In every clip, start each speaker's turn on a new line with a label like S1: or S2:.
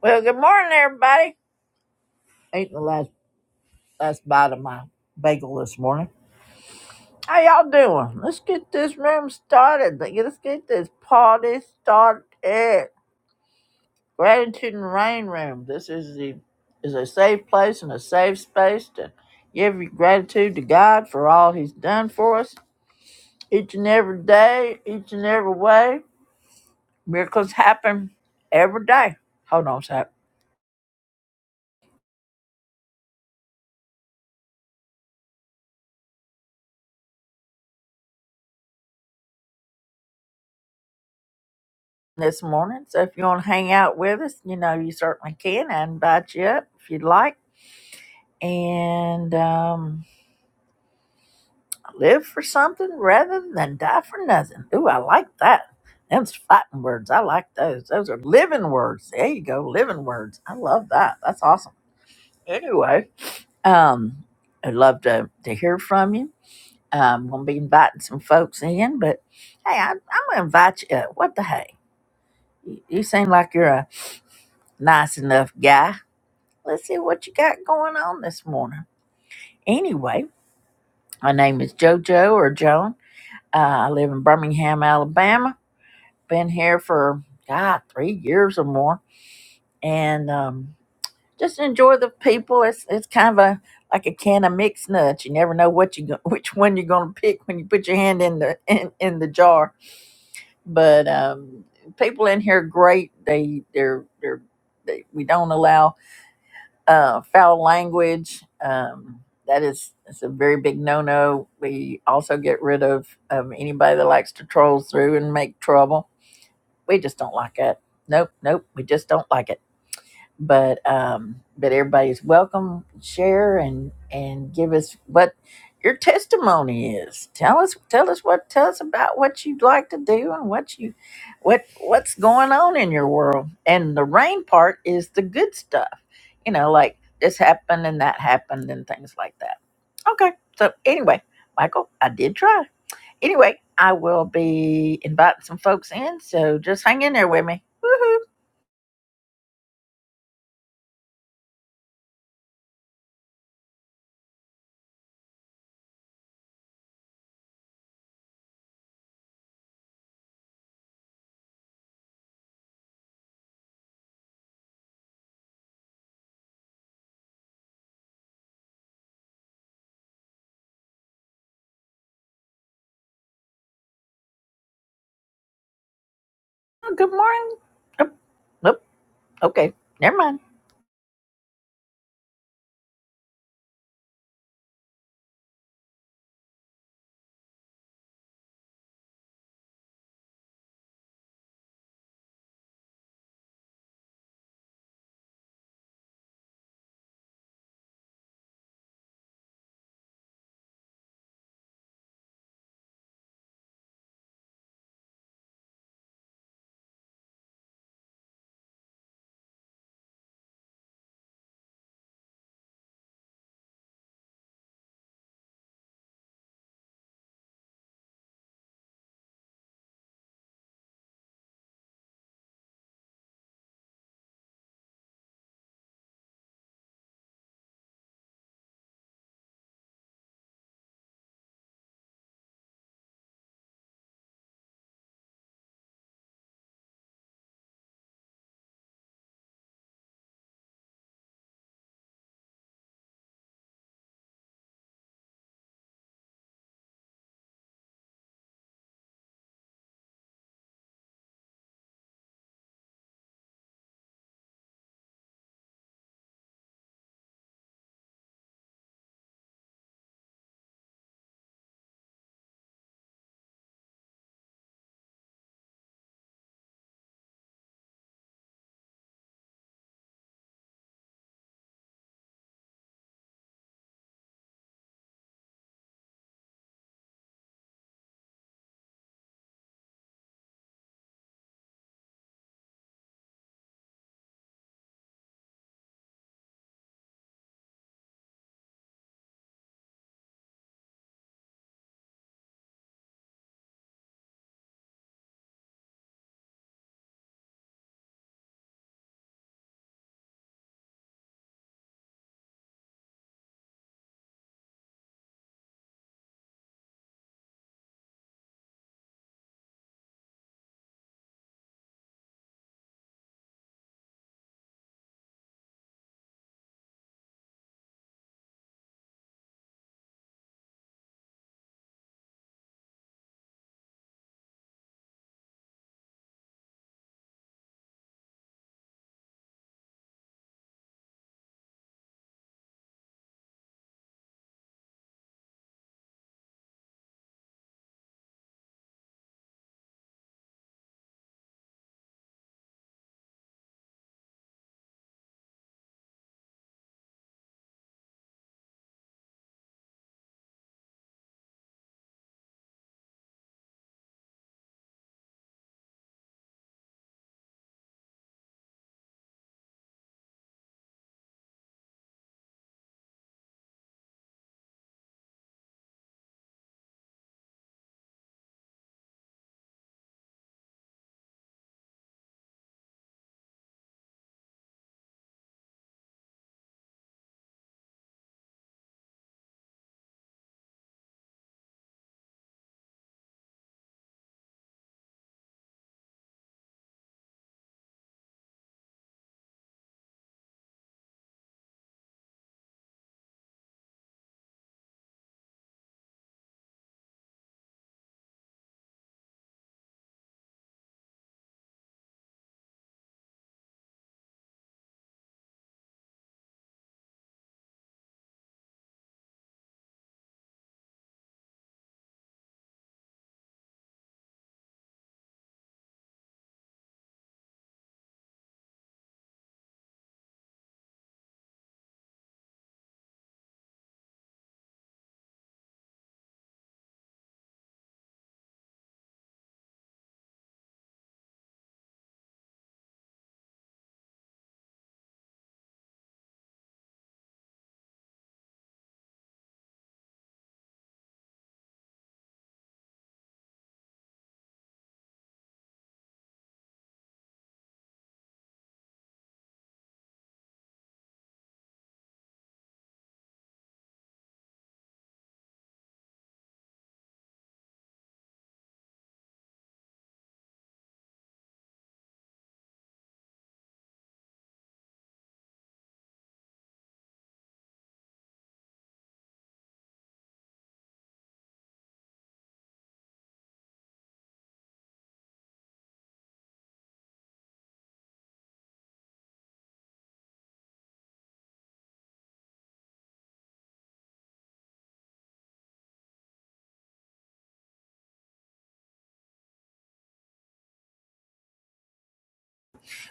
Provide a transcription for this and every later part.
S1: Well, good morning, everybody. Ate the last last bite of my bagel this morning. How y'all doing? Let's get this room started. Let's get this party started. Gratitude and Rain Room. This is the is a safe place and a safe space to give your gratitude to God for all He's done for us each and every day, each and every way. Miracles happen every day. Hold on, a sec. this morning. So if you want to hang out with us, you know, you certainly can. I invite you up if you'd like. And um, live for something rather than die for nothing. Ooh, I like that. Them's fighting words. I like those. Those are living words. There you go, living words. I love that. That's awesome. Anyway, um, I'd love to, to hear from you. I'm gonna be inviting some folks in, but hey, I, I'm gonna invite you. Up. What the hey? You, you seem like you're a nice enough guy Let's see what you got going on this morning. Anyway, my name is JoJo or Joan. Uh, I live in Birmingham, Alabama. Been here for God three years or more, and um, just enjoy the people. It's it's kind of a like a can of mixed nuts. You never know what you go, which one you're going to pick when you put your hand in the in, in the jar. But um, people in here are great. They they're they're they, we don't allow uh, foul language. Um, that is it's a very big no-no. We also get rid of um, anybody that likes to troll through and make trouble. We just don't like it. Nope, nope. We just don't like it but um but everybody's welcome share and and give us what your testimony is tell us tell us what tell us about what you'd like to do and what you what what's going on in your world and the rain part is the good stuff you know like this happened and that happened and things like that okay so anyway michael i did try anyway i will be inviting some folks in so just hang in there with me Woohoo! good morning Oh, Nope. Okay, never mind.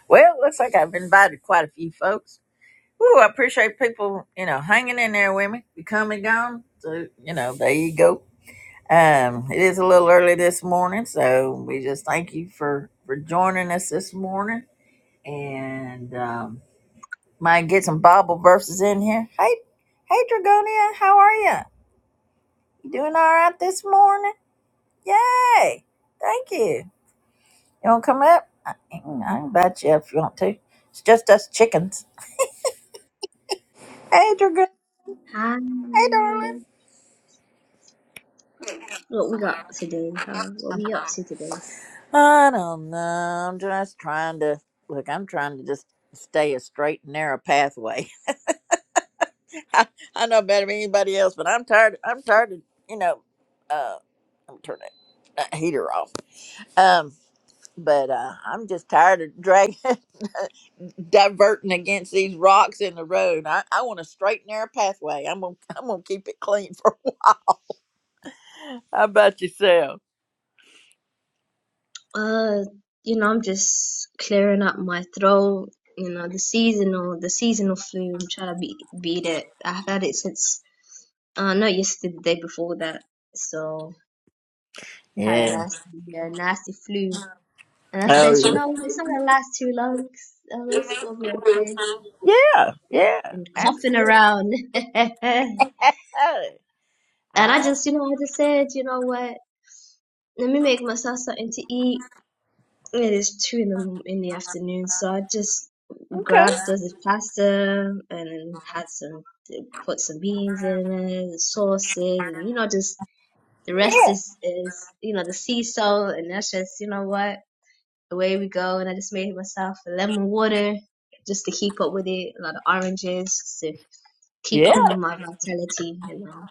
S1: Well, looks like I've invited quite a few folks. Woo, I appreciate people, you know, hanging in there with me. We come and gone. So, you know, there you go. Um, it is a little early this morning, so we just thank you for for joining us this morning. And um might get some Bible verses in here. Hey hey Dragonia, how are you? You doing all right this morning? Yay! Thank you. You wanna come up? I, I can invite you if you want to. It's just us chickens. Hey, Dragoon.
S2: Hi.
S1: Hey, darling.
S2: What we got today, huh? What we up to today?
S1: I don't know. I'm just trying to look. I'm trying to just stay a straight and narrow pathway. I, I know better than anybody else, but I'm tired. I'm tired of you know. Uh, I'm turning that heater off. Um, but uh, I'm just tired of dragging, diverting against these rocks in the road. I, I want a straight and narrow pathway. I'm gonna I'm gonna keep it clean for a while. How about yourself?
S2: Uh, you know, I'm just clearing up my throat. You know, the seasonal, the seasonal flu. I'm trying to be, beat it. I've had it since, uh, not yesterday, the day before that. So had a
S1: Yeah.
S2: nasty, a nasty flu. And I
S1: Oh
S2: said,
S1: yeah.
S2: you know, it's not gonna last too long. So it's gonna be okay.
S1: Yeah, yeah,
S2: And coughing
S1: absolutely.
S2: around. And I
S1: Ah,
S2: just, you know, I just said, you know what? Let me make myself something to eat It is two in the in the afternoon, so I just
S1: okay.
S2: grabbed the pasta and had some put some beans in it, the sauces, and you know, just the rest
S1: Yeah,
S2: is is you know the sea salt, and that's just you know what away we go. And I just made myself a lemon water just to keep up with it, a lot of oranges just to keep up
S1: yeah,
S2: with my vitality, you know,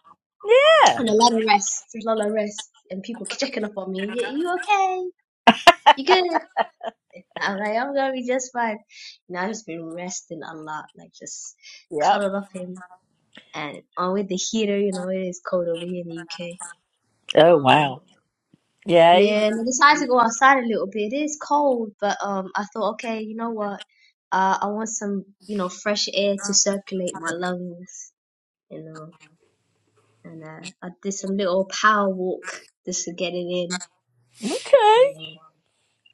S1: yeah,
S2: and a lot of rest, a lot of rest, and people checking up on me. You, you okay? You good? I'm like, I'm gonna be just fine. And I've just been resting a lot, like just
S1: yep.
S2: cuddled up him and on with the heater, you know, it is cold over here in the UK.
S1: Oh
S2: Um
S1: wow. Yeah.
S2: yeah, and I decided to go outside a little bit. It is cold, but um I thought, okay, you know what? Uh I want some, you know, fresh air to circulate my lungs, you know. And uh I did some little power walk just to get it
S1: Okay.
S2: in.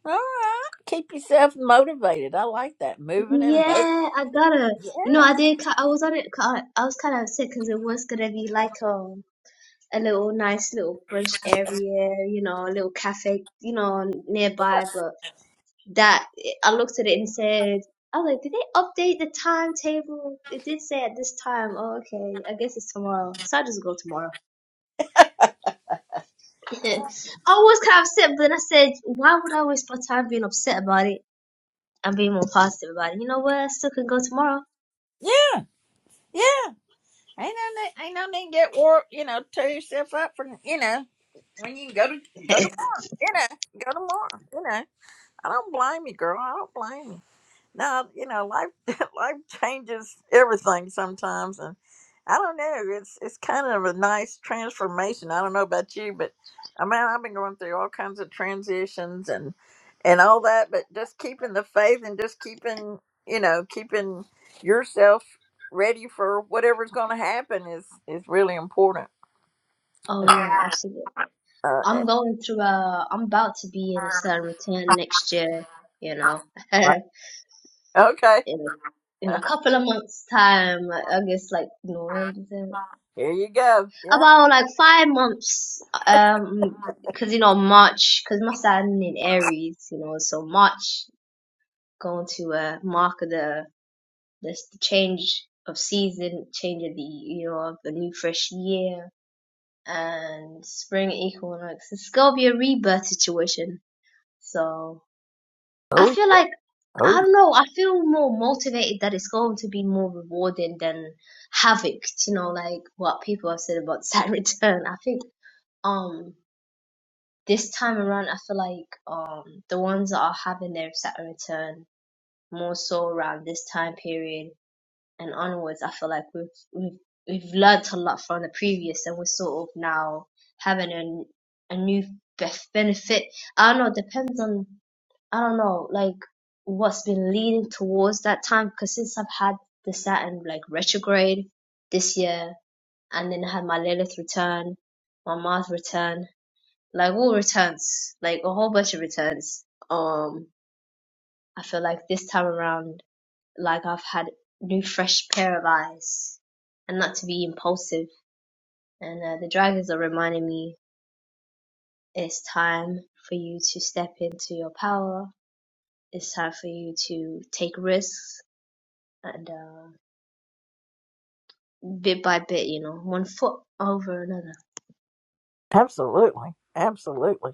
S1: All right. Keep yourself motivated. I like that. Moving and mo-
S2: Yeah, I gotta. You know, I did. ki- I was on it. ki- I was kind of upset because it was gonna be like um a little nice little brunch area, you know, a little cafe, you know, nearby. But that I looked at it and said, I was like, did they update the timetable? It did say at this time. Oh, okay. I guess it's tomorrow. So I just go tomorrow. I was kind of upset, but then I said, why would I waste my time being upset about it? and being more positive about it. You know what? I still can go tomorrow.
S1: yeah, yeah. Ain't no need, ain't no need to get wore. You know, tear yourself up for you know when you can go to go tomorrow. You know, go tomorrow. You know. I don't blame you, girl. I don't blame you. no, you know, life life changes everything sometimes, and I don't know. It's it's kind of a nice transformation. I don't know about you, but I mean, I've been going through all kinds of transitions and and all that, but just keeping the faith and just keeping you know keeping yourself ready for whatever's going to happen is is really important.
S2: Oh yeah, absolutely.
S1: Uh,
S2: I'm going through a, I'm about to be in a certain routine next year, you know,
S1: uh,
S2: in,
S1: okay,
S2: in a couple of months' time, I guess like November, December.
S1: here you go. Yeah.
S2: about like five months, um, cause you know, March, cause my Saturn in Aries, you know, so March going to, uh, mark the, this the change of season, change of the, you know, of the new fresh year and spring equinox. It's gonna be a rebirth situation, so. I
S1: Oh, yeah.
S2: feel like
S1: oh,
S2: I
S1: yeah.
S2: don't know. I feel more motivated that it's going to be more rewarding than Havoc. You know, like what people have said about Sad Return. I think um this time around, I feel like um the ones that are having their Sad Return more so around this time period and onwards. I feel like we've we've we've learned a lot from the previous, and we're sort of now having a a new bef- benefit. I don't know. It depends on. I don't know, like what's been leading towards that time because since I've had the Saturn like retrograde this year and then I had my Lilith return, my Mars return, like all returns, like a whole bunch of returns. Um I feel like this time around like I've had new fresh pair of eyes and not to be impulsive. And uh, the dragons are reminding me it's time for you to step into your power. It's time for you to take risks and uh, bit by bit, you know, one foot over another.
S1: absolutely, absolutely.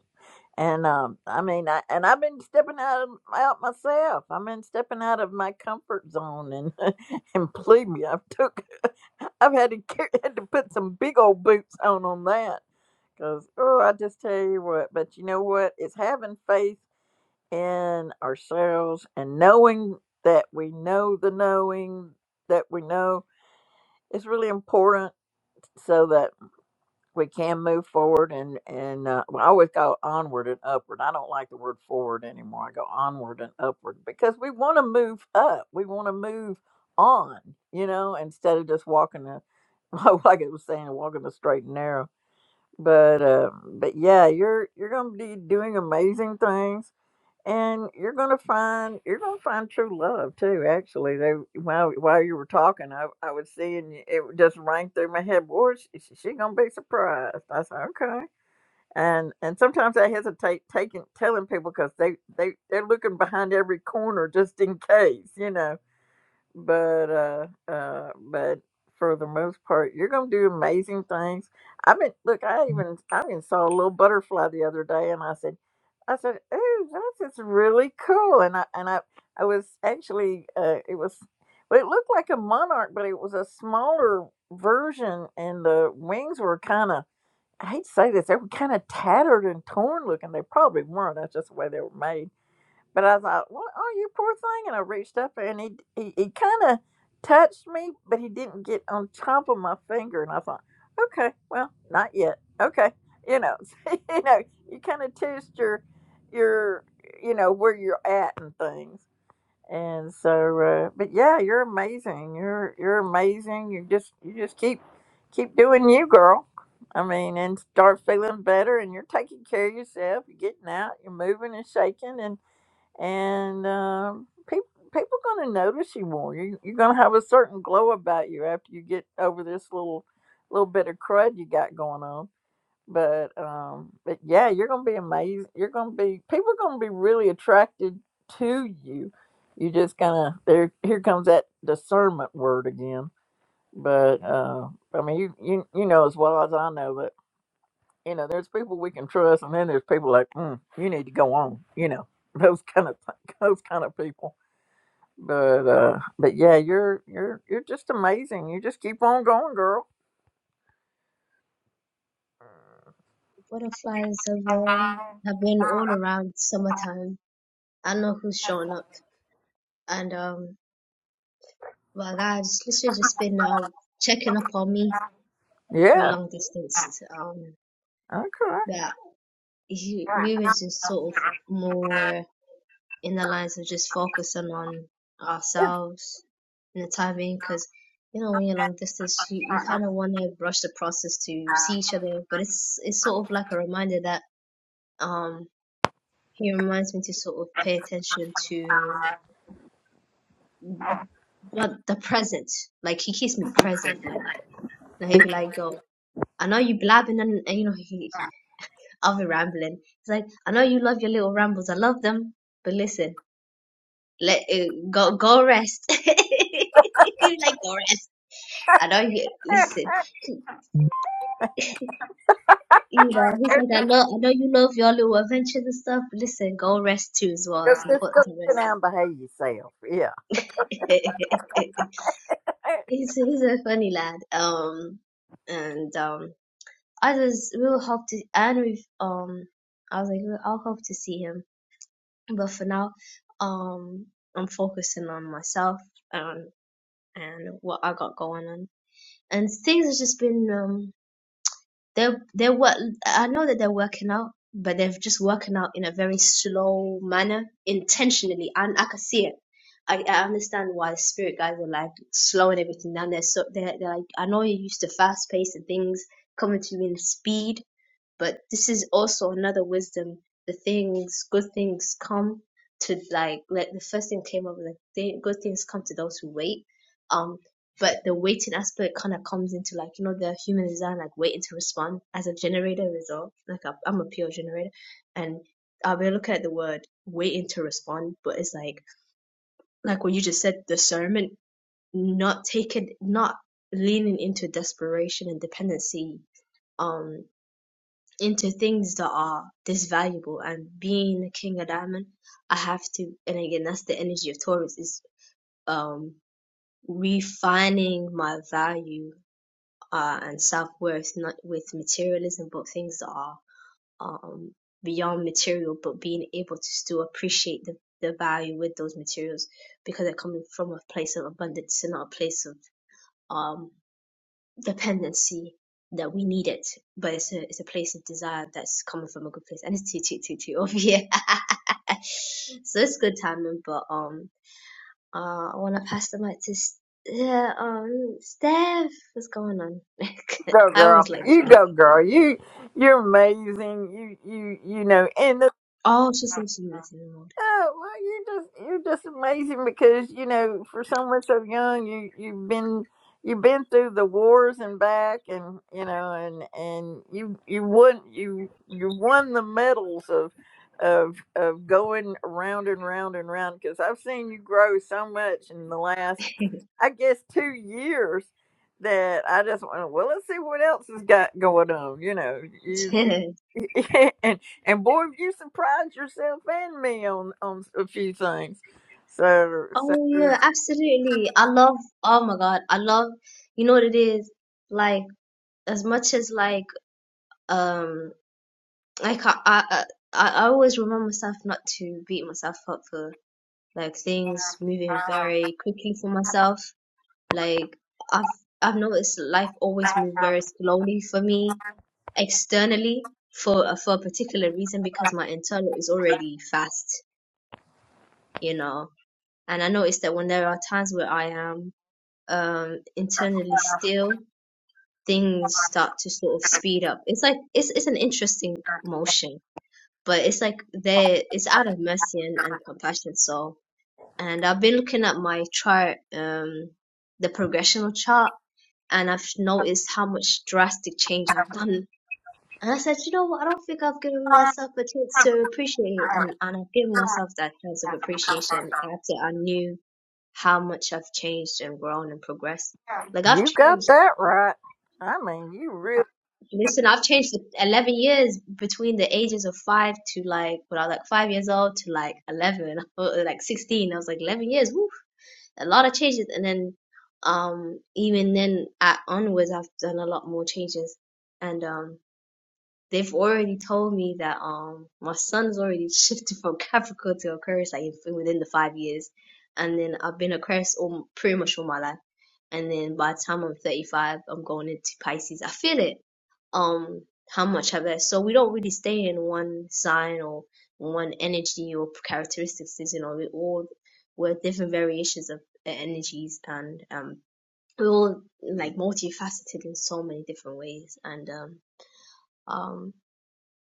S1: And um, I mean, I and I've been stepping out of, out myself. I've been stepping out of my comfort zone, and and believe me, I've took, I've had to car- had to put some big old boots on on that, because oh, I just tell you what. But you know what? It's having faith in ourselves and knowing that we know the knowing that we know is really important, so that we can move forward and and uh, well, I always go onward and upward. I don't like the word forward anymore. I go onward and upward because we want to move up. We want to move on, you know, instead of just walking a like it was saying, walking the straight and narrow. But uh, but yeah, you're you're gonna be doing amazing things and you're gonna find you're gonna find true love too. Actually, they while while you were talking, I I was seeing y- it just rang through my head. Boy, she, she she gonna be surprised. I said okay, and and sometimes I hesitate taking telling people because they they they're looking behind every corner just in case, you know but uh uh but for the most part you're gonna do amazing things i mean look i even i even saw a little butterfly the other day and i said i said ooh, that's just really cool and i and i i was actually uh it was well, it looked like a monarch but it was a smaller version and the wings were kind of i hate to say this they were kind of tattered and torn looking they probably weren't that's just the way they were made but I thought, well, oh, you poor thing. And I reached up there, and he, he, he kind of touched me, but he didn't get on top of my finger. And I thought, okay, well, not yet. Okay. You know, you know, you kind of test your, your, you know, where you're at and things. And so, uh, but yeah, you're amazing. You're, you're amazing. You just, you just keep, keep doing you, girl. I mean, and start feeling better and you're taking care of yourself. You're getting out, you're moving and shaking and um, people people going to notice you more. You, you're going to have a certain glow about you after you get over this little little bit of crud you got going on. But um, but yeah, you're going to be amazed. You're going to be people are going to be really attracted to you. You just kind of there. Here comes that discernment word again. But uh, I mean, you, you you know as well as I know you know, there's people we can trust, and then there's people like, mm, you need to go on. You know, those kind of those kind of people. But uh, but yeah, you're you're you're just amazing. You just keep on going, girl.
S2: Butterflies have um, have been all around summertime. I don't know who's showing up, and um, my guys, literally just been now checking up on me. We're
S1: Yeah.
S2: long distance, um,
S1: Okay.
S2: but he,
S1: Yeah.
S2: we were just sort of more. in the lines of just focusing on ourselves in the time being because you know when you're long distance you, you kind of want to rush the process to see each other but it's it's sort of like a reminder that um he reminds me to sort of pay attention to well the present like he keeps me present like now he'd be like "Yo, I know you blabbing and, and you know he I'll be rambling he's like I know you love your little rambles I love them but listen let it, go go rest He'd be like go rest I know you listen. You know, he's like, I know, I know you love your little adventures and stuff. But listen, go rest too as well.
S1: Just,
S2: It's
S1: just go
S2: important to
S1: sit
S2: rest.
S1: down and behave yourself. Yeah.
S2: he's he's a funny lad. Um, and um, I just will hope to. And we um, I was like, "Well, I'll hope to see him. But for now, um, I'm focusing on myself and and what I got going on. And things have just been um They they were I know that they're working out, but they're just working out in a very slow manner, intentionally, and I can see it. I, I understand why the spirit guys are like slowing everything down. They're so they're, they're like I know you're used to fast pace and things coming to you in speed, but this is also another wisdom. The things, good things come to like, like the first thing came up, like th- good things come to those who wait. Um, but the waiting aspect kind of comes into like, you know, the human design, like waiting to respond as a generator result. Like I- I'm a pure generator and I've been looking at the word waiting to respond, but it's like, like what you just said, discernment, not taking, not leaning into desperation and dependency. Um, into things that are this valuable and being a king of diamond i have to and again that's the energy of taurus is um refining my value uh and self-worth not with materialism but things that are um beyond material but being able to still appreciate the the value with those materials because they're coming from a place of abundance and not a place of um dependency that we need it, but it's a it's a place of desire that's coming from a good place, and it's too too too too over here. so it's good timing, but um, uh, I want to pass the mic to S- yeah, um, Steph. What's going on?
S1: go
S2: I
S1: girl
S2: always like to
S1: you
S2: give
S1: go
S2: people
S1: girl
S2: nicknames.
S1: you you're amazing you you you know and the
S2: Oh, she seems to be messing around.
S1: Oh well, you're just you're just amazing because you know for someone so young you you've been you've been through the wars and back and you know and and you you won you you won the medals of of of going round and round and round because I've seen you grow so much in the last I guess two years that I just went well let's see what else has got going on you know you.
S2: yeah.
S1: Yeah, and and boy, have you surprised yourself and me on on a few things. So so
S2: Oh yeah, absolutely. I love. Oh my God, I love. You know what it is? Like as much as like um. Like, I can't. I, I I always remind myself not to beat myself up for like things moving very quickly for myself. Like I've I've noticed life always moved very slowly for me externally for for a particular reason because my internal is already fast, you know. And I noticed that when there are times where I am um internally still, things start to sort of speed up. It's like it's it's an interesting motion but it's like they it's out of mercy and, and compassion so and i've been looking at my chart um the progressional chart and i've noticed how much drastic change i've done and i said you know what i don't think i've given myself a chance to appreciate it, and, and i've given myself that chance of appreciation after i knew how much i've changed and grown and progressed like i've
S1: you got
S2: changed
S1: that right. I mean, you really.
S2: Listen, I've changed the 11 years between the ages of five to like, when I was like five years old to like 11, or like 16. I was like 11 years, woof, a lot of changes. And then, um, even then at onwards, I've done a lot more changes. And, um, they've already told me that, um, my son's already shifted from Capricorn to Aquarius, like within the five years. And then I've been Aquarius all, pretty much all my life and then by the time I'm 35, I'm going into Pisces. I feel it. Um, how much of it? So we don't really stay in one sign or one energy or characteristics. You know, we all we're different variations of e-, energies, and um, we're all like multifaceted in so many different ways. And um, um,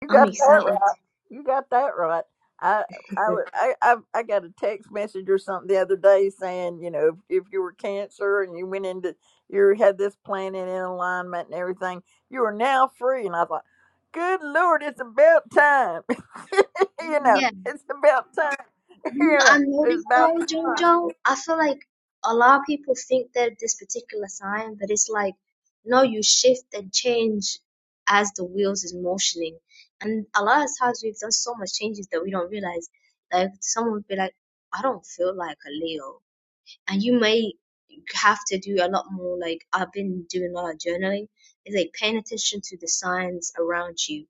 S1: You
S2: I'm
S1: got that
S2: excited.
S1: right. You got that right. I I would- I I I got a text message or something the other day saying, you know, if, you were cancer and you went into you had this planet in alignment and everything, you are now free. And I thought, good lord, it's about time. you know,
S2: yeah.
S1: it's about time.
S2: You know
S1: You know,
S2: I
S1: it's
S2: noticed
S1: about
S2: though, Jojo, I feel like a lot of people think that this particular sign, but it's like, no, you shift and change as the wheels is motioning. And a lot of times we've done so much changes that we don't realize. Like someone would be like, I don't feel like a Leo and you may have to do a lot more like i've been doing a lot of journaling It's like paying attention to the signs around you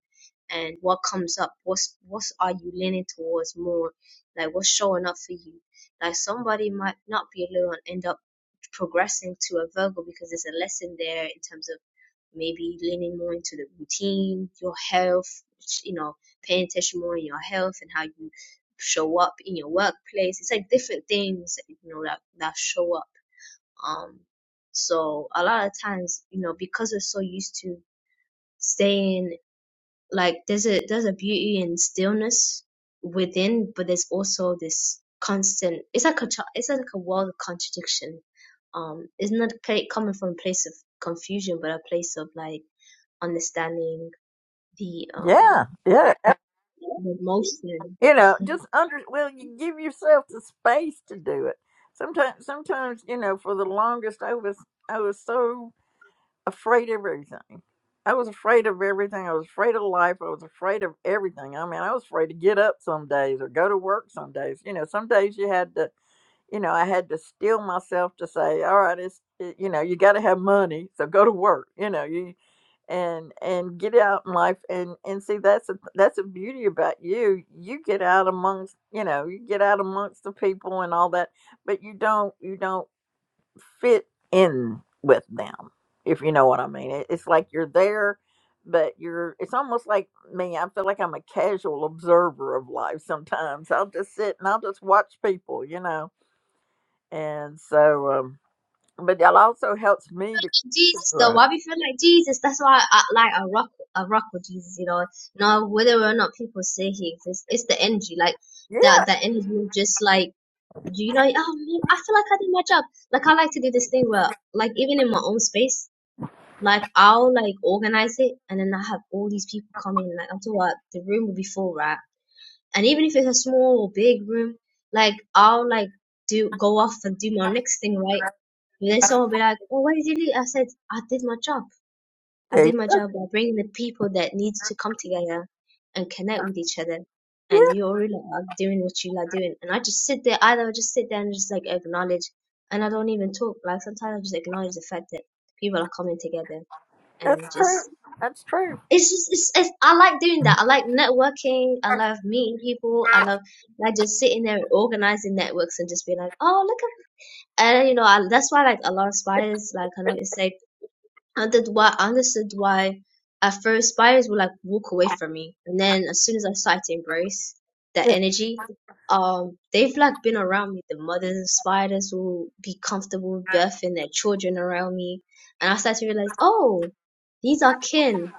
S2: and what comes up what's what are you leaning towards more like what's showing up for you like somebody might not be alone and end up progressing to a virgo because there's a lesson there in terms of maybe leaning more into the routine, your health, you know, paying attention more in your health and how you show up in your workplace. It's like different things, you know, that, that show up. Um, so a lot of times, you know, because we're so used to staying, like there's a, there's a beauty in stillness within, but there's also this constant, it's like a, tra- it's like a world of contradiction. Um, it's not ca- coming from a place of confusion, but a place of like, understanding the um
S1: yeah, yeah.
S2: the emotion.
S1: You know, just under well, you give yourself the space to do it. Sometimes, sometimes you know, for the longest, I was I was so afraid of everything. I was afraid of everything. I was afraid of life. I was afraid of everything. I mean, I was afraid to get up some days or go to work some days. You know, some days you had to, you know, I had to steel myself to say, all right, it's, it, you know, you got to have money, so go to work. You know, you and and get out in life and and see that's a that's a beauty about you you get out amongst you know you get out amongst the people and all that but you don't you don't fit in with them if you know what i mean it, it's like you're there but you're it's almost like me i feel like i'm a casual observer of life sometimes i'll just sit and i'll just watch people you know and so um but that also helps me to
S2: Jesus, though,
S1: grow
S2: why we feel like Jesus? That's why I like I rock I rock with Jesus. You know, no whether or not people say he exists, it's the energy like
S1: yeah
S2: that. That energy of just like you know. Oh man, I feel like I did my job. Like I like to do this thing where like even in my own space, like I'll like organize it, and then I have all these people come in. Like I'm talking about the room will be full, right? and even if it's a small or big room, like I'll like do go off and do my next thing, right? And then someone will be like, "Oh, why did you leave?" I said, "I did my job. I
S1: yeah
S2: did my job by bringing the people that need to come together and connect with each other." And
S1: yeah,
S2: you already like, are doing what you are doing, and I just sit there. Either I just sit there and just like acknowledge, and I don't even talk. Like sometimes I just acknowledge the fact that people are coming together
S1: that's
S2: and
S1: true
S2: just
S1: that's true
S2: it's just it's, it's I like doing that. I like networking. I love meeting people. I love like just sitting there and organizing networks and just being like, oh look at and you know I, that's why like a lot of spiders like I know it's like I did why I understood why at first spiders would like walk away from me and then as soon as I started to embrace that
S1: yeah,
S2: energy. Um, they've like been around me. The mothers of spiders will be comfortable birthing their children around me, and I started to realize, oh, these are kin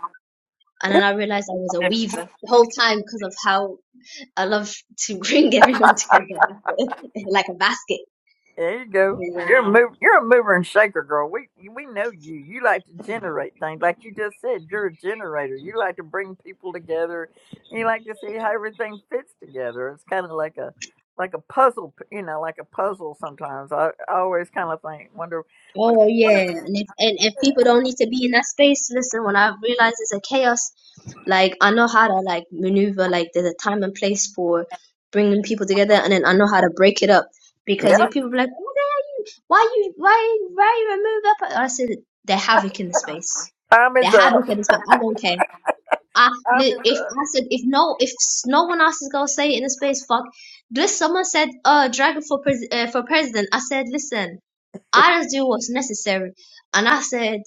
S2: and then I realized I was a
S1: yeah.
S2: weaver the whole time because of how I love to bring everyone together like a basket.
S1: There you go.
S2: Yeah.
S1: You're a mover, you're a mover and shaker, girl. We we know you. You like to generate things, like you just said. You're a generator. You like to bring people together. You like to see how everything fits together. It's kind of like a like a puzzle, p- you know, like a puzzle. Sometimes I, I always kind of think, wonder,
S2: Oh
S1: wonder,
S2: well, yeah.
S1: wonder.
S2: And if, and if people don't need to be in that space, listen, when I realize it's a chaos, like I know how to like maneuver, like there's a time and place for bringing people together and then I know how to break it up because
S1: Yeah,
S2: if people be like, oh, why you, why, why you remove that? I said, they're havoc in the space.
S1: time
S2: They're
S1: is
S2: havoc
S1: up.
S2: in the space. I don't care. I,
S1: Time is
S2: li-
S1: up.
S2: if I said if no if s- no one else is gonna say it in the space, fuck. This someone said, "Uh, dragon for pres uh, for president." I said, "Listen, I just do what's necessary," and I said,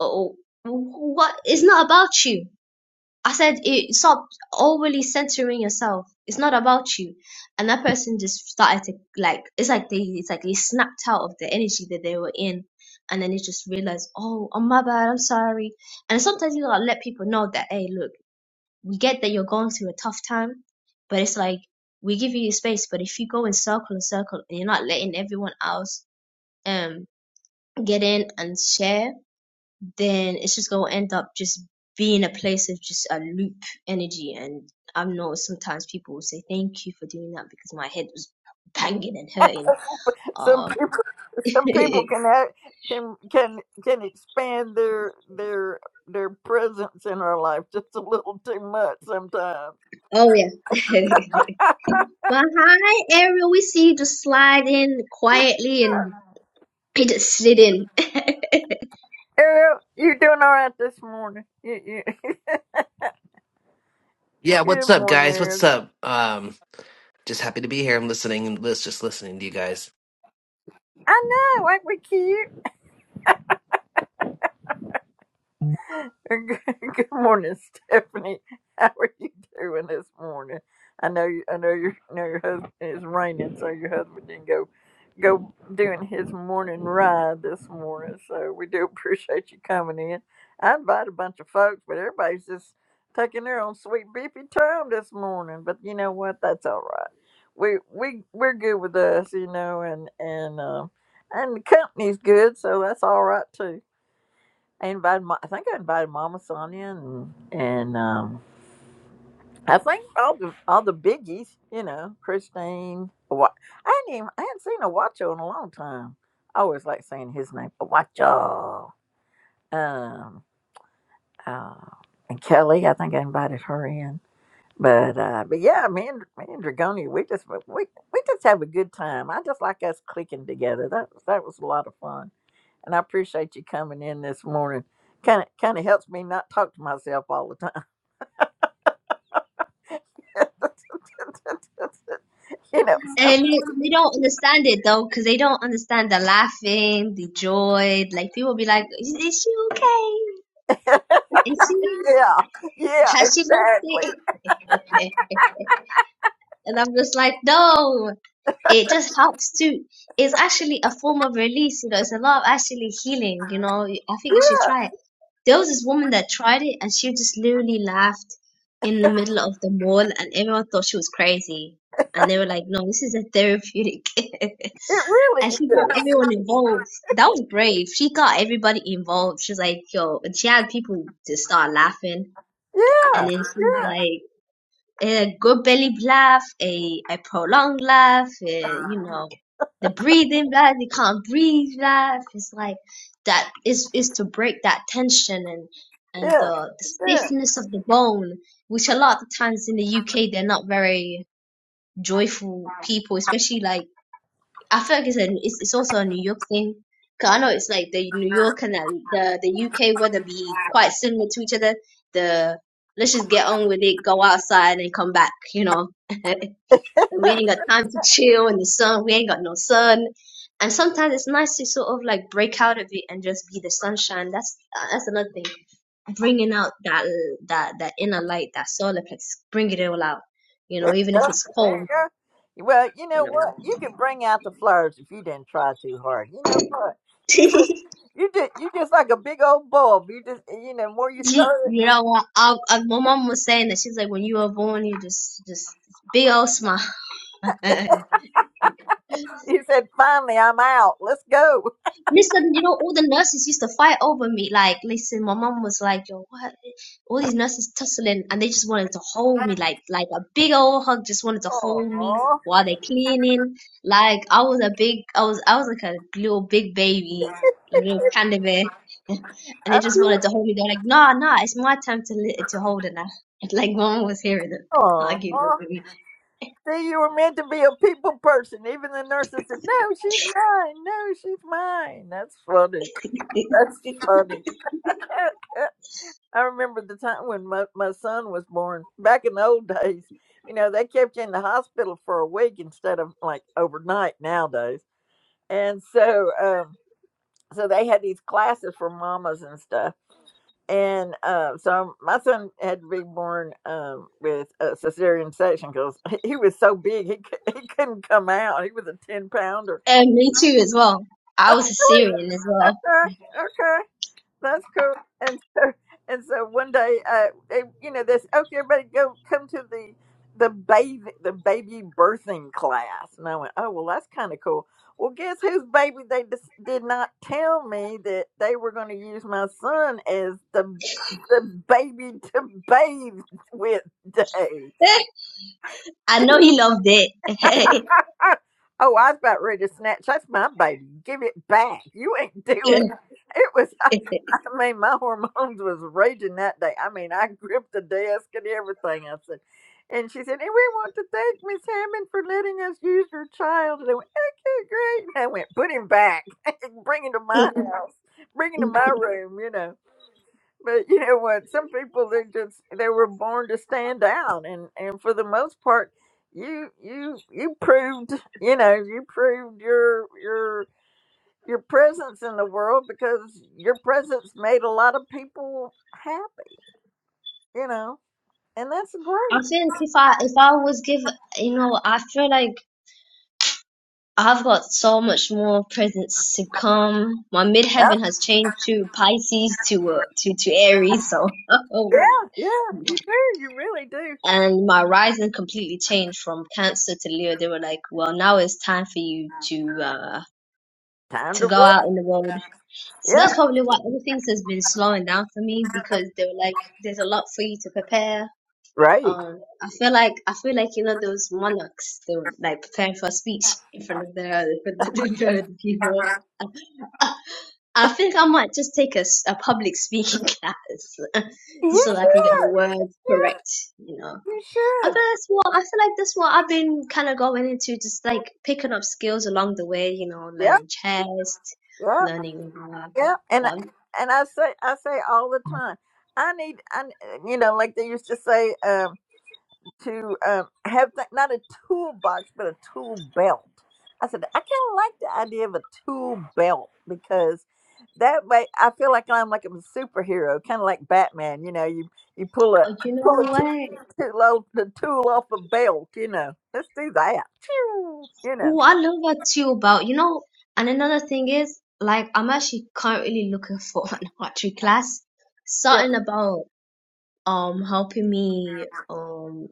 S2: "Oh, what? It's not about you." I said, it, "Stop overly centering yourself. It's not about you." And that person just started to like. It's like they it's like they snapped out of the energy that they were in, and then they just realized, "Oh, oh my bad. I'm sorry." And sometimes you gotta let people know that, hey, look we get that you're going through a tough time, but it's like we give you space. But if you go in circle and circle and you're not letting everyone else um get in and share, then it's just gonna end up just being a place of just a loop energy. And I know sometimes people will say thank you for doing that because my head was banging and hurting.
S1: Some
S2: Um,
S1: people, some people can have, can can can expand their their their presence in our life just a little too much sometimes.
S2: oh yeah. but hi, Ariel. We see you just slide in quietly and you just sit in.
S1: Ariel, you doing all right this morning? You, you,
S3: Yeah,
S1: good
S3: what's up,
S1: morning,
S3: guys?
S1: Ariel.
S3: What's up? Um, just happy to be here. I'm listening and lis- just listening to you guys.
S1: I know, ain't we cute? Good good morning, Stephanie. How are you doing this morning? I know you. I know your. I know your husband is raining, so your husband didn't go go doing his morning ride this morning. So we do appreciate you coming in. I invited a bunch of folks, but everybody's just taking their own sweet beefy time this morning. But you know what? That's all right. We we we're good with us, you know, and and um and the company's good, so that's all right too I invited. Ma- I think I invited Mama Sonia and and um, I think all the all the biggies. You know, Christine. Wa- I hadn't even, I hadn't seen Awacho in a long time. I always like saying his name, Awacho. Um, uh, and Kelly. I think I invited her in. But uh, but yeah, me and me and Dragoni, we just we we just have a good time. I just like us clicking together. That that was a lot of fun. and I appreciate you coming in this morning. Kind of kind of helps me not talk to myself all the time. you know,
S2: And they, they don't understand it though, because they don't understand the laughing, the joy. Like people be like, "Is, is she okay?
S1: some-
S2: Is she
S1: yeah, yeah,
S2: has she lost
S1: exactly.
S2: it?" and I'm just like, no. It just helps to. It's actually a form of release. You know, it's a lot of actually healing. You know, I think you should
S1: Yeah,
S2: try it. There was this woman that tried it, and she just literally laughed in the middle of the mall, and everyone thought she was crazy. And they were like, no, this is a therapeutic.
S1: it really
S2: And
S1: is.
S2: she got everyone involved. That was brave. She got everybody involved. She's like, yo, and she had people to start laughing.
S1: Yeah,
S2: And then she's
S1: yeah,
S2: like, a good belly laugh, a, a prolonged laugh, eh,
S1: yeah,
S2: you know, the breathing laugh, you can't breathe laugh. It's like that is is to break that tension and and
S1: yeah.
S2: the, the stiffness of the bone, which a lot of times in the UK they're not very joyful people, especially like I feel like it's, a, it's it's also a New York thing. 'Cause I know it's like the New York and the the, the UK weather be quite similar to each other. The let's just get on with it, go outside and come back, you know. we ain't got time to chill in the sun. We ain't got no sun. And sometimes it's nice to sort of like break out of it and just be the sunshine. That's that's another thing. Bringing out that that that inner light, that solar plexus, bring it all out. You know, even if
S1: yeah.
S2: it's
S1: there you
S2: cold.
S1: go. Well, you
S2: You
S1: know
S2: know.
S1: what? You can bring out the flowers if you didn't try too hard. You know what? You just you just you just like a big old bulb. You just you know, the more you
S2: She,
S1: stir it,
S2: you know what? I, I, my mom was saying that she's like, when you were born, you just, just big old smile.
S1: He said, finally, I'm out. Let's go.
S2: Listen, you know, all the nurses used to fight over me. Like, listen, my mom was like, yo, what? All these nurses tussling, and they just wanted to hold me, like, like a big old hug, just wanted to hold me
S1: Aw.
S2: while they cleaning. Like, I was a big, I was, I was like a little big baby, like a little panda bear, and they just wanted to hold me. They're like, nah, nah, it's my time to li- to hold it now. Like, mom was hearing them
S1: Oh,
S2: arguing over me,
S1: See, you were meant to be a people person. Even the nurses said, no, she's mine. No, she's mine. That's funny. That's funny. I remember the time when my, my son was born back in the old days. You know, they kept you in the hospital for a week instead of like overnight nowadays. And so, um, so they had these classes for mamas and stuff. and uh, so my son had to be born um, with a cesarean section because he was so big he cou- he couldn't come out. He was a ten pounder.
S2: and me too as well.
S1: Oh,
S2: I was a
S1: really?
S2: Syrian as well.
S1: Okay, okay. That's cool. And so and so one day, uh, they, you know, this okay, everybody go come to the the baby the baby birthing class. And I went, oh well, that's kind of cool. Well, guess whose baby they just did not tell me that they were going to use my son as the the baby to bathe with day.
S2: I know he loved it.
S1: oh, I was about ready to snatch. That's my baby. Give it back. You ain't doing it. It was.
S2: I think
S1: I mean, my hormones was raging that day. I mean, I gripped the desk and everything. I said, and she said, and we want to thank Miss Hammond for letting us use your child. And I went, okay, great. And I went, put him back, bring him to my house, bring him to my room, you know. But you know what? Some people they just they were born to stand out, and and for the most part, you you you proved you know you proved your your your presence in the world because your presence made a lot of people happy, you know, and that's great.
S2: if I if I was given, you know, I feel like I've got so much more presents to come. My midheaven
S1: Yep.
S2: has changed to Pisces to uh, to to Aries, so
S1: Yeah, yeah, you do. You really do.
S2: and my rising completely changed from Cancer to Leo. They were like, well, now it's time for you to uh
S1: Time
S2: to
S1: to
S2: go
S1: work.
S2: out in the world. So that's
S1: Yep,
S2: probably why everything has been slowing down for me because they were like, there's a lot for you to prepare
S1: right.
S2: Um, I feel like I feel like you know those monarchs. They were like preparing for a speech in front of the in front of the, people. I, I think I might just take a, s- a public speaking class just
S1: You
S2: so that I can get the
S1: should.
S2: words
S1: Yeah,
S2: correct. You know,
S1: you
S2: I feel
S1: should.
S2: that's what I feel like that's what I've been kind of going into, just like picking up skills along the way. You know,
S1: Yep,
S2: learning chess,
S1: yep,
S2: learning.
S1: yep.
S2: Uh,
S1: And I-
S2: um,
S1: and I say I say all the time. I need I you know like they used to say. um, to um, have th- not a toolbox but a tool belt. I said I kind of like the idea of a tool belt because that way I feel like I'm like a superhero, kind of like Batman. You know, you you pull a
S2: oh, you
S1: pull
S2: know
S1: a tool,
S2: what?
S1: tool off, the tool off a belt. You know, let's do that. Phew, You know,
S2: Oh, I love that too. About you know, and another thing is like I'm actually currently looking for an archery class.
S1: yeah,
S2: Something about um helping me um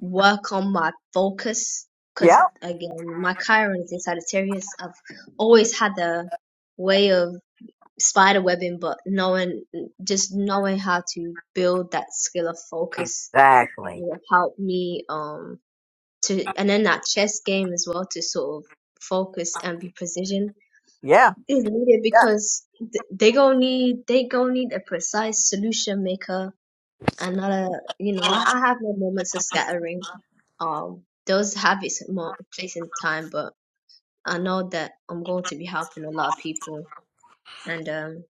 S2: work on my focus
S1: yeah,
S2: because again my Chiron is in Sagittarius. I've always had the way of spider webbing, but knowing just knowing how to build that skill of focus
S1: exactly,
S2: will help me um to and then that chess game as well to sort of focus and be precision
S1: yeah,
S2: is needed
S1: yeah.
S2: because th- they gonna need they gonna need a precise solution maker and not a you know I, I have my moments of scattering um those have its mo- place in time but I know that I'm going to be helping a lot of people and um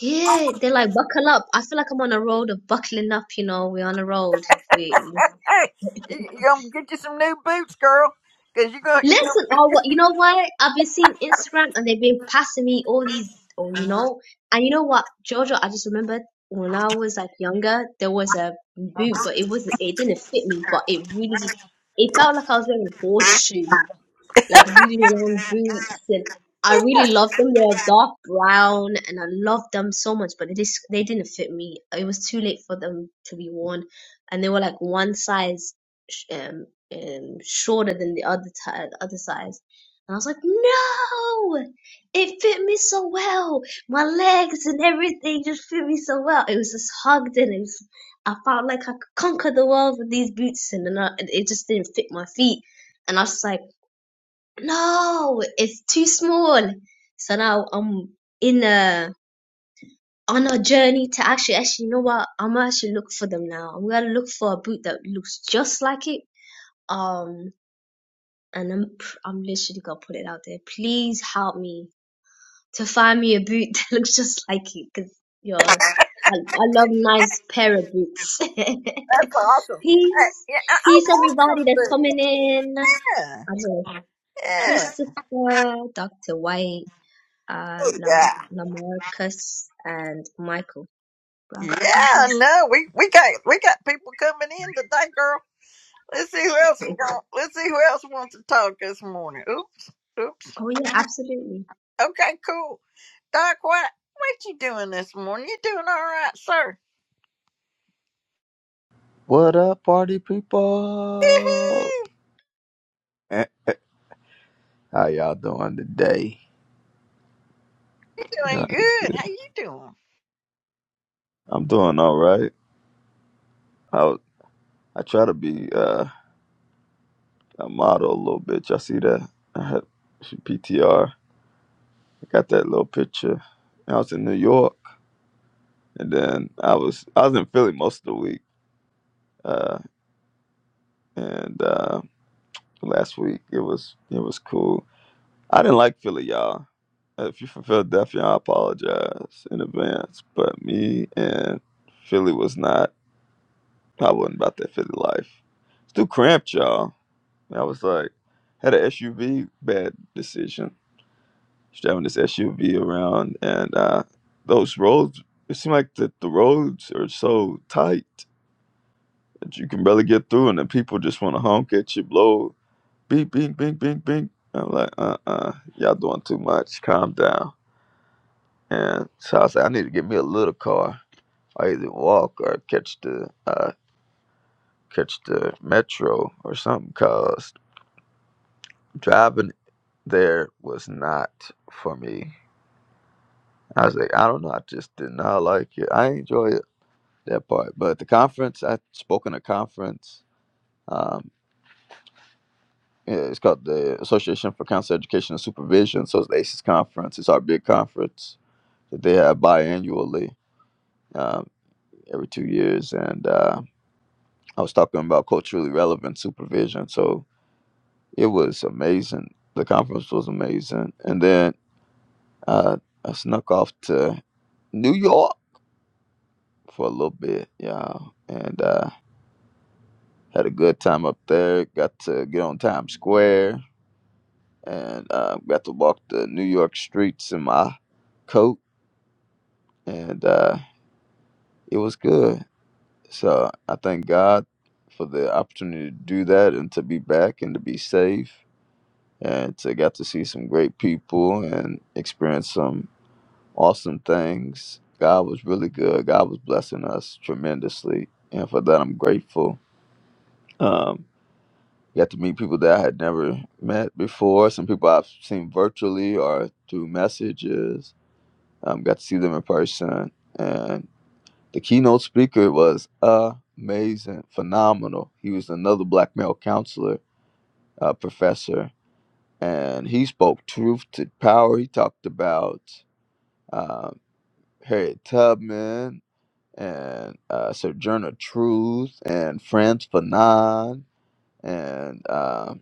S2: yeah they're like buckle up I feel like I'm on a road of buckling up you know we're on a road we
S1: hey, you, you gonna get you some new boots, girl, because you're gonna you're
S2: Listen, or what? You know what? I've been seeing Instagram, and they've been passing me all these. Oh, you
S1: gonna.
S2: know, and you know what, Jojo? I just remembered when I was like younger, there was a boot, but it wasn't. It didn't fit me, but it really, it felt like I was wearing a horseshoe like really long boots and I really love them. They were dark brown and I loved them so much, but they just they didn't fit me. It was too late for them to be worn, and they were like one size sh- um, um shorter than the other ti other size. And I was like, no, it fit me so well. My legs and everything just fit me so well. It was just hugged and it was, I felt like I could conquer the world with these boots, and, then I, it just didn't fit my feet. And I was just like no, it's too small. So now I'm in a on a journey to actually actually you know what? I'm gonna actually look for them now. I'm gonna look for a boot that looks just like it. Um, and I'm pr- I'm literally gonna put it out there. Please help me to find me a boot that looks just like it, because you're I, I love nice pair of boots.
S1: That's awesome. I,
S2: peace,
S1: yeah, I,
S2: peace,
S1: I want some
S2: everybody that's
S1: food.
S2: coming in. I don't know,
S1: Yeah. Yeah.
S2: Christopher, Doctor White. uh, Lam-
S1: Yeah.
S2: Lamarcus and Michael Black
S1: Yeah. No, we, we got we got people coming in today, girl. Let's see who else is going. Let's see who else wants to talk this morning. Oops. Oops.
S2: Oh yeah, absolutely.
S1: Okay. Cool. Doc, what what you doing this morning? You doing all right, sir?
S4: What up, party people?
S1: Woo-hoo.
S4: Eh, eh, How y'all doing today?
S1: You doing
S4: God is
S1: good?
S4: good.
S1: How you doing?
S4: I'm doing all right. I was- I try to be uh, a model a little bit. Y'all see that? I had she PTR. I got that little picture. I was in New York, and then I was I was in Philly most of the week. Uh, and uh, last week it was it was cool. I didn't like Philly, y'all. Uh, If you're from Philadelphia, I apologize in advance. But me and Philly was not. I wasn't about that Philly life. It's too cramped, y'all. And I was like, had an SUV bad decision. Just driving this SUV around, and uh, those roads. It seemed like that the roads are so tight that you can barely get through, and then people just want to honk at you, blow beep, beep, beep, beep, beep. I'm like, uh, uh-uh, uh, you all doing too much. Calm down. And so I said, I need to get me a little car. I either walk or catch the uh, catch the metro or something. Cause driving there was not for me. I was like, I don't know. I just did not like it. I enjoy it that part, but the conference I spoke in a conference. Um, yeah, it's called the Association for Council Education and Supervision. So it's the ACES conference. It's our big conference that they have biannually, um, every two years, and. Uh, I was talking about culturally relevant supervision. So it was amazing. The conference was amazing. And then uh, I snuck off to New York for a little bit, yeah, and uh, had a good time up there. Got to get on Times Square and uh, got to walk the New York streets in my coat, and uh, it was good. So I thank God for the opportunity to do that and to be back and to be safe and to get to see some great people and experience some awesome things. God was really good. God was blessing us tremendously, and for that I'm grateful. Um, got to meet people that I had never met before. Some people I've seen virtually or through messages. Um, got to see them in person, and the keynote speaker was amazing, phenomenal. He was another black male counselor, uh, professor, and he spoke truth to power. He talked about um, Harriet Tubman and uh, Sojourner Truth and Franz Fanon, and um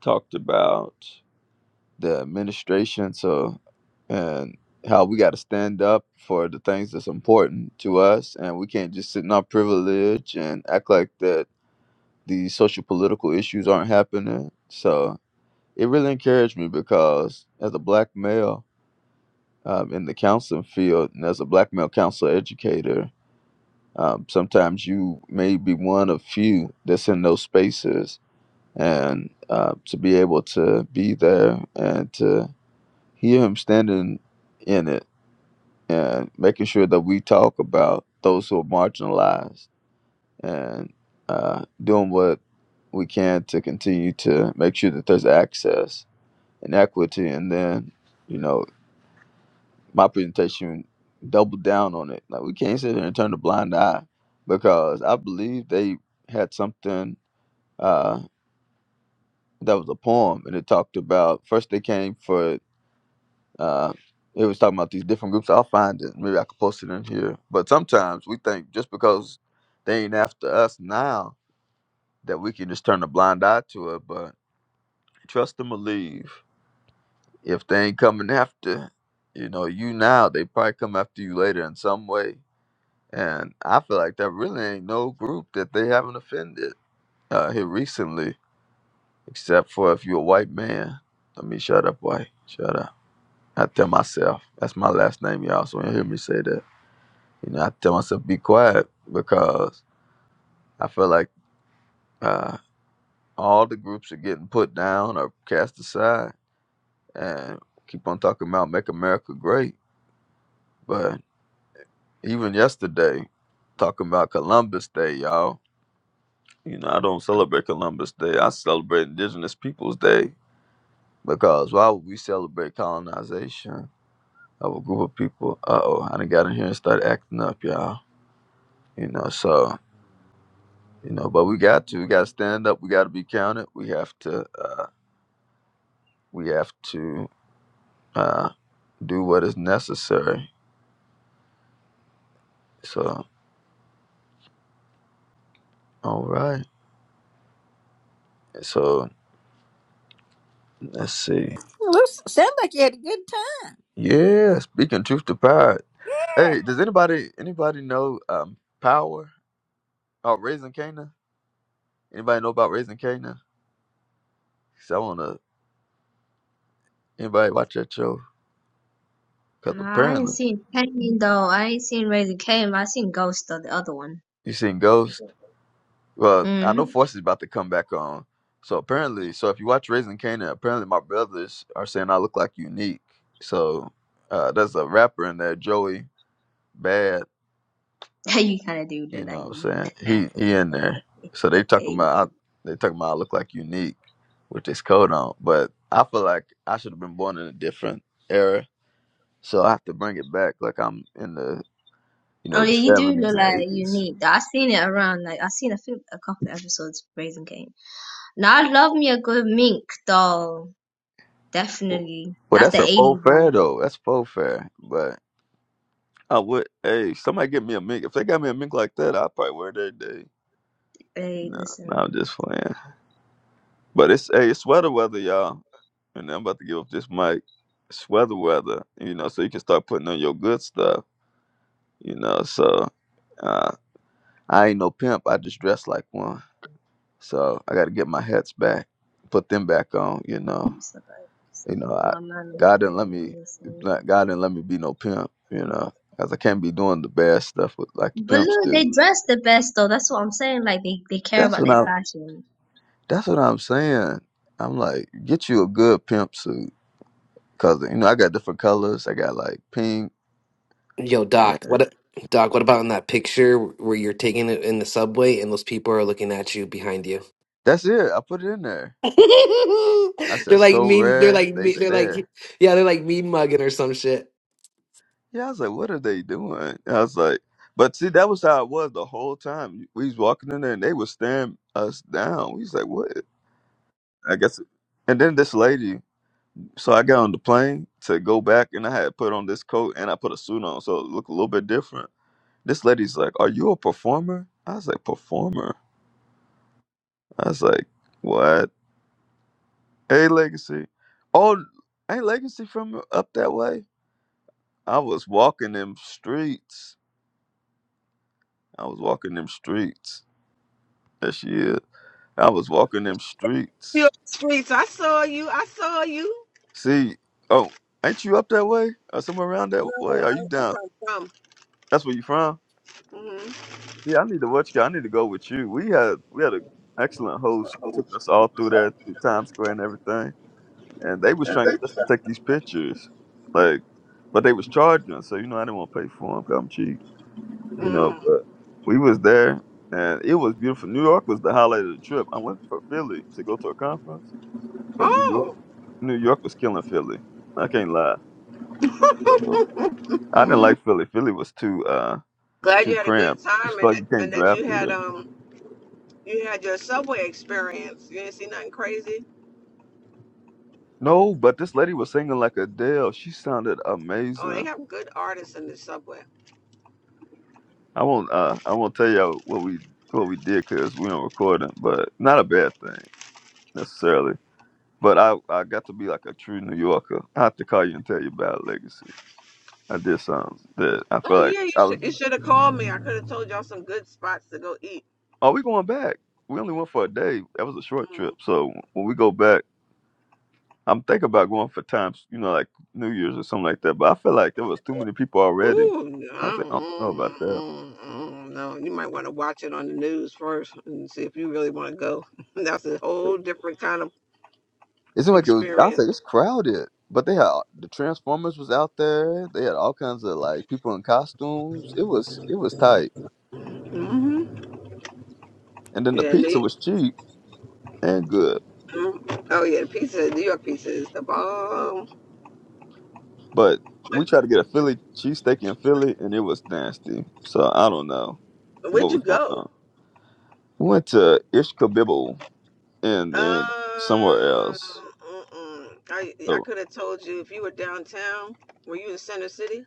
S4: talked about the administration. So, and how we got to stand up for the things that's important to us, and we can't just sit in our privilege and act like that these social political issues aren't happening. So. It really encouraged me because as a black male, um, in the counseling field, and as a black male counselor educator, um, sometimes you may be one of few that's in those spaces, and uh, to be able to be there and to hear him standing in it and making sure that we talk about those who are marginalized and uh, doing what we can to continue to make sure that there's access and equity, and then you know my presentation doubled down on it. Like we can't sit there and turn a blind eye because I believe they had something uh, that was a poem and it talked about first they came for uh, it was talking about these different groups. I'll find it. Maybe I could post it in here. But sometimes we think just because they ain't after us now that we can just turn a blind eye to it. But trust and believe if they ain't coming after you know you now, they probably come after you later in some way And I feel like there really ain't no group that they haven't offended uh, here recently, except for if you're a white man. Let me shut up, white. Shut up. I tell myself, that's my last name, y'all, so you hear me say that. You know, I tell myself, be quiet, because I feel like uh, all the groups are getting put down or cast aside and keep on talking about make America great. But even yesterday, talking about Columbus Day, y'all. You know, I don't celebrate Columbus Day. I celebrate Indigenous Peoples Day because why would we celebrate colonization of a group of people? Uh oh, I done got in here and started acting up, y'all. You know, so you know, but we got to, we got to stand up. We got to be counted. We have to, uh, we have to uh, do what is necessary. So, all right. So let's see.
S1: Looks, sounds like you had a good time.
S4: Yeah, speaking truth to power. Hey, does anybody anybody know um, power Oh, raising Canaan? Anybody know about Raising Canaan? Cause I wanna anybody watch that show? Cause
S2: No, I ain't
S4: apparently
S2: seen Kane though. I ain't seen Raising Kane. I seen Ghost though, the other one.
S4: you seen Ghost. Well, I
S2: hmm
S4: know Force is about to come back on. So apparently, so if you watch Raising Canaan, apparently my brothers are saying I look like Unique. So uh, there's a rapper in there, Joey Bad.
S2: you kind of do look
S4: You
S2: like
S4: know what I'm
S2: Unique.
S4: saying? He he in there. So they talking about I, they talking about I look like Unique with this coat on. But I feel like I should have been born in a different era. So I have to bring it back. Like I'm in the you
S2: oh
S4: know,
S2: yeah,
S4: the
S2: you do
S4: seventies
S2: look
S4: and
S2: like
S4: eighties.
S2: Unique. I seen it around. Like I seen a few, a couple of episodes of Raising Kane. Now I love me a good mink though. Definitely,
S4: Well,
S2: that's
S4: that's
S2: the
S4: a faux
S2: '80s
S4: fair
S2: vibe.
S4: though. That's faux fair. But I would, hey, somebody get me a mink. If they got me a mink like that, I'd probably wear it every day. You
S2: Hey,
S4: know, no,
S2: listen.
S4: I'm just playing. But it's hey, it's weather weather, y'all. And I'm about to give up this mic. It's weather weather. You know, so you can start putting on your good stuff. You know, so uh, I ain't no pimp. I just dress like one. So I got to get my hats back, put them back on. You know.
S2: It's
S4: You
S2: like
S4: know, I,
S2: my manners
S4: God didn't let me.
S2: and this and-
S4: like, God didn't let me be no pimp. You know, because I can't be doing the bad stuff with, like the
S2: But
S4: pimps
S2: look,
S4: do.
S2: they dress the best though. That's what I'm saying. Like they, they care
S4: That's
S2: about
S4: what
S2: their
S4: I'm.
S2: fashion.
S4: That's what I'm saying. I'm like, get you a good pimp suit, cause you know I got different colors. I got like pink,
S3: Yo,
S4: and
S3: Doc, what Doc, what about in that picture where you're taking it in the subway and those people are looking at you behind you?
S4: that's it. I put it in there. I said,
S3: they're like
S4: so
S3: mean they're
S4: rare
S3: like
S4: they
S3: me they're like
S4: stare.
S3: yeah, they're like mean mugging or some shit.
S4: Yeah, I was like, what are they doing? I was like, but see, that was how it was the whole time. We was walking in there, and they was staring us down. We was like, what? I guess. And then this lady. So I got on the plane to go back, and I had put on this coat and I put a suit on, so it looked a little bit different. This lady's like, "Are you a performer?" I was like, "Performer." I was like, "What?" Hey, Legacy. Oh, ain't Legacy from up that way? I was walking them streets. I was walking them streets. There she is. I was walking them streets.
S5: Hill streets. I saw you. I saw you.
S4: See, oh, ain't you up that way or somewhere around that
S5: No,
S4: way? Are you
S5: I, that's
S4: down?
S5: where I'm
S4: That's where you from?
S5: from.
S4: Yeah, I need to watch you. I need to go with you. We had we had an excellent host. Took us
S5: Mm-hmm.
S4: all through there through Times Square and everything. And they was trying to get us to take these pictures, like, but they was charging us. So you know, I didn't want to pay for them. i I'm cheap, you know.
S5: mm
S4: But we was there, and it was beautiful. New York was the highlight of the trip. I went for Philly to go to a conference, but New York,
S5: Oh,
S4: New York was killing Philly. I can't lie. So, I didn't
S5: mm
S4: like Philly. Philly was too uh
S5: glad
S4: too
S5: you had a good
S4: cramped. Just
S5: time and
S4: felt like
S5: that,
S4: you can't
S5: and that
S4: drive
S5: you
S4: through
S5: had
S4: there.
S5: um you had your subway experience. You didn't see nothing crazy.
S4: No, but this lady was singing like Adele. She sounded
S5: Oh, they
S4: amazing.
S5: have good artists in the subway.
S4: I won't. Uh, I won't tell y'all what we what we did because we don't record it, but not a bad thing necessarily. But I I got to be like a true New Yorker. I have to call you and tell you about Legacy. I did something that I
S5: Oh
S4: feel like
S5: yeah, you
S4: I was.
S5: should you should have called me. I could have told y'all some good spots to go eat.
S4: Are we going back? We only went for a day. That was a short
S5: Mm.
S4: trip. So when we go back, I'm thinking about going for times, you know, like New Year's or something like that. But I feel like there was too many people already.
S5: Ooh,
S4: I
S5: no,
S4: said, I don't know
S5: mm,
S4: about that.
S5: mm, mm, no. You might want to watch it on the news first and see if you really want to go. That's a whole different kind of
S4: It seemed like it was. I was
S5: experience.
S4: like, it's crowded, but they had the Transformers was out there. They had all kinds of like people in costumes. It was it was tight,
S5: hmm
S4: and then the
S5: Yeah,
S4: pizza
S5: New,
S4: was cheap and good.
S5: mm, oh yeah, the pizza, New York pizza is the bomb.
S4: But we tried to get a Philly cheesesteak in Philly, and it was nasty. So I don't know what
S5: Where'd you
S4: was going
S5: go?
S4: on. We went to Ish Kabibble and and somewhere
S5: Um,
S4: else.
S5: mm-mm. I I
S4: So
S5: could have told you if you were downtown. Were you in Center City?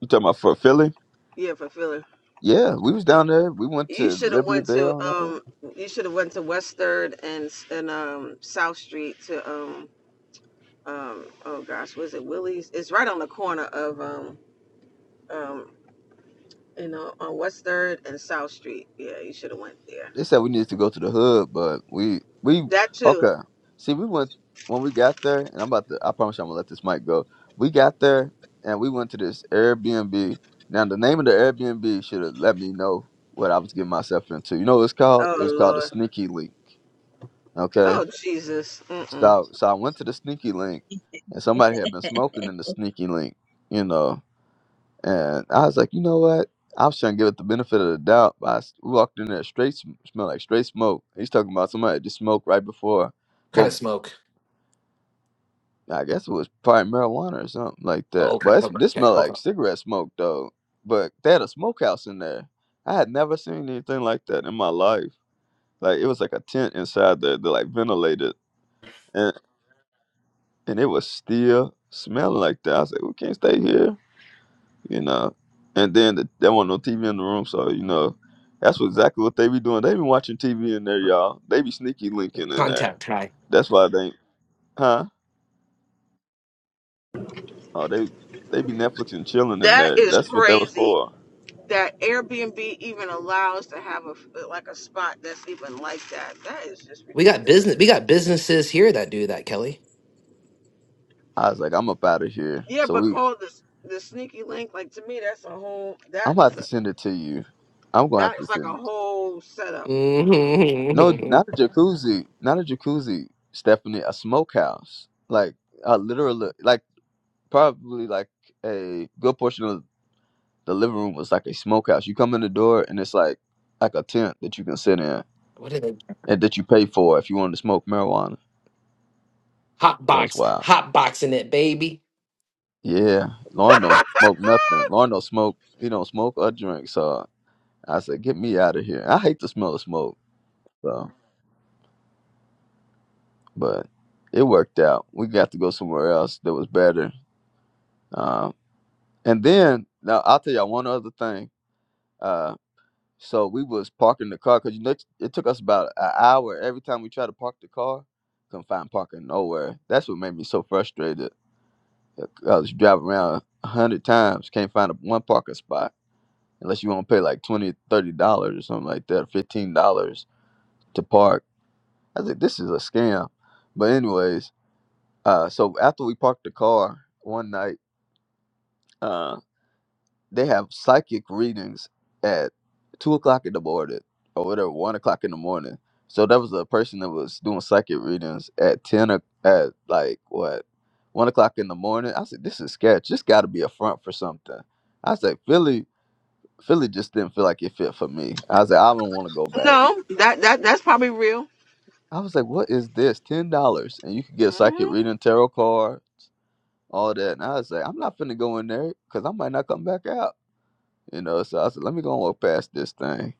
S4: you talking about for Philly?
S5: Yeah, for Philly.
S4: Yeah, we was down there. We went
S5: You
S4: to
S5: should have
S4: Liberty
S5: went to
S4: Bell and all that.
S5: um. You should have went to West Third and and um South Street to um um. Oh gosh, was it Willie's? It's right on the corner of um um. You know, on West Third and South Street. Yeah, you should have went there.
S4: They said we needed to go to the hood, but we we
S5: That too.
S4: okay. See, we went when we got there, and I'm about to. I promise you, I'm gonna let this mic go. We got there, and we went to this Airbnb. Now, the name of the Airbnb should have let me know what I was getting myself into. You know what it's called?
S5: Oh
S4: It was called the
S5: Lord.
S4: Sneaky Link. Okay,
S5: Oh Jesus. Mm-mm.
S4: so so I went to the Sneaky Link, and somebody had been smoking in the Sneaky Link. You know, and I was like, you know what? I was trying to give it the benefit of the doubt. But I s- walked in there straight, sm- smelled like straight smoke. He's talking about somebody that just smoked right before,
S3: Kind
S4: but
S3: of smoke.
S4: I guess it was probably marijuana or something like
S3: Oh,
S4: that.
S3: okay,
S4: But it's,
S3: okay,
S4: this
S3: okay,
S4: smelled
S3: okay.
S4: like cigarette smoke though. But they had a smokehouse in there. I had never seen anything like that in my life. Like it was like a tent inside there, that like ventilated, and and it was still smelling like that. I was like, we can't stay here. you know. And then th there wasn't no TV in the room, so you know, that's what exactly what they be doing. They be watching TV in there, y'all. They be sneaky linking in there.
S3: Contact high.
S4: That's why they, huh? Oh, they they be Netflix and chilling in
S5: That
S4: there.
S5: is
S4: That's what that was
S5: crazy.
S4: for.
S5: That Airbnb even allows to have a like a spot that's even like that. That is just
S3: We got
S5: ridiculous.
S3: business we got businesses here that do that, Kelly.
S4: I was like, I'm up out of here.
S5: Yeah,
S4: So
S5: but
S4: we,
S5: call this the sneaky link. Like to me, that's a whole.
S4: I'm
S5: That
S4: gonna have
S5: is
S4: to
S5: a
S4: send it to you. I'm gonna have
S5: that
S4: to
S5: is like
S4: send
S5: a
S4: it.
S5: whole setup. Mm-mm.
S4: No,
S3: Mm-hmm.
S4: not a jacuzzi, not a jacuzzi, Stephanie. A smokehouse, like a literally, like probably like a good portion of the living room was like a smokehouse. You come in the door and it's like like a tent that you can sit in
S3: What are they?
S4: and that you pay for if you wanted to smoke marijuana.
S3: Hot
S4: That was
S3: box,
S4: wild.
S3: hot boxing it, baby.
S4: Yeah, Lauren don't smoke nothing. Lauren don't smoke. He don't smoke or drink. So I said, get me out of here. I hate the smell of smoke. So, but it worked out. We got to go somewhere else that was better. Um, and then now I'll tell y'all one other thing. Uh, So we was parking the car because you know it it took us about an hour every time we tried to park the car, couldn't find parking nowhere. That's what made me so frustrated. I was driving around a hundred times, can't find a, one parking spot unless you want to pay like twenty, thirty dollars or something like that, fifteen dollars to park. I was like, this is a scam. But anyways, uh, so after we parked the car one night, uh. they have psychic readings at two o'clock in the morning or whatever, one o'clock in the morning. So there was a person that was doing psychic readings at ten o- at like what one o'clock in the morning. I said, this is sketch. This got to be a front for something. I said, Philly, Philly just didn't feel like it fit for me. I said I don't want to go back.
S5: No, that that that's probably real.
S4: I was like, what is this? Ten dollars and you could get a psychic
S5: Mhm.
S4: reading, tarot card, all that. And I was like, I'm not finna go in there because I might not come back out. You know, so I said, let me go and walk past this thing.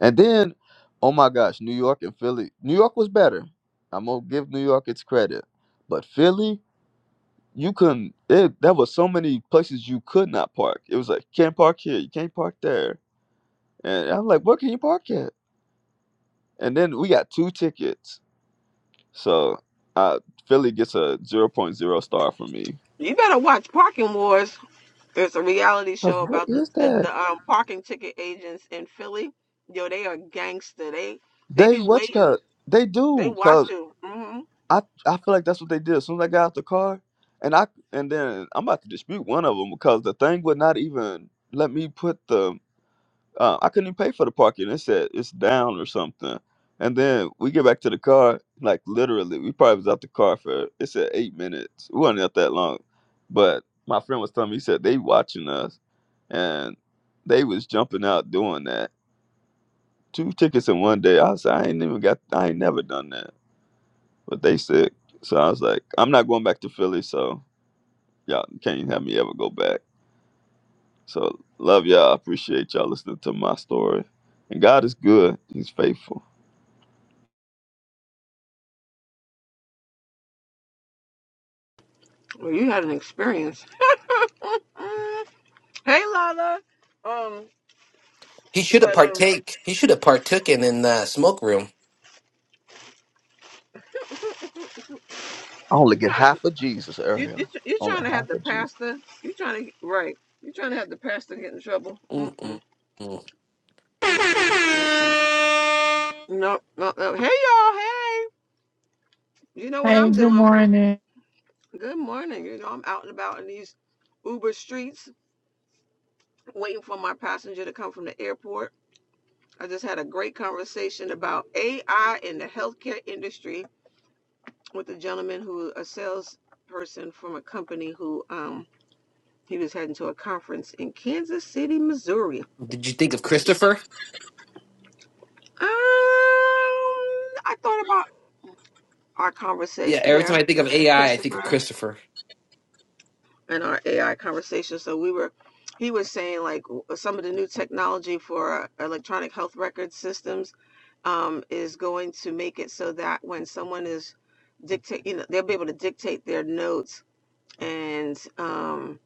S4: And then, oh my gosh, New York and Philly. New York was better. I'm gonna give New York its credit, but Philly, you couldn't. It, there was so many places you could not park. It was like can't park here, you can't park there, and I'm like, where can you park at? And then we got two tickets, so uh, Philly gets a zero point zero star from me.
S5: You better watch Parking Wars. It's a reality
S4: Cause
S5: show
S4: what
S5: about the
S4: is
S5: the,
S4: that?
S5: the um, parking ticket agents in Philly. Yo, they are gangster. They they
S4: They
S5: be
S4: what? you
S5: waiting.
S4: call- They
S5: They
S4: do,
S5: watch you. hmm
S4: I I feel like that's what they did. As soon as I got out the car, and I and then I'm about to dispute one of them because the thing would not even let me put the uh, I couldn't even pay for the parking. It said it's down or something. And then we get back to the car, like literally, we probably was out the car for it said eight minutes. We wasn't out that long, but my friend was telling me he said they watching us, and they was jumping out doing that. Two tickets in one day. I said I ain't even got I ain't never done that but they sick. So I was like, I'm not going back to Philly, so y'all can't have me ever go back. So love y'all. Appreciate y'all listening to my story. And God is good. He's faithful.
S5: Well, you had an experience. Mm. Hey, Lala. Um,
S3: He should have
S5: but um,
S3: partake. He should have partooken in the smoke room.
S4: I only
S5: you
S4: get
S5: trying
S4: half of Jesus,
S5: you
S4: Ariel.
S5: you you
S4: Only
S5: trying to have
S4: half
S5: the
S4: of Jesus.
S5: pastor? You trying to right? You trying to have the pastor get in trouble? Mm
S3: Mm-mm.
S5: mm mm mm mm. No no no. Hey y'all. Hey. You know what
S6: Hey,
S5: I'm
S6: good
S5: doing?
S6: morning.
S5: Good morning. You know, I'm out and about in these Uber streets waiting for my passenger to come from the airport. I just had a great conversation about AI in the healthcare industry with a gentleman who, a salesperson from a company who, um, he was heading to a conference in Kansas City, Missouri.
S3: Did you think of Christopher?
S5: Um, I thought about our
S3: Yeah,
S5: conversation.
S3: every time
S5: Yeah,
S3: I think of
S5: uh,
S3: AI, I I think
S5: Christopher.
S3: of Christopher.
S5: in our AI conversation. So we were, he was saying like some of the new technology for electronic health record systems um, is going to make it so that when someone is dictate, you know, they'll be able to dictate their notes, and um,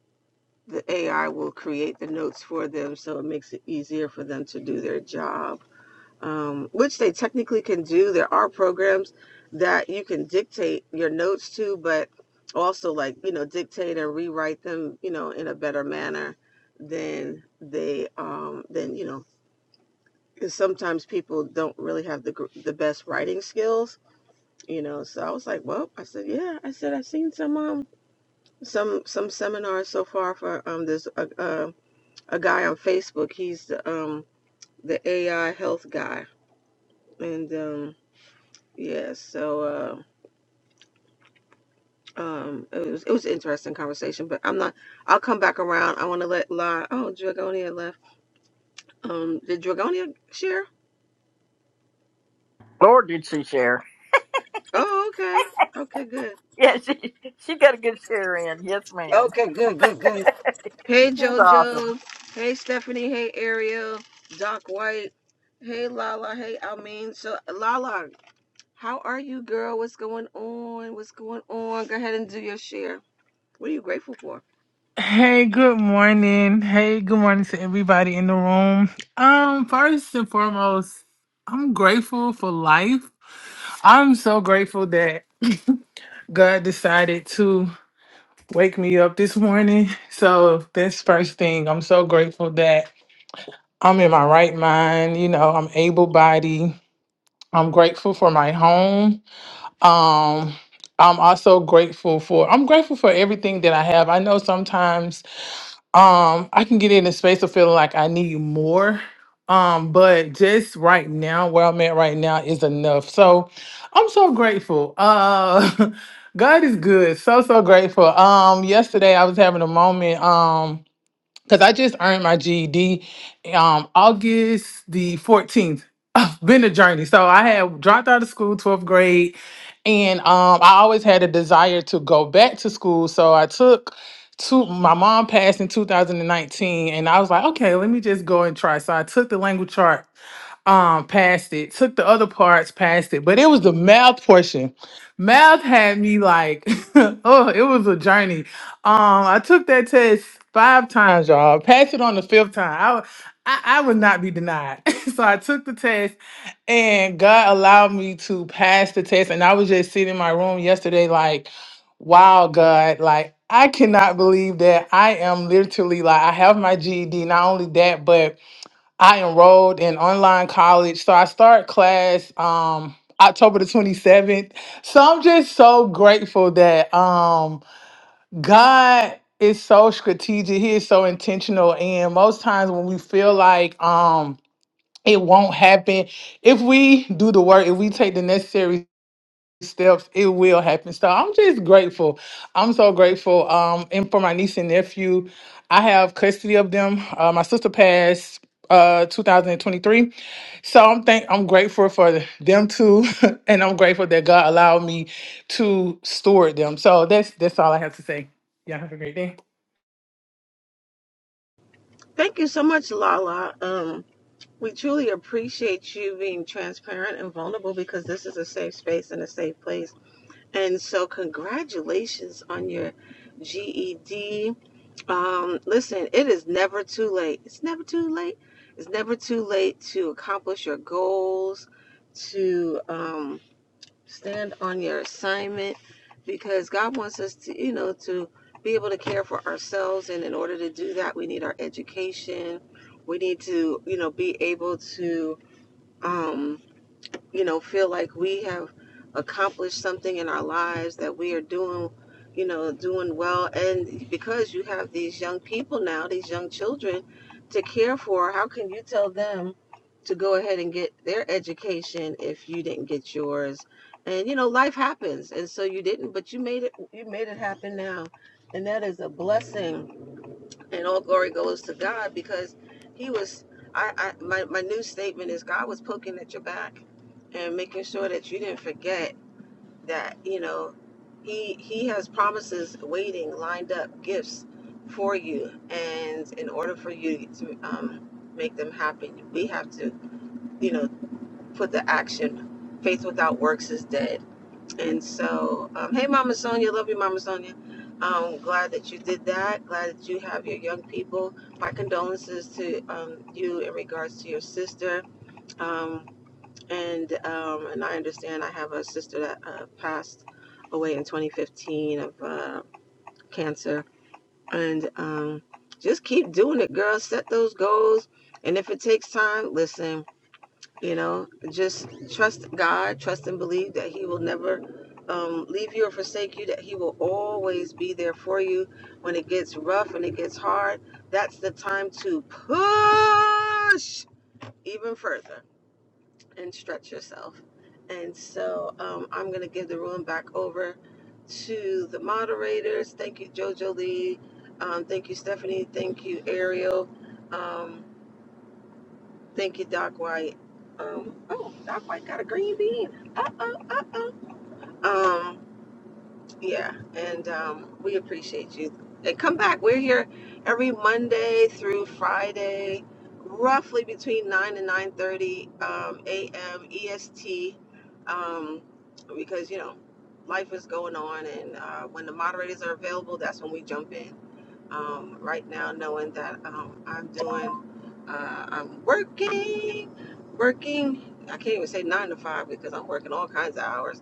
S5: the AI will create the notes for them, so it makes it easier for them to do their job um, which they technically can do. There are programs that you can dictate your notes to, but also like you know dictate and rewrite them, you know, in a better manner than they um, than you know. 'cause sometimes people don't really have the gr- the best writing skills, you know. So I was like, well, I said, yeah, I said I've seen some um some some seminars so far for um there's a a, a guy on Facebook. He's the um the AI health guy and um Yeah, so uh, um, it was it was an interesting conversation, but I'm not. I'll come back around. I want to let La. Oh, Dragonia left. Um, did Dragonia share?
S1: Lord, did she share?
S5: Oh, okay, okay, good.
S1: Yeah, she she got a good share in. Yes, ma'am.
S5: Okay, good, good, good. Hey
S1: She's awesome.
S5: JoJo. Hey Stephanie. Hey Ariel. Doc White. Hey Lala. Hey Almin. So Lala, how are you, girl? What's going on? What's going on? Go ahead and do your share. What are you grateful for?
S6: Hey, good morning. Hey, good morning to everybody in the room. Um, first and foremost, I'm grateful for life. I'm so grateful that God decided to wake me up this morning. So that's first thing. I'm so grateful that I'm in my right mind, you know, I'm able bodied. I'm grateful for my home. Um, I'm also grateful for I'm grateful for everything that I have. I know sometimes um i can get in a space of feeling like i need more um but just right now where i'm at right now is enough so i'm so grateful uh god is good so so grateful um yesterday i was having a moment um, because I just earned my GED um August the 14th. Been a journey. So I had dropped out of school, 12th grade, and um I always had a desire to go back to school. So I took two my mom passed in 2019 and I was like, okay, let me just go and try. So I took the language chart um past it took the other parts past it but it was the math portion math had me like oh it was a journey um i took that test five times y'all passed it on the fifth time i wa- I, I would not be denied. so I took the test and God allowed me to pass the test. And I was just sitting in my room yesterday, like, wow, God, like, I cannot believe that I am literally like, I have my GED, not only that, but I enrolled in online college. So I start class um October the 27th. So I'm just so grateful that um God is so strategic. He is so intentional. And most times when we feel like um it won't happen, if we do the work, if we take the necessary steps it will happen so i'm just grateful i'm so grateful um and for my niece and nephew i have custody of them uh, my sister passed uh 2023 so i'm thank i'm grateful for them too and i'm grateful that god allowed me to steward them so that's that's all i have to say yeah have a great day
S5: Thank you so much, Lala. Um, we truly appreciate you being transparent and vulnerable because this is a safe space and a safe place. And so, congratulations on your GED. Um, listen, it is never too late. It's never too late. It's never too late to accomplish your goals, to um, stand on your assignment because God wants us to, you know, to be able to care for ourselves. And in order to do that, we need our education. We need to, you know, be able to, um, you know, feel like we have accomplished something in our lives that we are doing, you know, doing well. And because you have these young people now, these young children to care for, how can you tell them to go ahead and get their education if you didn't get yours? And you know, life happens, and so you didn't, but you made it. You made it happen now, and that is a blessing and all glory goes to God because He was. I, I my my new statement is God was poking at your back and making sure that you didn't forget that you know He He has promises waiting, lined up gifts for you, and in order for you to um, make them happen, we have to you know put the action. Faith without works is dead and so, um, hey, Mama Sonia, love you, Mama Sonia. Um, glad that you did that. Glad that you have your young people. My condolences to um, you in regards to your sister. Um, and um, and I understand I have a sister that uh, passed away in 2015 of uh, cancer. And um, just keep doing it, girl. Set those goals. And if it takes time, listen. You know, just trust God, trust and believe that He will never um, leave you or forsake you, that He will always be there for you when it gets rough and it gets hard. That's the time to push even further and stretch yourself. And so um, I'm going to give the room back over to the moderators. Thank you, JoJo Lee. Um, thank you, Stephanie. Thank you, Ariel. Um, Thank you, Doc White. Um, oh, Doc White got a green bean. Uh oh, uh oh. Um, yeah, and um, we appreciate you. And come back. We're here every Monday through Friday, roughly between nine and nine thirty um, a.m. EST, um, because you know life is going on, and uh, when the moderators are available, that's when we jump in um, right now, knowing that um, I'm doing, uh, I'm working, working. I can't even say nine to five because I'm working all kinds of hours.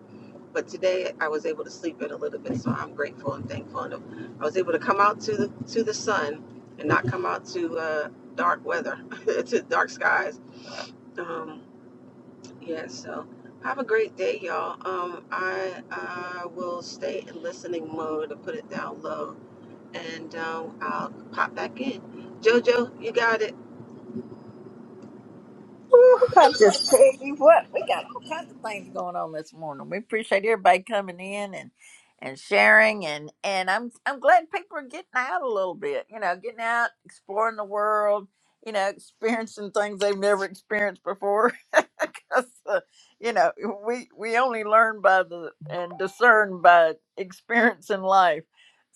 S5: But today I was able to sleep in a little bit, so I'm grateful and thankful. And I was able to come out to the to the sun and not come out to uh, dark weather, to dark skies. Um, yeah, so have a great day, y'all. Um, I uh, will stay in listening mode and put it down low and um, I'll pop back in. Jojo, you got it.
S1: Whew, I just tell you what, we got all kinds of things going on this morning. We appreciate everybody coming in and and sharing and and I'm I'm glad people are getting out a little bit. You know, getting out, exploring the world. You know, experiencing things they've never experienced before. Because uh, you know, we we only learn by the and discern by experience in life.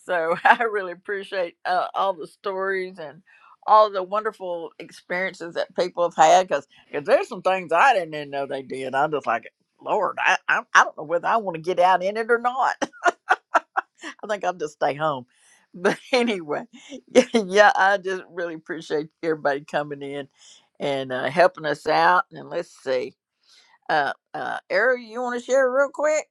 S1: So I really appreciate uh, all the stories and all the wonderful experiences that people have had. 'cause because there's some things I didn't even know they did. I'm just like, Lord, I, I, I don't know whether I want to get out in it or not. I think I'll just stay home. But anyway, yeah, yeah, I just really appreciate everybody coming in and uh, helping us out. And let's see. Uh, uh, Ariel, you want to share real quick?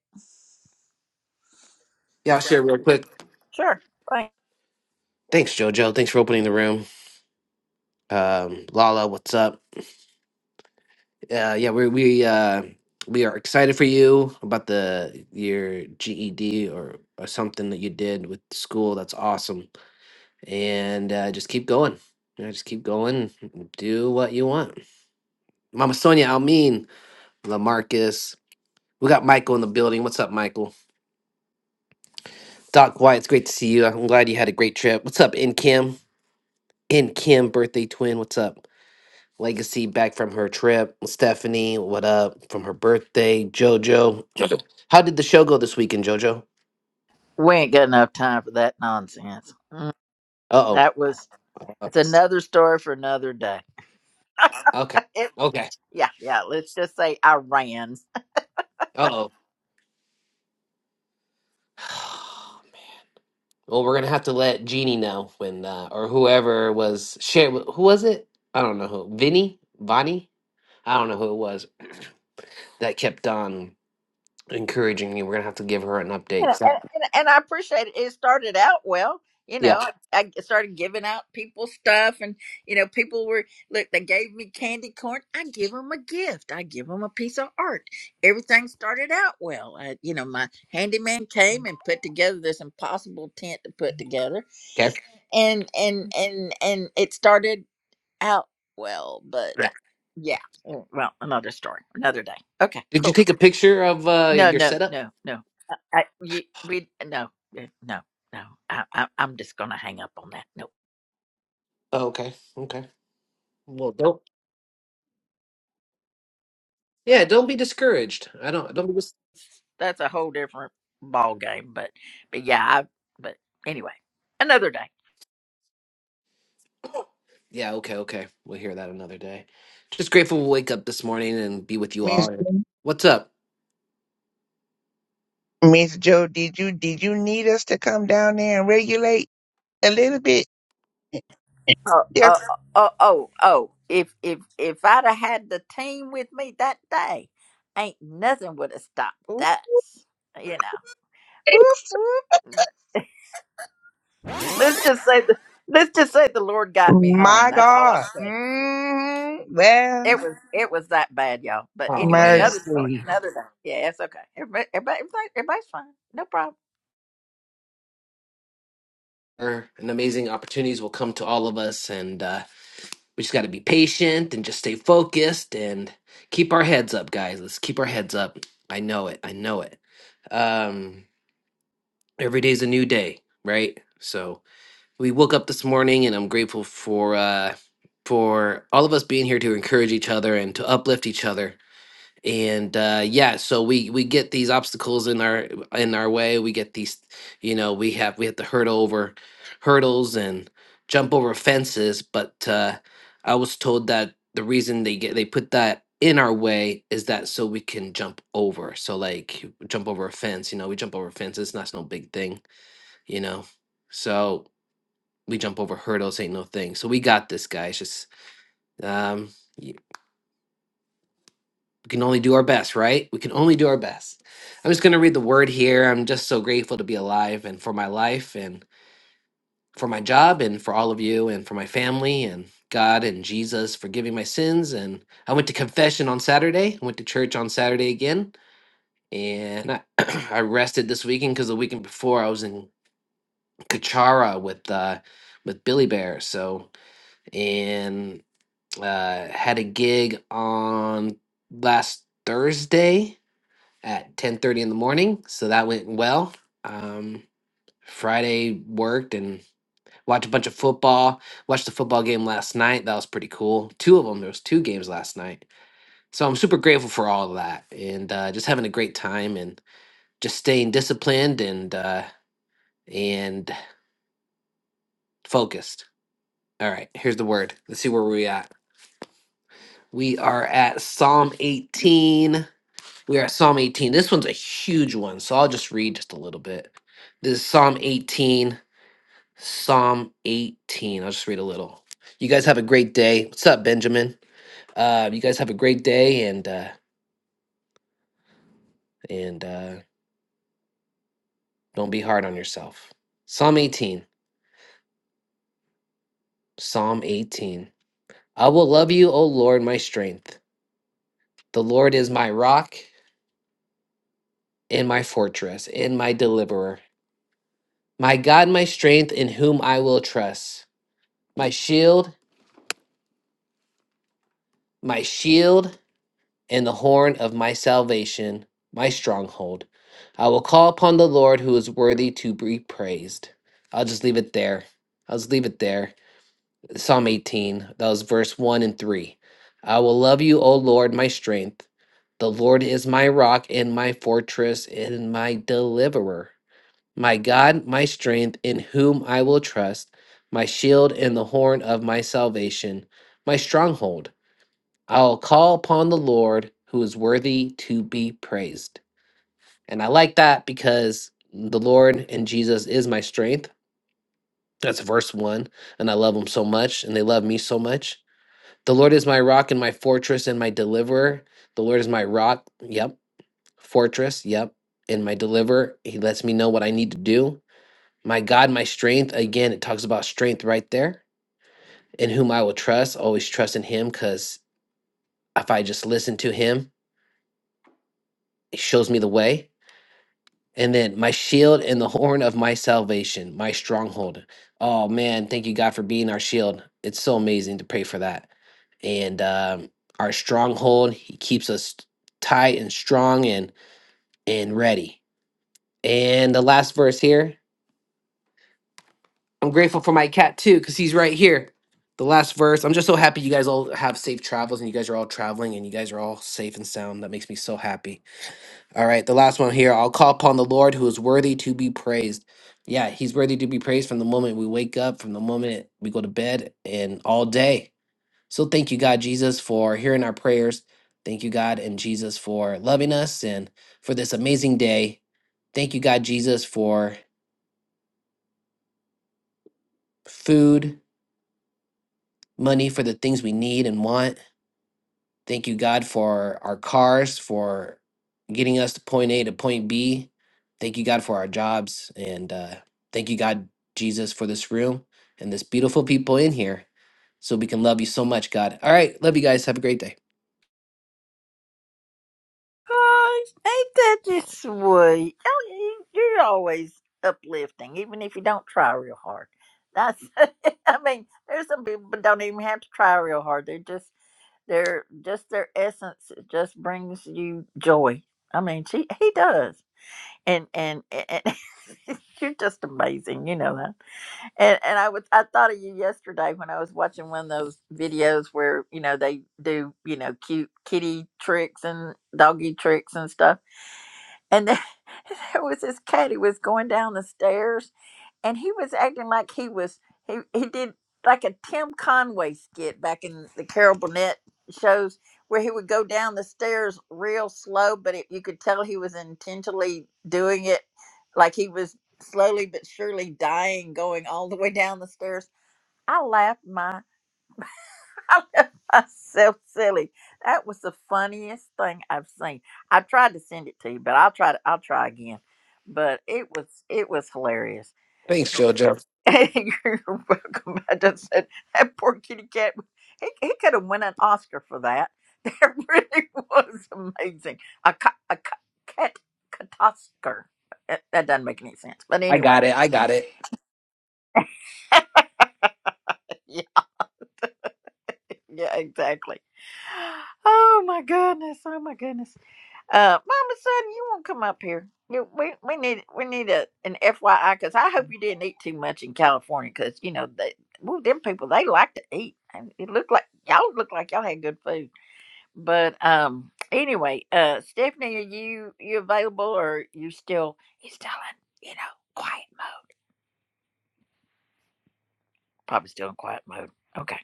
S3: Yeah, I'll share real quick.
S1: Sure. Thanks.
S3: Thanks, Jojo. Thanks for opening the room. Um, Lala, what's up? Uh, yeah, we we uh, we are excited for you about the your GED or, or something that you did with school. That's awesome. And uh, just keep going. Yeah, just keep going. Do what you want. Mama Sonia, Almin, Lamarcus. We got Michael in the building. What's up, Michael? Doc White, it's great to see you. I'm glad you had a great trip. What's up, In Kim? In Kim, birthday twin. What's up? Legacy back from her trip. Stephanie, what up from her birthday? Jojo, how did the show go this weekend, Jojo?
S1: We ain't got enough time for that nonsense. Mm,
S3: Uh-oh.
S1: That was,
S3: Uh
S1: it's
S3: oh.
S1: another story for another day.
S3: Okay.
S1: It,
S3: Okay.
S1: yeah, yeah. Let's just say I ran.
S3: Uh oh. Well, we're gonna have to let Jeannie know when, uh, or whoever was share. Who was it? I don't know who. Vinny, Bonnie? I don't know who it was that kept on encouraging me. We're gonna have to give her an update.
S1: Yeah,
S3: 'cause
S1: and,
S3: that-
S1: and, and I appreciate it. It started out well. You
S3: yeah.
S1: know, I started giving out people stuff, and you know, people were look. They gave me candy corn. I give them a gift. I give them a piece of art. Everything started out well. I, you know, my handyman came and put together this impossible tent to put together,
S3: Okay.
S1: and and and and it started out well. But
S3: Yeah.
S1: yeah, mm, well, another story, another day. Okay,
S3: Did you
S1: cool.
S3: take a picture of uh,
S1: No,
S3: your
S1: no,
S3: setup?
S1: no, no. I, I, you, we no, eh, no, no. I, I, I'm just gonna hang up on that. Nope,
S3: Oh, okay. Okay. Well, don't. Yeah, don't be discouraged. I don't. Don't be. Dis-
S1: that's a whole different ball game. But, but yeah, I, but anyway, another day.
S3: yeah. Okay. Okay. We'll hear that another day. Just grateful to wake up this morning and be with you
S7: Miss
S3: all. And
S7: Jo-
S3: what's up?
S7: Miss Joe, did you did you need us to come down there and regulate a little bit?
S1: Oh,
S7: Yes.
S1: oh, oh, oh, oh. If if if I'd have had the team with me that day, ain't nothing would have stopped
S7: Ooh,
S1: us. You know. Whoop, whoop. Let's just say the let's just say the Lord got me home.
S7: My
S1: That's all I'm
S7: God.
S1: saying.
S7: Mm, well,
S1: It was it was that bad, y'all. But
S3: Oh
S1: anyway,
S3: man.
S1: another story,
S7: mercy.
S1: another day. Yeah, it's okay. Everybody, everybody, everybody- everybody's fine. No problem.
S3: Sure, and amazing opportunities will come to all of us. And uh, we just got to be patient and just stay focused and keep our heads up, guys. Let's keep our heads up. I know it. I know it. Um, every day's a new day, right? So we woke up this morning, and I'm grateful for uh, for all of us being here to encourage each other and to uplift each other and uh yeah so we we get these obstacles in our in our way we get these you know we have we have to hurdle over hurdles and jump over fences but uh i was told that the reason they get they put that in our way is that so we can jump over so like jump over a fence you know we jump over fences that's no big thing you know so we jump over hurdles ain't no thing so we got this guys just um we can only do our best, right? We can only do our best. I'm just going to read the word here. I'm just so grateful to be alive and for my life and for my job and for all of you and for my family and God and Jesus for giving my sins. And I went to confession on Saturday. I went to church on Saturday again. And I, I rested this weekend because the weekend before I was in Kachara with uh, with Billy Bear. So, and uh, had a gig on last Thursday at 10:30 in the morning, so that went well. Um, Friday worked and watched a bunch of football. Watched the football game last night. That was pretty cool. Two of them. There was two games last night. So I'm super grateful for all of that and uh, just having a great time and just staying disciplined and uh, and focused. All right, here's the word. Let's see where we at. We are at Psalm 18. We are at Psalm 18. This one's a huge one, so I'll just read just a little bit. This is Psalm 18 Psalm 18. I'll just read a little. You guys have a great day. What's up, Benjamin? Uh, you guys have a great day and uh, and uh, don't be hard on yourself. Psalm 18. Psalm 18. I will love you, O Lord, my strength. The Lord is my rock and my fortress and my deliverer. My God, my strength, in whom I will trust. My shield, my shield and the horn of my salvation, my stronghold. I will call upon the Lord who is worthy to be praised. I'll just leave it there. I'll just leave it there. Psalm 18, that was verse 1 and 3. I will love you, O Lord, my strength. The Lord is my rock and my fortress and my deliverer, my God, my strength, in whom I will trust, my shield and the horn of my salvation, my stronghold. I'll call upon the Lord who is worthy to be praised. And I like that because the Lord and Jesus is my strength. That's verse one. And I love him so much, and they love me so much. The Lord is my rock and my fortress and my deliverer. The Lord is my rock. Yep. Fortress. Yep. And my deliverer. He lets me know what I need to do. My God, my strength. Again, it talks about strength right there. In whom I will trust, always trust in him because if I just listen to him, he shows me the way And then my shield and the horn of my salvation, my stronghold. Oh man, thank you, God, for being our shield. It's so amazing to pray for that. And um, our stronghold, He keeps us tight and strong and and ready. And the last verse here, I'm grateful for my cat too, because he's right here. The last verse. I'm just so happy you guys all have safe travels and you guys are all traveling and you guys are all safe and sound. That makes me so happy. All right, the last one here. I'll call upon the Lord who is worthy to be praised. Yeah, he's worthy to be praised from the moment we wake up, from the moment we go to bed, and all day. So thank you, God, Jesus, for hearing our prayers. Thank you, God, and Jesus, for loving us and for this amazing day. Thank you, God, Jesus, for food, money, for the things we need and want. Thank you, God, for our cars, for getting us to point A to point B. Thank you, God, for our jobs. And uh, thank you, God, Jesus, for this room and this beautiful people in here so we can love you so much, God. All right. Love you guys. Have a great day.
S1: Oh, ain't that just sweet? Oh, you- You're always uplifting, even if you don't try real hard. That's. I mean, there's some people that don't even have to try real hard. They're just they're just their essence just brings you joy. I mean, she he does, and and and you're just amazing. You know that. And and I was I thought of you yesterday when I was watching one of those videos where you know they do you know cute kitty tricks and doggy tricks and stuff. And there, there was this cat who was going down the stairs and he was acting like he was he he did like a Tim Conway skit back in the Carol Burnett shows where he would go down the stairs real slow, but it, you could tell he was intentionally doing it, like he was slowly but surely dying, going all the way down the stairs. I laughed my I laughed myself silly. That was the funniest thing I've seen. I tried to send it to you, but I'll try to I'll try again. But it was it was hilarious
S3: Thanks, JoJo.
S1: You're welcome. I just said that poor kitty cat. He, he could have won an Oscar for that. That really was amazing. A, ca- a ca- cat cat Oscar. That that doesn't make any sense. But
S3: I
S1: anyway,
S3: got it. I got it.
S1: yeah, yeah, exactly. Oh my goodness. Oh my goodness. Uh, Mama, son, you won't come up here. You, we we need we need a an FYI because I hope you didn't eat too much in California because you know they well them people they like to eat. And It looked like y'all looked like y'all had good food, but um anyway, uh Stephanie, are you you available or you still you still in you know quiet mode? Probably still in quiet mode. Okay,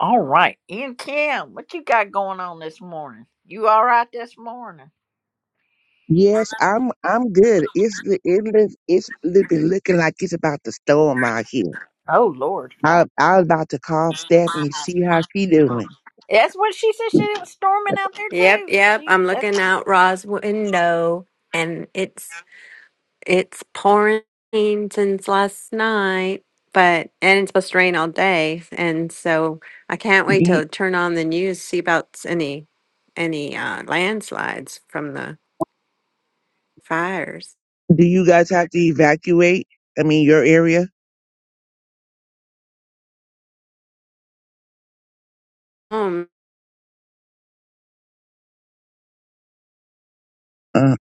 S1: all right. Ian Kim, what you got going on this morning? You all right this morning?
S7: Yes, I'm I'm good. It's li- it li- it's li- been looking like it's about to storm out here.
S1: Oh Lord.
S7: I I was about to call Stephanie see how she doing.
S1: That's what she said. She it was storming out there
S8: Yep,
S1: too.
S8: yep.
S1: She
S8: I'm
S1: that's
S8: looking out Ra's window and it's it's pouring since last night, but and it's supposed to rain all day. And so I can't
S7: Do
S8: wait
S7: you,
S8: to turn on the news, see about s- any any uh landslides from the fires.
S7: do you guys have to evacuate? I mean, your area?
S8: Home
S7: Uh,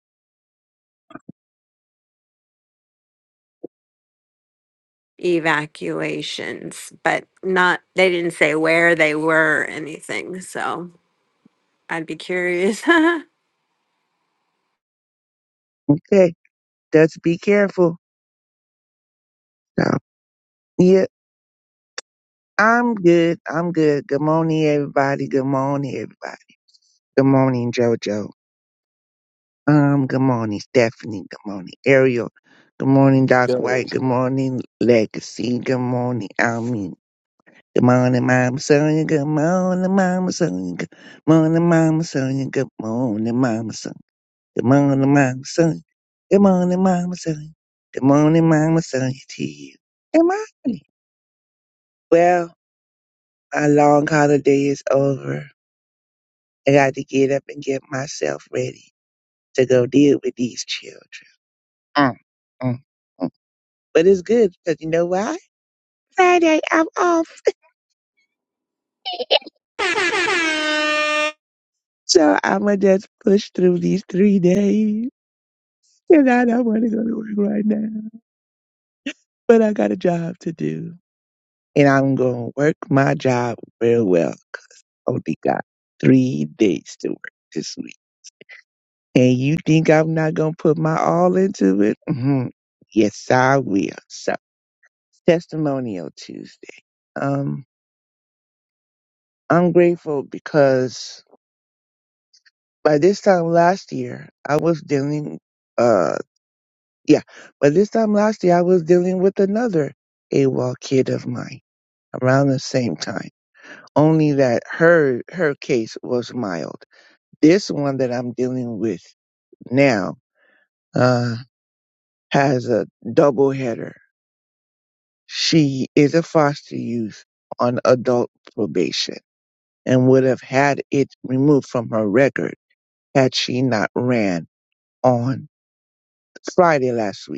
S8: evacuations, but not they didn't say where they were or anything, so I'd be curious.
S7: okay, just be careful. So, yeah, I'm good. I'm good. Good morning, everybody. Good morning, everybody. Good morning, JoJo. Um, good morning, Stephanie. Good morning, Ariel. Good morning, Doc White.
S3: Go.
S7: Good morning, Legacy. Good morning, Almin. Good morning, Mama Sonia. Good morning, Mama Sonia. Good morning, Mama Sonia. Good morning, Mama Sonia. Good morning, Mama Sonia. Good morning, Mama Sonia. Good morning, Mama Sonia to you. Good morning. Well, my long holiday is over. I got to get up and get myself ready to go deal with these children. Mm, mm. mm. but it's good because you know why? Friday, I'm off. So I'm going to just push through these three days. And I don't want to go to work right now, but I got a job to do. And I'm going to work my job real well. 'cause I only got three days to work this week. And you think I'm not going to put my all into it? hmm Yes, I will. So, testimonial Tuesday. Um, I'm grateful because by this time last year, I was dealing, uh, yeah, by this time last year, I was dealing with another AWOL kid of mine around the same time. Only that her, her case was mild. This one that I'm dealing with now, uh, has a double header. She is a foster youth on adult probation and would have had it removed from her record had she not ran on Friday last week.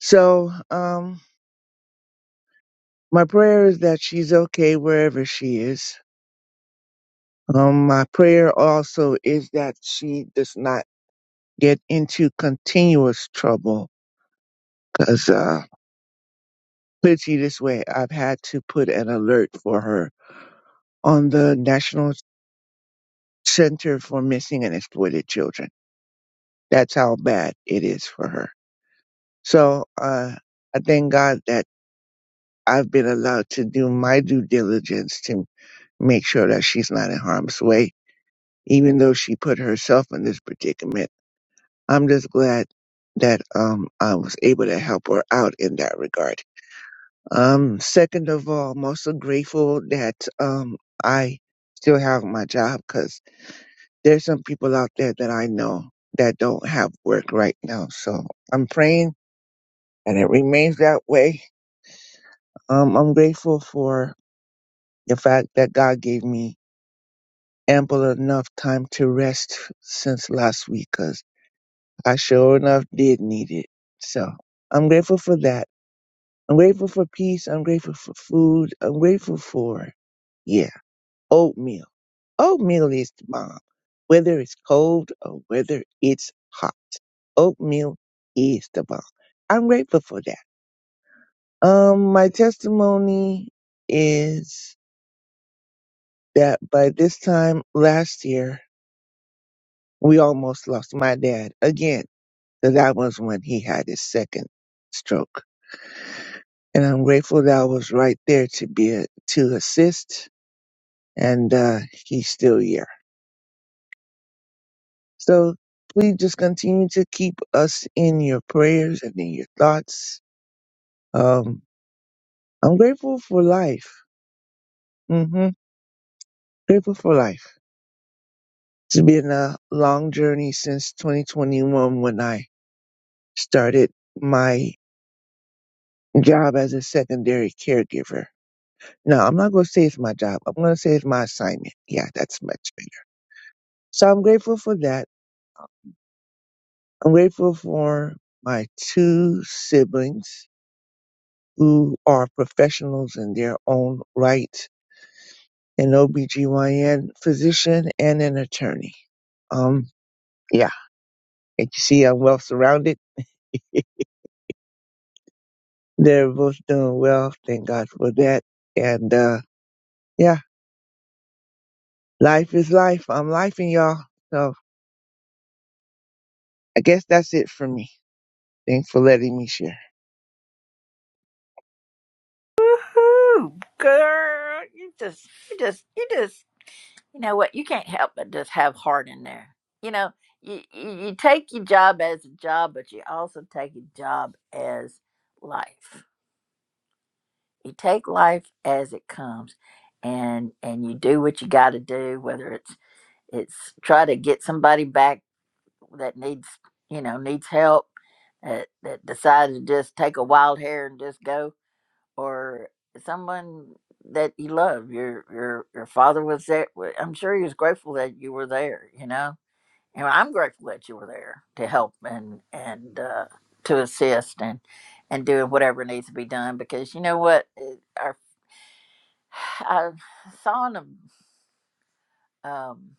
S7: So, um, my prayer is that she's okay wherever she is. Um, my prayer also is that she does not get into continuous trouble. Cause, uh, put it to you this way, I've had to put an alert for her on the National Center for Missing and Exploited Children. That's how bad it is for her. So, uh, I thank God that I've been allowed to do my due diligence to make sure that she's not in harm's way even though she put herself in this predicament. I'm just glad that um I was able to help her out in that regard. Um second of all, I'm also grateful that um I still have my job cuz there's some people out there that I know that don't have work right now. So I'm praying and it remains that way. Um I'm grateful for the fact that God gave me ample enough time to rest since last week 'cause I sure enough did need it. So I'm grateful for that. I'm grateful for peace. I'm grateful for food. I'm grateful for, yeah, oatmeal. Oatmeal is the bomb. Whether it's cold or whether it's hot, oatmeal is the bomb. I'm grateful for that. Um, my testimony is that by this time last year, we almost lost my dad again, because I was when he had his second stroke and I'm grateful that I was right there to be a, to assist, and uh, he's still here. So please just continue to keep us in your prayers and in your thoughts. Um, I'm grateful for life. hmm Grateful for life. It's been a long journey since 2021 when I started my job as a secondary caregiver. No, I'm not going to say it's my job. I'm going to say it's my assignment. Yeah, that's much better. So I'm grateful for that. I'm grateful for my two siblings who are professionals in their own right, an OBGYN physician and an attorney. Um, yeah, and you see, I'm well surrounded. They're both doing well. Thank God for that. And, uh, yeah, life is life. I'm life in y'all. So I guess that's it for me. Thanks for letting me share.
S1: woohoo, girl. You just, you just, you just. You know what? You can't help but just have heart in there. You know, you you, you take your job as a job, but you also take your job as life. You take life as it comes, and and you do what you got to do. Whether it's it's try to get somebody back that needs you know needs help that, that decides to just take a wild hair and just go or someone that you love your your your father was there wa- i'm sure he was grateful that you were there you know and i'm grateful that you were there to help and and uh, to assist and and doing whatever needs to be done because you know what It- our, i saw in a um,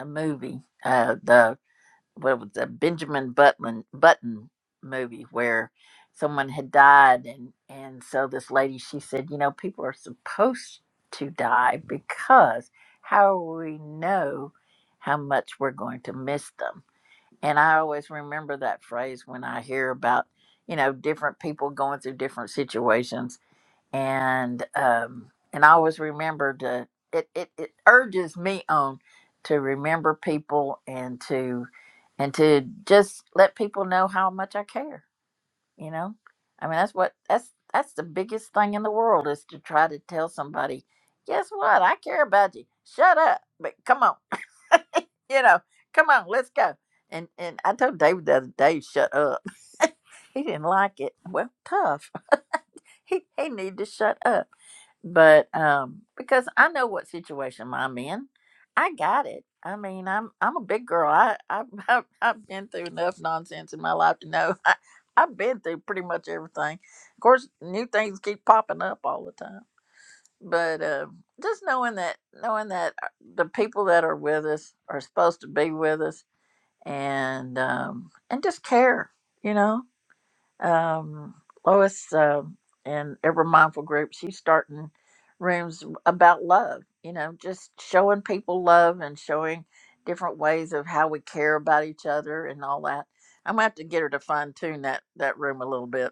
S1: a movie uh, the what was a Benjamin Button Button movie where someone had died and and so this lady she said, you know, people are supposed to die because how will we know how much we're going to miss them? And I always remember that phrase when I hear about, you know, different people going through different situations and um and I always remember to it, it it urges me on to remember people and to and to just let people know how much I care, you know? I mean that's what that's that's the biggest thing in the world is to try to tell somebody, guess what? I care about you. Shut up. But come on. you know, come on, let's go. And and I told David the other day, shut up. he didn't like it. Well, tough. He he needed to shut up but um because i know what situation i'm in i got it i mean i'm i'm a big girl i i've, I've, I've been through enough nonsense in my life to know I, i've been through pretty much everything of course new things keep popping up all the time but uh, just knowing that knowing that uh, the people that are with us are supposed to be with us and um and just care you know um, Lois um and Ever Mindful Group, she's starting rooms about love, you know, just showing people love and showing different ways of how we care about each other and all that. I'm gonna have to get her to fine tune that that room a little bit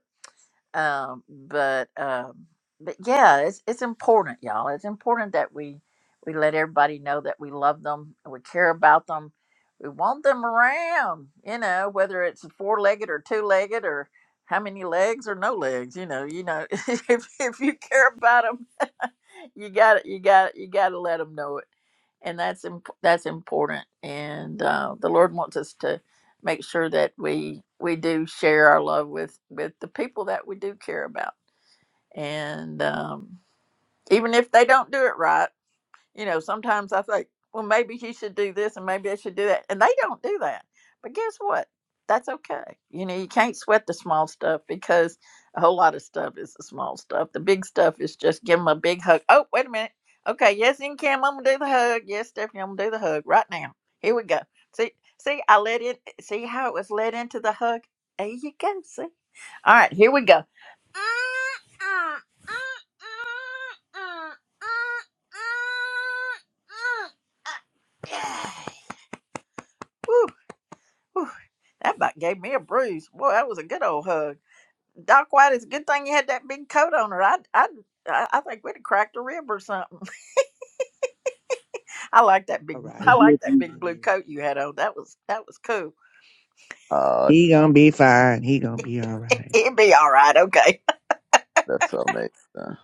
S1: um, but um, but yeah, it's it's important, y'all. It's important that we we let everybody know that we love them, and we care about them, we want them around. You know, whether it's four legged or two legged or how many legs or no legs. You know, you know, if if you care about them you got it. you got it. you got to let them know it and that's imp- that's important and uh, the lord wants us to make sure that we we do share our love with with the people that we do care about and um, even if they don't do it right you know, sometimes I think, well, maybe he should do this and maybe I should do that. And they don't do that. But guess what? That's okay. You know, you can't sweat the small stuff because a whole lot of stuff is the small stuff. The big stuff is just give them a big hug. Oh, wait a minute. Okay, yes, in Cam, I'm gonna do the hug. Yes, Stephanie, I'm gonna do the hug right now. Here we go. See, see, I let it. See how it was led into the hug. There you go. See. All right, here we go. Whew, whew. That about gave me a bruise. Boy, that was a good old hug. Doc White, it's a good thing you had that big coat on, or I, I, I I think we'd have cracked a rib or something. I like that
S7: All
S1: big,
S7: right.
S1: I
S7: He'll
S1: like that
S7: be,
S1: big blue coat you had on. That was, that was cool.
S4: Uh,
S7: he gonna be fine. He gonna be all right.
S1: He'd be all right. Okay,
S4: that's so amazing.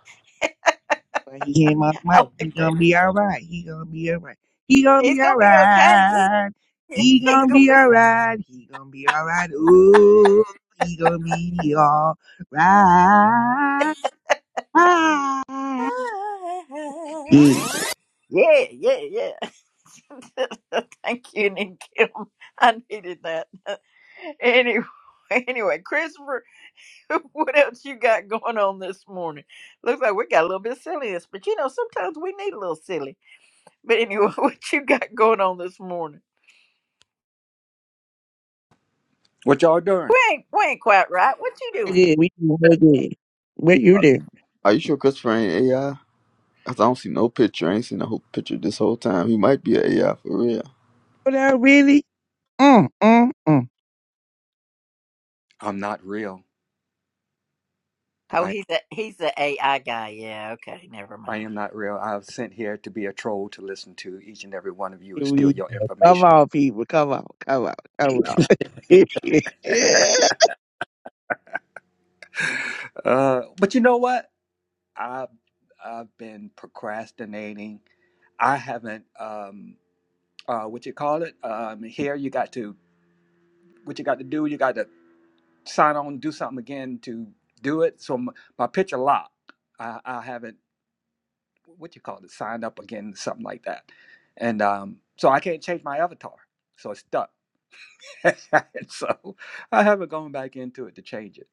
S7: But he came off
S1: I
S7: mic. He
S1: like that.
S7: gonna be all right. He gonna be all right. He gonna
S1: He's
S7: be all
S1: gonna be okay.
S7: right. He
S1: He's
S7: gonna
S1: gonna
S7: be
S1: be.
S7: all right. He gonna be all right. Ooh, he gonna be all right. Yeah,
S1: Yeah, yeah, yeah. Thank you, Nick Kim. I needed that. Anyway, anyway, Christopher, what else you got going on this morning? Looks like we got a little bit of silliness, but you know, sometimes we need a little silly. But anyway, what you got going on this morning?
S9: What y'all
S1: We
S9: doing?
S1: ain't we ain't quite right. What you doing?
S7: yeah, we do? real good. What you do?
S4: Are you sure Christopher ain't AI? Cause I don't see no picture. I ain't seen no whole picture this whole time. He might be an AI for real.
S7: What I really? Mm, mm, mm.
S9: I'm not real.
S1: Oh,
S9: I
S1: he's a he's the AI guy. Yeah, okay, never
S9: I
S1: mind.
S9: am not real. I was sent here to be a troll to listen to each and every one of you and
S7: Here
S9: steal
S7: we
S9: your
S7: go. Come
S9: information.
S7: on, people. Come on. Come on. Come on.
S9: Uh, but you know what? I've I've been procrastinating. I haven't um uh what you call it? Um here you got to what you got to do, you got to sign on do something again to do it. So my, my picture locked. I, I haven't what you call it, signed up again, something like that. And um, so I can't change my avatar. So it's stuck. and so I haven't gone back into it to change it.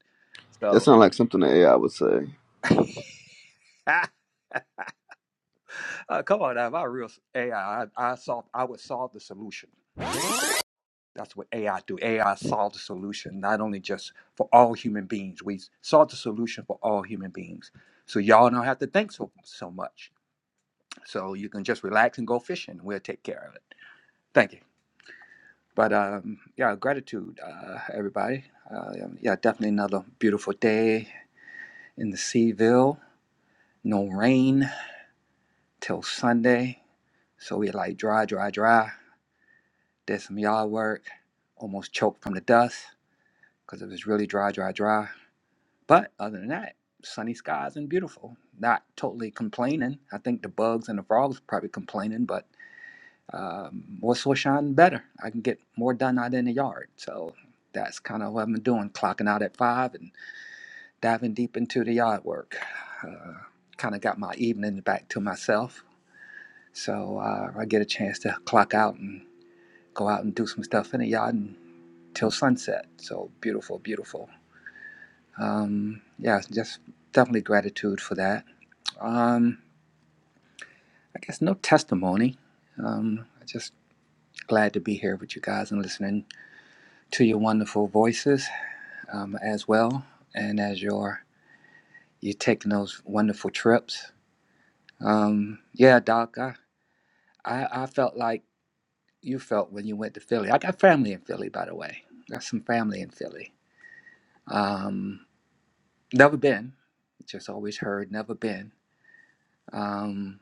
S4: That
S9: So
S4: sounds like something an AI would say.
S9: uh, uh, come on, now, if I real s- AI, I I solve, I would solve the solution. That's what AI do. AI solve the solution, not only just for all human beings. We solve the solution for all human beings. So y'all don't have to think so so much. So you can just relax and go fishing. We'll take care of it. Thank you. But um, yeah, gratitude, uh, everybody. Uh, um, yeah, definitely another beautiful day in the Seaville. No rain till Sunday. So we like dry, dry, dry. Did some yard work. Almost choked from the dust because it was really dry, dry, dry. But other than that, sunny skies and beautiful. Not totally complaining. I think the bugs and the frogs are probably complaining, but um, more sunshine, better. I can get more done out in the yard. So that's kind of what I'm doing. Clocking out at five and. diving deep into the yard work. Uh, kind of got my evening back to myself. So uh, I get a chance to clock out and go out and do some stuff in the yard until sunset. So beautiful, beautiful. Um, yeah, just definitely gratitude for that. Um, I guess no testimony. Um, just glad to be here with you guys and listening to your wonderful voices um, as well. And as you're, you're taking those wonderful trips. Um, yeah, Doc, I I, I felt like you felt when you went to Philly. I got family in Philly, by the way. Got some family in Philly. Um, never been, just always heard, never been. Um,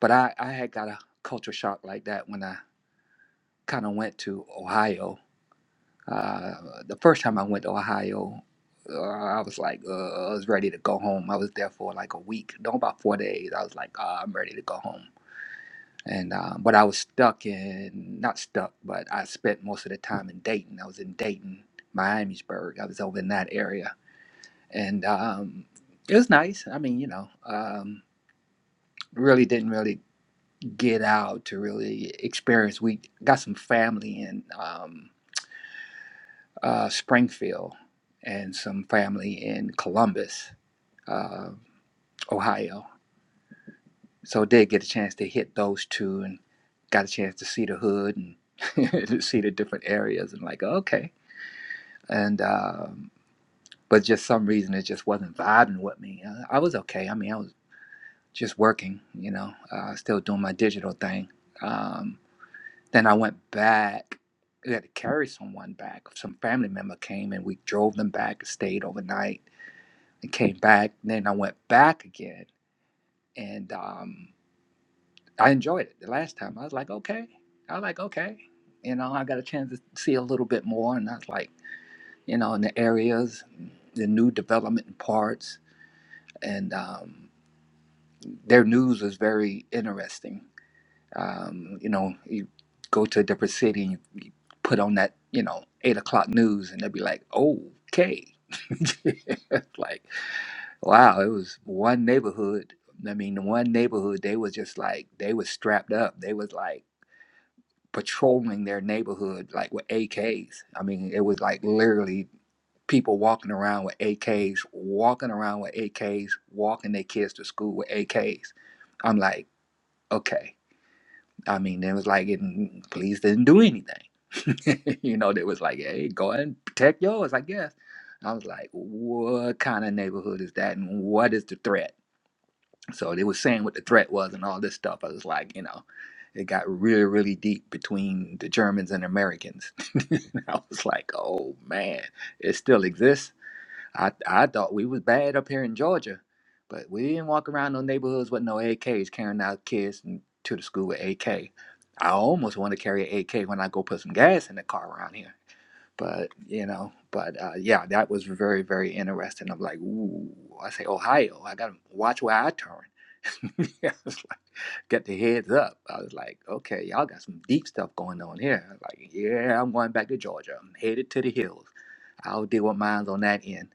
S9: but I, I had got a culture shock like that when I kind of went to Ohio. Uh, the first time I went to Ohio, uh, I was like, uh, I was ready to go home. I was there for like a week, no, about four days. I was like, ah, I'm ready to go home. And uh, but I was stuck in not stuck, but I spent most of the time in Dayton. I was in Dayton, Miamisburg. I was over in that area, and um, it was nice. I mean, you know, um, really didn't really get out to really experience. We got some family in um, uh, Springfield and some family in Columbus, uh, Ohio so did get a chance to hit those two and got a chance to see the hood and to see the different areas and like okay and um, but just some reason it just wasn't vibing with me Uh, i was okay i mean i was just working you know uh, still doing my digital thing um, then i went back we had to carry someone back some family member came and we drove them back stayed overnight and came back then i went back again and um, I enjoyed it the last time. I was like, okay. I was like, okay. You know, I got a chance to see a little bit more, and I was like, you know, in the areas, the new development parts, and um, their news was very interesting. Um, you know, you go to a different city and you, you put on that, you know, eight o'clock news, and they'd be like, okay. like, wow, it was one neighborhood. I mean, the one neighborhood, they was just like, they was strapped up. They was like, patrolling their neighborhood like with AKs. I mean, it was like literally people walking around with AKs, walking around with AKs, walking their kids to school with AKs. I'm like, okay. I mean, it was like, it, police didn't do anything. you know, they was like, hey, go ahead and protect yours, I guess. I was like, what kind of neighborhood is that, and what is the threat? So they were saying what the threat was and all this stuff. I was like, you know, it got really, really deep between the Germans and Americans. And I was like, oh man, it still exists. I I thought we was bad up here in Georgia, but we didn't walk around no neighborhoods with no AKs carrying out kids n- to the school with AK. I almost want to carry an AK when I go put some gas in the car around here but you know, but uh, yeah, that was very, very interesting. I'm like, ooh, I say Ohio, I gotta watch where I turn. yeah, it's like, get the heads up. I was like, okay, y'all got some deep stuff going on here. I was like, yeah, I'm going back to Georgia. I'm headed to the hills. I'll deal with mines on that end.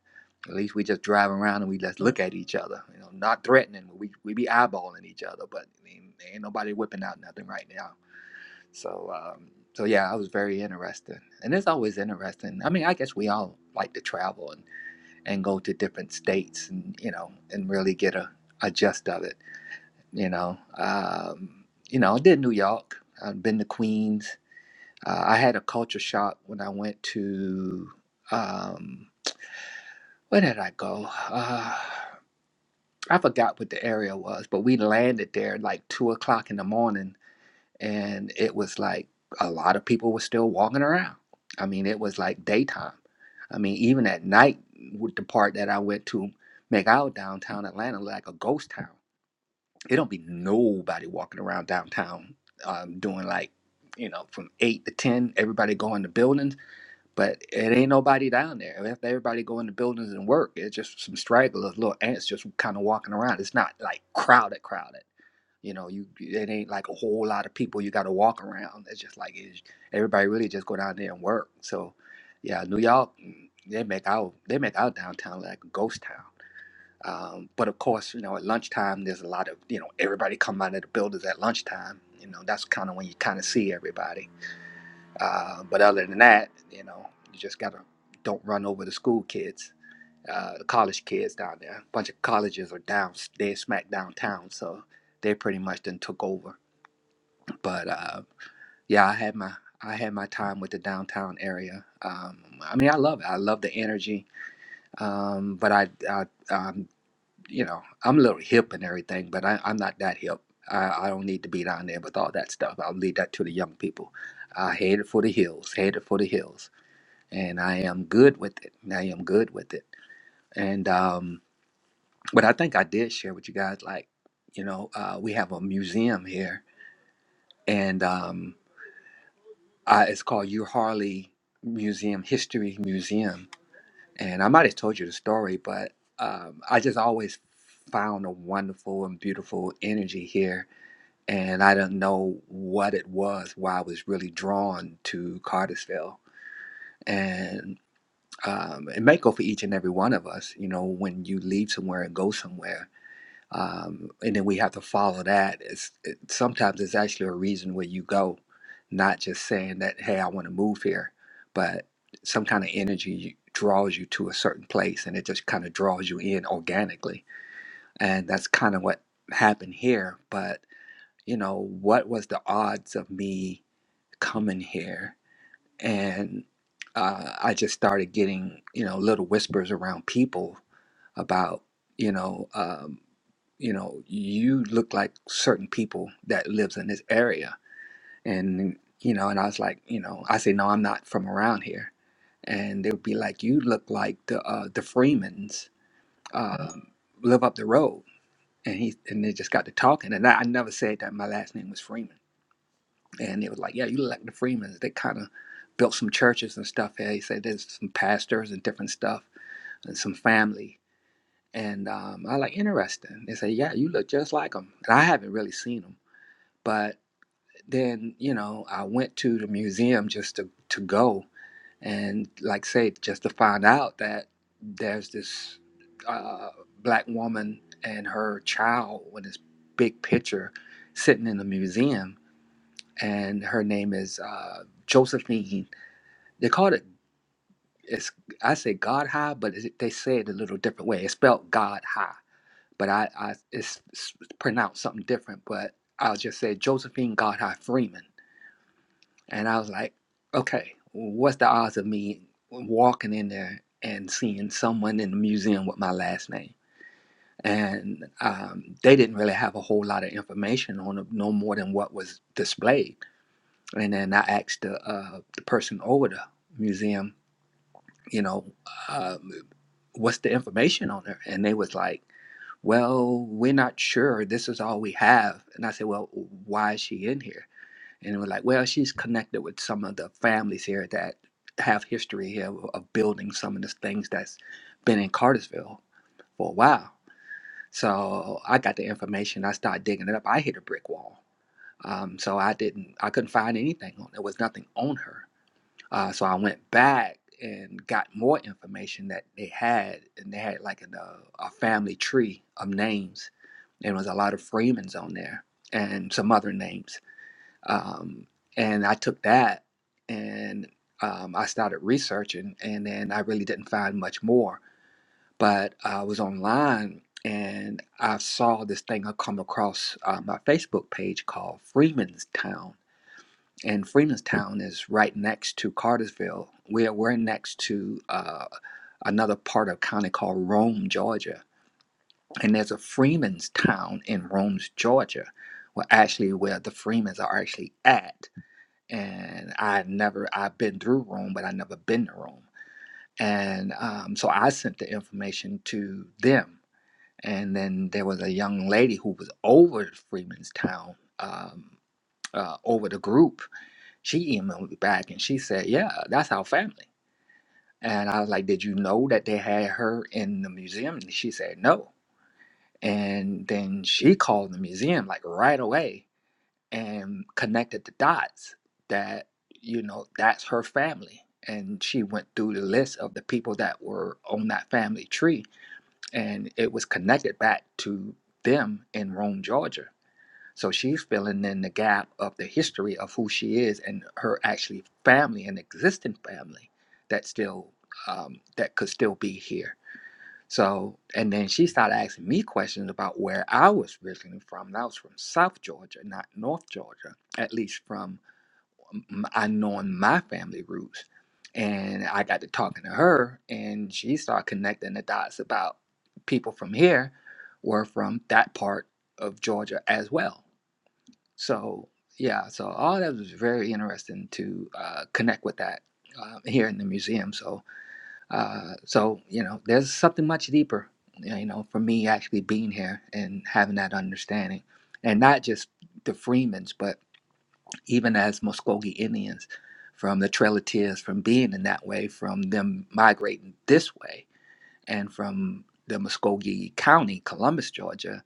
S9: At least we just drive around and we just look at each other, you know, not threatening. We we be eyeballing each other, but I mean, ain't nobody whipping out nothing right now. So, um, so yeah, I was very interested, and it's always interesting. I mean, I guess we all like to travel and, and go to different states, and you know, and really get a, a gist of it. You know, um, you know, I did New York. I've been to Queens. Uh, I had a culture shock when I went to um, where did I go? Uh, I forgot what the area was, but we landed there at like two o'clock in the morning and it was like a lot of people were still walking around. I mean, it was like daytime. I mean, even at night, with the part that I went to make out downtown Atlanta like a ghost town. It don't be nobody walking around downtown um, doing like, you know, from eight to ten, everybody going to buildings, but it ain't nobody down there. If everybody going to buildings and work, it's just some stragglers, little ants just kind of walking around. It's not like crowded, crowded. You know, you it ain't like a whole lot of people you got to walk around. It's just like it's, everybody really just go down there and work. So, yeah, New York, mm, they make our they make our downtown like a ghost town. Um, but of course, you know, at lunchtime there's a lot of you know everybody come out of the buildings at lunchtime. You know, that's kind of when you kind of see everybody. Uh, but other than that, you know, you just gotta don't run over the school kids, uh, the college kids down there. A bunch of colleges are down, they smack downtown, so they pretty much then took over but uh, yeah, I had my I had my time with the downtown area. Um, I mean, I love it. I love the energy, um, but I, I um, you know, I'm a little hip and everything, but I, I'm not that hip. I, I don't need to be down there with all that stuff. I'll leave that to the young people. I headed for the hills, headed for the hills, and I am good with it. I am good with it. And um, but I think I did share with you guys, like, you know, uh, we have a museum here, and um, Uh, it's called U Harley Museum History Museum, and I might have told you the story, but um, I just always found a wonderful and beautiful energy here, and I don't know what it was why I was really drawn to Cartersville, and um, it may go for each and every one of us. You know, when you leave somewhere and go somewhere um, and then we have to follow that. It's it, sometimes it's actually a reason where you go, not just saying that hey I want to move here, but some kind of energy draws you to a certain place, and it just kind of draws you in organically, and that's kind of what happened here. But you know what was the odds of me coming here? and uh, I just started getting you know little whispers around people about you know um, you know you look like certain people that lives in this area and you know and I was like you know I say no I'm not from around here and they would be like you look like the uh, the Freemans um, live up the road and he and they just got to talking and I, I never said that my last name was Freeman and it was like, yeah, you look like the Freemans. They kind of built some churches and stuff here. He said there's some pastors and different stuff and some family. And um, I like interesting. They said, yeah, you look just like them. And I haven't really seen them, but then you know I went to the museum just to to go and like say just to find out that there's this uh, black woman and her child with this big picture sitting in the museum and her name is uh, Josephine. They call it it's I say God High, but it, they say it a little different way. It's spelled God High, but I, I it's, it's pronounced something different. But I'll just say Josephine God High Freeman, and I was like, okay, what's the odds of me walking in there and seeing someone in the museum with my last name? And um, they didn't really have a whole lot of information on it, no more than what was displayed. And then I asked the, uh, the person over the museum, you know, uh, what's the information on her? And they was like, well, we're not sure. This is all we have. And I said, well, why is she in here? And they were like, well, she's connected with some of the families here that have history here of of building some of the things that's been in Cartersville for a while. So I got the information. I started digging it up. I hit a brick wall. Um, so I didn't, I couldn't find anything on. There was nothing on her. Uh, so I went back and got more information that they had, and they had like an, uh, a family tree of names, and it was a lot of Freemans on there and some other names. Um, and I took that and um, I started researching, and then I really didn't find much more. But I was online and I saw this thing I come across uh, my Facebook page called Freeman's Town and Freemanstown is right next to Cartersville. We're we're next to uh, another part of county called Rome, Georgia, and there's a Freemanstown in Rome, Georgia, where actually where the Freemans are actually at. And I never I've been through Rome, but I never been to Rome, and um, so I sent the information to them. And then there was a young lady who was over Freemanstown, um, uh, over the group, she emailed me back and she said, Yeah, that's our family. And I was like, Did you know that they had her in the museum? And she said, No. And then she called the museum like right away and connected the dots that, you know, that's her family. And she went through the list of the people that were on that family tree and it was connected back to them in Rome, Georgia so she's filling in the gap of the history of who she is and her actually family and existing family that still um, that could still be here. So and then she started asking me questions about where I was originally from. And I was from South Georgia, not North Georgia, at least from m- I knowing my family roots. And I got to talking to her, and she started connecting the dots about people from here were from that part of Georgia as well so yeah, so all that was very interesting to uh, connect with that uh, here in the museum. So uh, so you know, there's something much deeper, you know, for me actually being here and having that understanding, and not just the Freemans, but even as Muscogee Indians, from the Trail of Tears, from being in that way, from them migrating this way, and from the Muscogee County, Columbus, Georgia,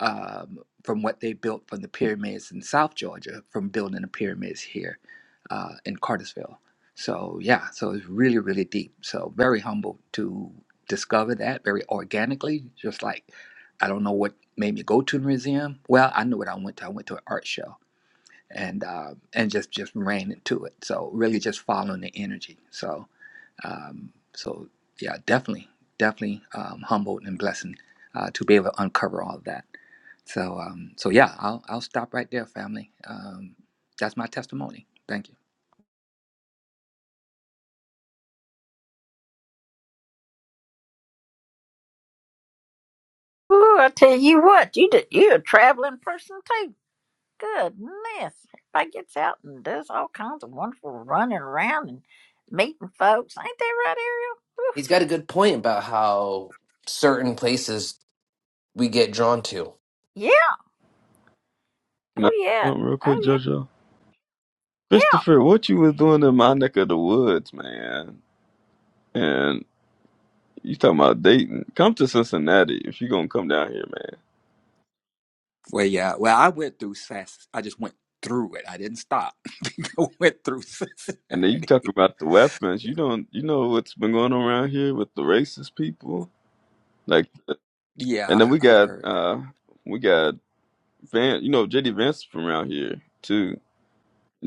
S9: um, from what they built from the pyramids in South Georgia from building the pyramids here uh, in Cartersville. So yeah, so it's really really deep. So very humble to discover that very organically. Just like I don't know what made me go to the museum. Well, I knew what I went to. I went to an art show and uh, and just just ran into it. So really just following the energy. So um, so yeah, definitely definitely um, humbled and blessed uh, to be able to uncover all of that. So, um, so yeah, I'll I'll stop right there, family. Um, that's my testimony. Thank you.
S1: Ooh, I tell you what, you did, you a traveling person Goodness, everybody gets out and does all kinds of wonderful running around and meeting folks. Ain't that right, Ariel?
S3: He's got a good point about how certain places we get drawn to.
S1: Whew. Yeah,
S4: Can I say
S1: oh yeah,
S4: something real quick,
S1: oh yeah,
S4: JoJo?
S1: yeah.
S4: Christopher, what you was doing in my neck of the woods, man? and. You talking about Dayton? Come to Cincinnati if you gonna come down here, man.
S9: Well, yeah. Well, I went through Sass. I just went through it. I didn't stop. I went through
S4: And then you talk
S9: Cincinnati.
S4: about the weapons. You don't. You know what's been going on around here with the racist people. Like,
S9: Yeah,
S4: and then
S9: I,
S4: we
S9: I
S4: got
S9: heard.
S4: uh we got Van. You know JD Vance from around here too.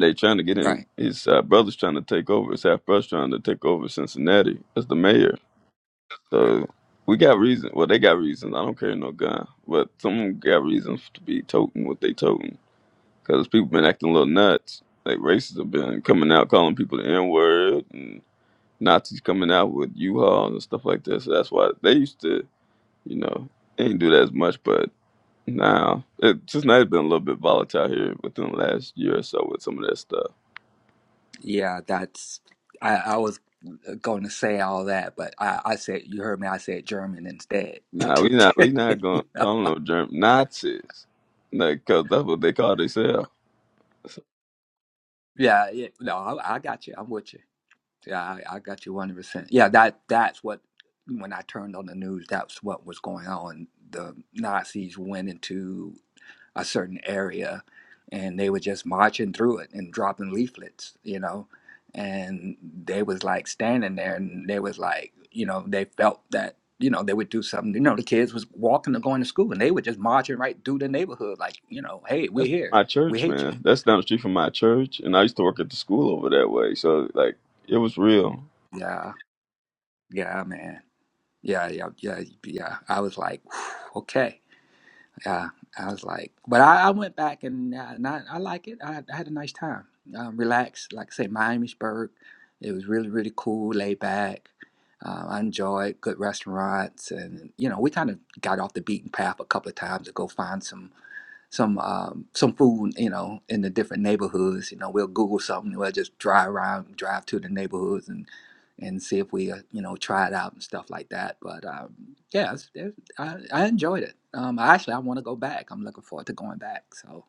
S4: they trying to get him.
S9: Right.
S4: His uh, brother's trying to take over. His half brother's trying to take over Cincinnati as the mayor. So we got reason. Well, they got reasons. I don't carry no gun, but someone got reasons to be toting what they toting. because people been acting a little nuts. Like racists have been coming out calling people the N word, and Nazis coming out with U-Hauls and stuff like that. So that's why they used to, you know, they didn't do that as much. But now, it, just now it's been a little bit volatile here within the last year or so with some of that stuff.
S9: Yeah, that's. I, I was going to say all that, but I, I said you heard me. I said German instead.
S4: Nah, we not we not gonna
S9: yeah.
S4: call them no German Nazis, like 'cause that's what they call themselves. So
S9: Yeah. yeah. No, I, I got you. I'm with you. Yeah, I, I got you 100%. Yeah, that that's what when I turned on the news, that's what was going on. The Nazis went into a certain area and they were just marching through it and dropping leaflets, you know. And they was like standing there and they was like, you know, they felt that you know, they would do something. You know, the kids was walking and going to school, and they were just marching right through the neighborhood, like, you know, hey,
S4: that's
S9: we're here,
S4: my
S9: we
S4: church,
S9: hate you.
S4: man. That's down the street from my church, and I used to work at the school over that way. So like, it was real.
S9: Yeah, yeah, man. Yeah, yeah, yeah, yeah. I was like, okay. Yeah, I was like, but I, I went back and, uh, and I, I like it. I, I had a nice time. Um, relaxed, like I say, Miamisburg. It was really, really cool, laid back. Um, I enjoyed good restaurants, and you know, we kind of got off the beaten path a couple of times to go find some some um, some food, you know, in the different neighborhoods. You know, we'll Google something. We'll just drive around, drive to the neighborhoods, and and see if we, uh, you know, try it out and stuff like that. But um, yeah, it's, it, I, I enjoyed it. Um, actually, I want to go back. I'm looking forward to going back. So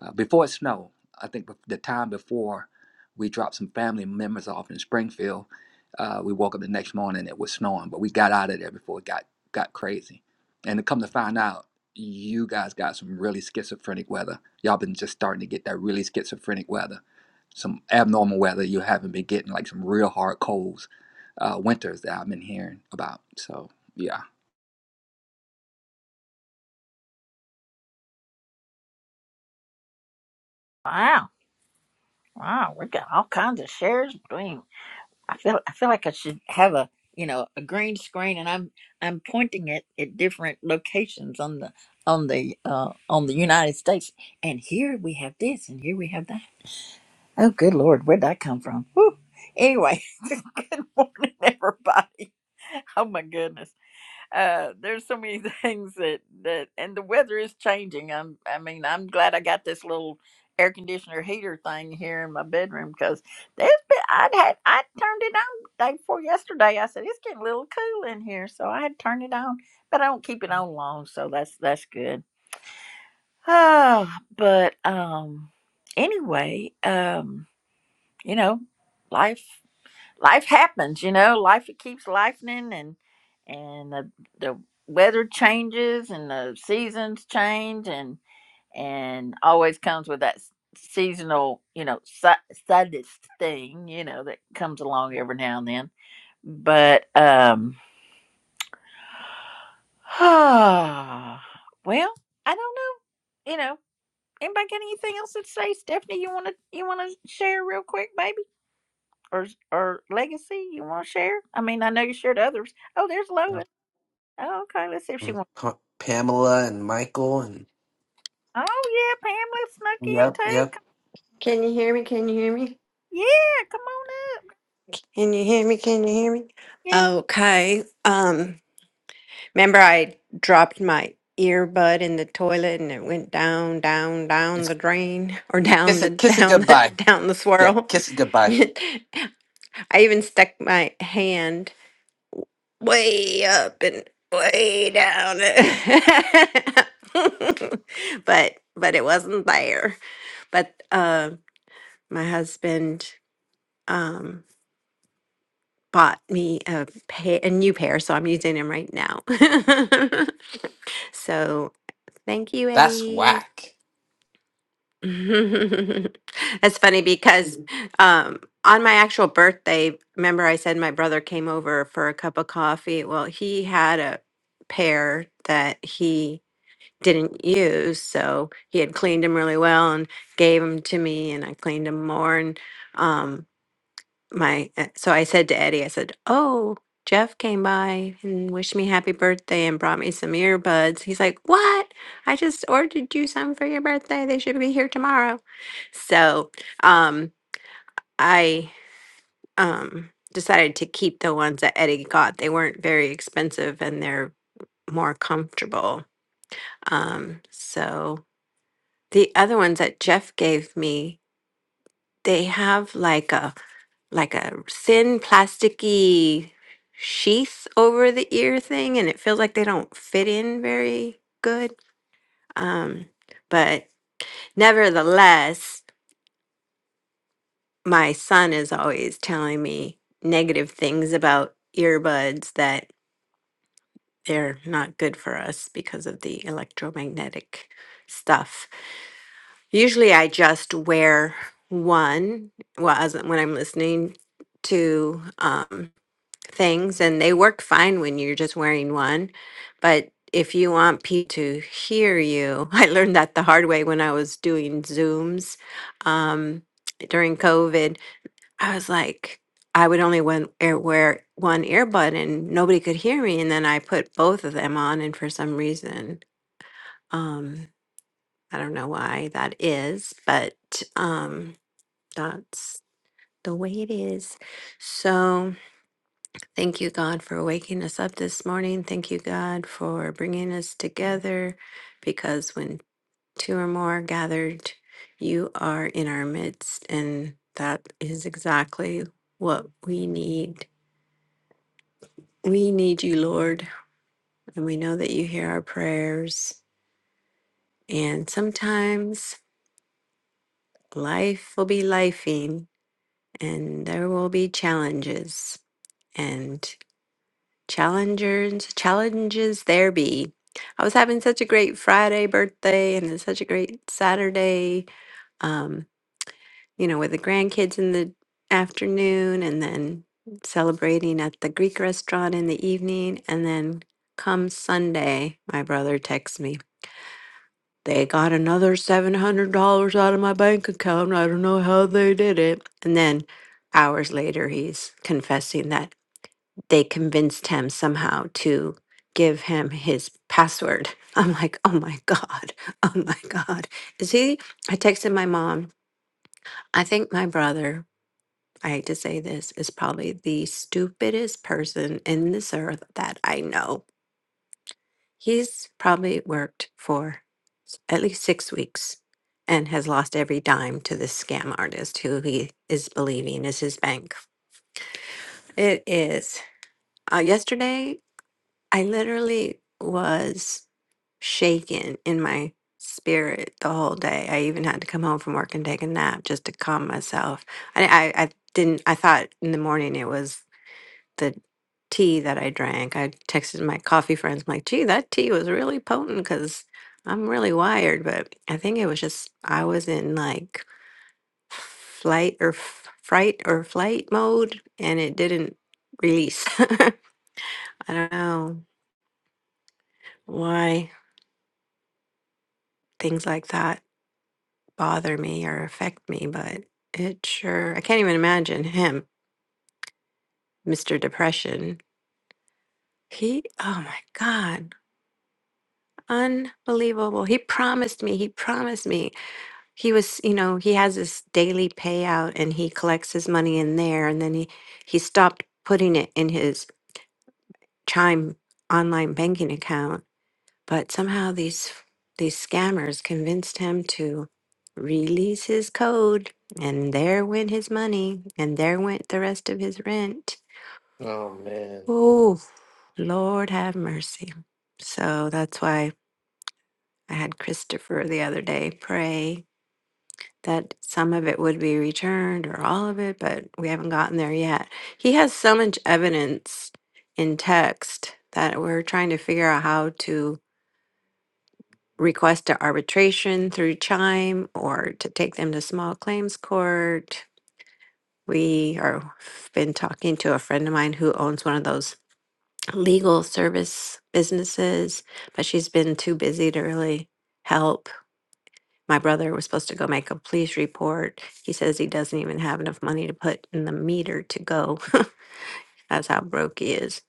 S9: uh, before it snowed, I think bef- the time before we dropped some family members off in Springfield, uh, we woke up the next morning. It was snowing, but we got out of there before it got got crazy. And to come to find out you guys got some really schizophrenic weather. Y'all been just starting to get that really schizophrenic weather. Some abnormal weather you haven't been getting, like some real hard colds, uh, winters that I've been hearing about. So, yeah.
S1: Wow, wow, we got all kinds of shares between. I feel, I feel like I should have a, you know, a green screen, and I'm, I'm pointing it at different locations on the, on the, uh, on the United States. And here we have this, and here we have that. Oh, good Lord, where'd that come from? Whew. Anyway, good morning, everybody. Oh my goodness. Uh there's so many things that that and the weather is changing. I'm I mean, I'm glad I got this little air conditioner heater thing here in my bedroom because there's been I'd had I turned it on day before yesterday. I said it's getting a little cool in here, so I had turned it on, but I don't keep it on long, so that's that's good. Oh, but um anyway, um you know, life life happens, you know, life it keeps lifening and and the, the weather changes and the seasons change and and always comes with that s- seasonal, you know, si- saddest thing, you know, that comes along every now and then. But um well, I don't know. You know, anybody got anything else to say, Stephanie? You wanna you wanna share real quick, baby? Or or legacy you wanna share? I mean I know you shared others. Oh, there's Lois. Oh, okay, let's see if she wants. Oh yeah, Pamela snuck in too. Come, yeah, come on up.
S8: Can you hear me? Can you hear me?
S1: Yeah.
S8: Okay. Um Remember, I dropped my earbud in the toilet and it went down, down, down the
S3: It's
S8: drain or down
S3: kiss
S8: the
S3: it, kiss it
S8: down the
S3: goodbye.
S8: down the
S3: Yeah,
S8: swirl.
S3: kiss it goodbye.
S8: I even stuck my hand way up and way down. but but it wasn't there. But uh, my husband um bought me a pair, a new pair, so I'm using them right now. so thank you,
S3: That's
S8: Eddie.
S3: whack.
S8: That's funny because um, on my actual birthday, remember I said my brother came over for a cup of coffee? Well, he had a pair that he didn't use. So he had cleaned them really well and gave them to me, and I cleaned them more. And um, my uh, so I said to Eddie, I said, "Oh, Jeff came by and wished me happy birthday and brought me some earbuds." He's like, "What? I just ordered you some for your birthday. They should be here tomorrow." So, um, I um decided to keep the ones that Eddie got. They weren't very expensive and they're more comfortable. Um, so the other ones that Jeff gave me they have like a like a thin plasticky sheath over the ear thing and it feels like they don't fit in very good um but nevertheless my son is always telling me negative things about earbuds that they're not good for us because of the electromagnetic stuff usually i just wear one well as when i'm listening to um things and they work fine when you're just wearing one. But if you want people to hear you, I learned that the hard way when I was doing Zooms um, during COVID. I was like, I would only one, ear, wear one earbud and nobody could hear me. And then I put both of them on, and for some reason, um, I don't know why that is, but um, that's the way it is. So, Thank you, God, for waking us up this morning. Thank you, God, for bringing us together because when two or more are gathered, you are in our midst. And that is exactly what we need. We need you, Lord, and we know that you hear our prayers. And sometimes life will be lifing and there will be challenges. and. Challengers, challenges there be. I was having such a great Friday birthday and then such a great Saturday, um, you know, with the grandkids in the afternoon and then celebrating at the Greek restaurant in the evening. And then come Sunday, my brother texts me, they got another $700 out of my bank account. I don't know how they did it. And then hours later, he's confessing that they convinced him somehow to give him his password. I'm like, oh my God, oh my God. Is he? I texted my mom. I think my brother, I hate to say this, is probably the stupidest person in this earth that I know. He's probably worked for s- at least six weeks and has lost every dime to this scam artist who he is believing is his bank. It is. Uh, yesterday I literally was shaken in my spirit the whole day. I even had to come home from work and take a nap just to calm myself. I, I, I didn't, I thought in the morning it was the tea that I drank. I texted my coffee friends, I'm like, gee, that tea was really potent because I'm really wired. But I think it was just, I was in like flight or f- fright or flight mode and it didn't release. I don't know why. things like that bother me or affect me, but it sure, I can't even imagine him, Mr. Depression. He, oh my God, unbelievable. He promised me, he promised me. He was, you know, he has this daily payout and he collects his money in there and then he, he stopped putting it in his Chime online banking account But somehow these these scammers convinced him to release his code, and there went his money, and there went the rest of his rent.
S3: Oh man.
S8: Oh, Lord have mercy. So that's why I had Christopher the other day pray that some of it would be returned or all of it, but we haven't gotten there yet. He has so much evidence in text that we're trying to figure out how to request a arbitration through Chime or to take them to small claims court. We are been talking to a friend of mine who owns one of those legal service businesses, but she's been too busy to really help. My brother was supposed to go make a police report. He says he doesn't even have enough money to put in the meter to go. That's how broke he is.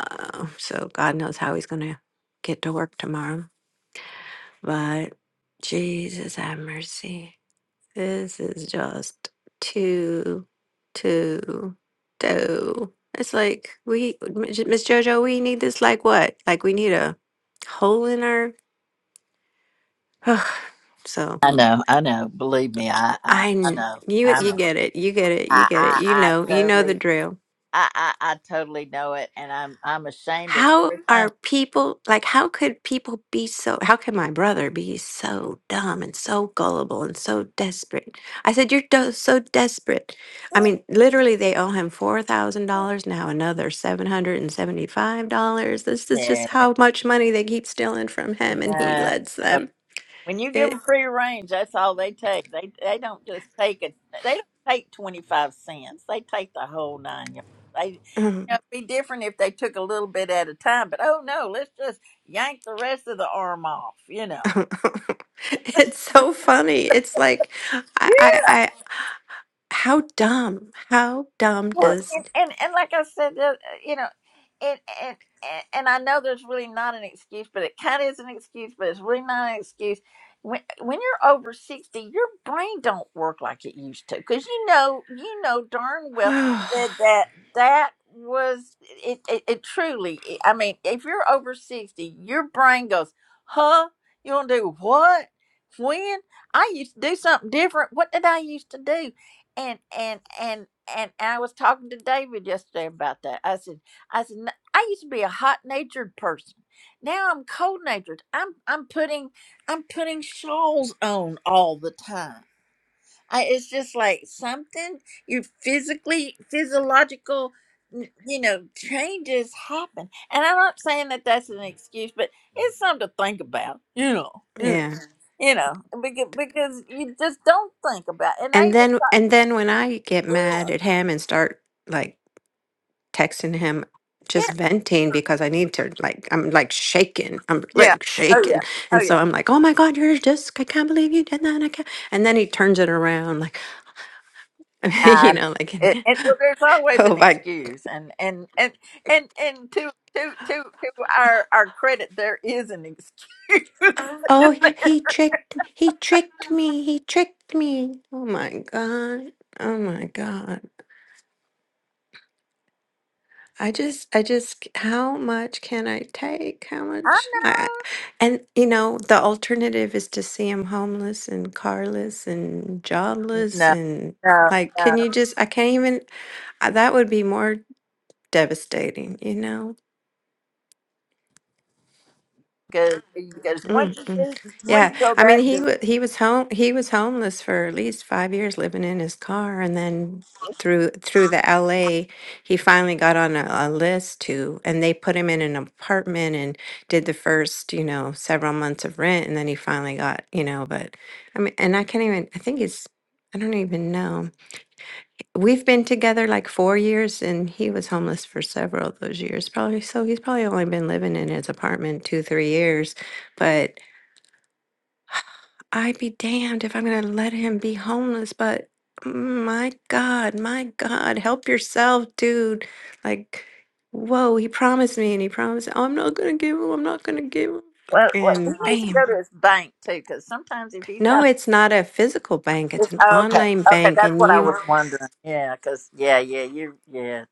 S8: Uh, so God knows how he's going to get to work tomorrow. But Jesus have mercy. This is just too, too, too. It's like we, Miss JoJo, we need this like what? Like we need a hole in our. Ugh. so
S1: I know, I know. Believe me, I, I,
S8: I,
S1: I
S8: kn-
S1: know,
S8: you,
S1: I
S8: you
S1: know.
S8: get it, you get it, you
S1: I,
S8: get it.
S1: I,
S8: You
S1: I
S8: know, you know the
S1: totally,
S8: drill.
S1: I, I, I totally know it, and I'm, I'm ashamed of
S8: How
S1: everything.
S8: are people like how could people be so how can my brother be so dumb and so gullible and so desperate? I said you're do- so desperate. I mean, literally they owe him $4,000 now another $775. This is just
S1: Yeah,
S8: how much money they keep stealing from him and he
S1: yeah.
S8: lets them.
S1: When you give them
S8: It
S1: free range, that's all they take. They they don't just take it. They don't take twenty five cents. They take the whole nine yards. They, you know, it'd be different if they took a little bit at a time. But oh no, let's just yank the rest of the arm off. You know.
S8: It's so funny. It's like I I, I how dumb. How dumb
S1: Well,
S8: does
S1: and, and and like I said, the- you know, and and and and I know there's really not an excuse, but it kind of is an excuse, but it's really not an excuse. When when you're over sixty, your brain don't work like it used to, because you know you know darn well that that that was it, it. It truly, I mean, if you're over sixty, your brain goes, huh? You gonna do what? When I used to do something different. What did I used to do? and and and and I was talking to David yesterday about that. I said, I said, "N- I used to be a hot natured person. Now I'm cold natured. I'm I'm putting I'm putting shawls on all the time. I, it's just like something your physically physiological n- you know changes happen and i'm not saying that that's an excuse but it's something to think about you know you know,
S8: yeah.
S1: you know because, because you just don't think about and i
S8: And then and then when I get mad at him and start like texting him,
S1: yeah,
S8: just venting because I need to like I'm like shaking. I'm
S1: Yeah.
S8: like
S1: Oh
S8: shaking.
S1: yeah. Oh
S8: And so
S1: yeah.
S8: I'm like, oh my God, you're just I can't believe you did that. I can't. And then he turns it around like you
S1: And
S8: know, like
S1: it,
S8: and,
S1: and well, there's always
S8: oh
S1: an
S8: my
S1: excuse, and and and and and to to to to our our credit, there is an excuse.
S8: oh
S1: I-
S8: he tricked he tricked me. He tricked me. Oh my God. Oh my God. I just, I just, how much can I take? How much? I, I- and you know, the alternative is to see him homeless and carless and jobless
S1: no,
S8: and
S1: no,
S8: like,
S1: no,
S8: can you just? I can't even. I- That would be more devastating, you know.
S1: because because
S8: Mm,
S1: once you
S8: mm.
S1: do, once
S8: Yeah,
S1: you go
S8: I mean
S1: that
S8: he
S1: deep.
S8: wa he was home he was homeless for at least five years, living in his car, and then through through the LA, he finally got on a, a list to, and they put him in an apartment and did the first you know several months of rent, and then he finally got you know. But I mean, and I can't even. I think he's. I don't even know. We've been together like four years, and he was homeless for several of those years, probably. So he's probably only been living in his apartment two, three years, but. I'd be damned if I'm going to let him be homeless, but my God, my God, help yourself, dude. Like, whoa, he promised me and he promised, oh, I'm not going to give him, I'm not going to give him.
S1: Well, well, he
S8: And
S1: needs to go
S8: bam.
S1: to his bank too, because sometimes if he's
S8: No,
S1: got,
S8: it's not a physical bank, it's
S1: it's,
S8: an
S1: okay,
S8: online
S1: okay,
S8: bank.
S1: that's
S8: And
S1: what I
S8: you,
S1: was wondering. Yeah, because yeah, yeah, you, yeah,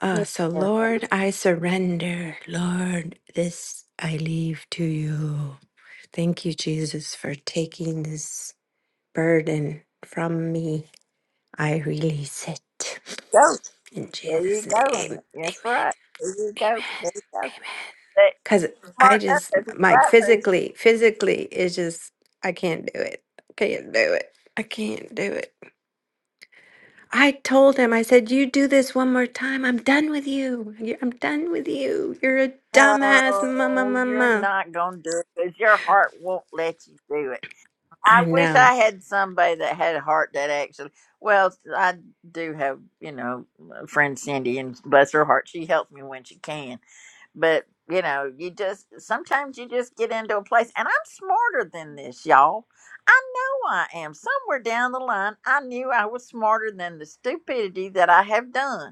S8: uh, so
S1: yeah,
S8: Lord, I surrender. Lord, this I leave to you. Thank you, Jesus, for taking this burden from me. I release it.
S1: go,
S8: In
S1: There you
S8: Jesus'
S1: go.
S8: name.
S1: That's
S8: Amen.
S1: right. There you go.
S8: Amen.
S1: There you go.
S8: Amen.
S1: That,
S8: Cause I
S1: Mark, that's
S8: just
S1: a
S8: Mike
S1: right person.
S8: physically, physically it's just I can't do it. I can't do it. I can't do it. I told him, I said, you do this one more time. I'm done with you. You- I'm done with you. You're a dumbass mama
S1: No, you're
S8: mama.
S1: not going to do it because your heart won't let you do it. I
S8: I
S1: wish
S8: know.
S1: I had somebody that had a heart that actually, well, I do have, you know, my friend Cindy, and bless her heart, she helps me when she can But you know, you just sometimes you just get into a place, and I'm smarter than this, y'all. I know I am. Somewhere down the line, I knew I was smarter than the stupidity that I have done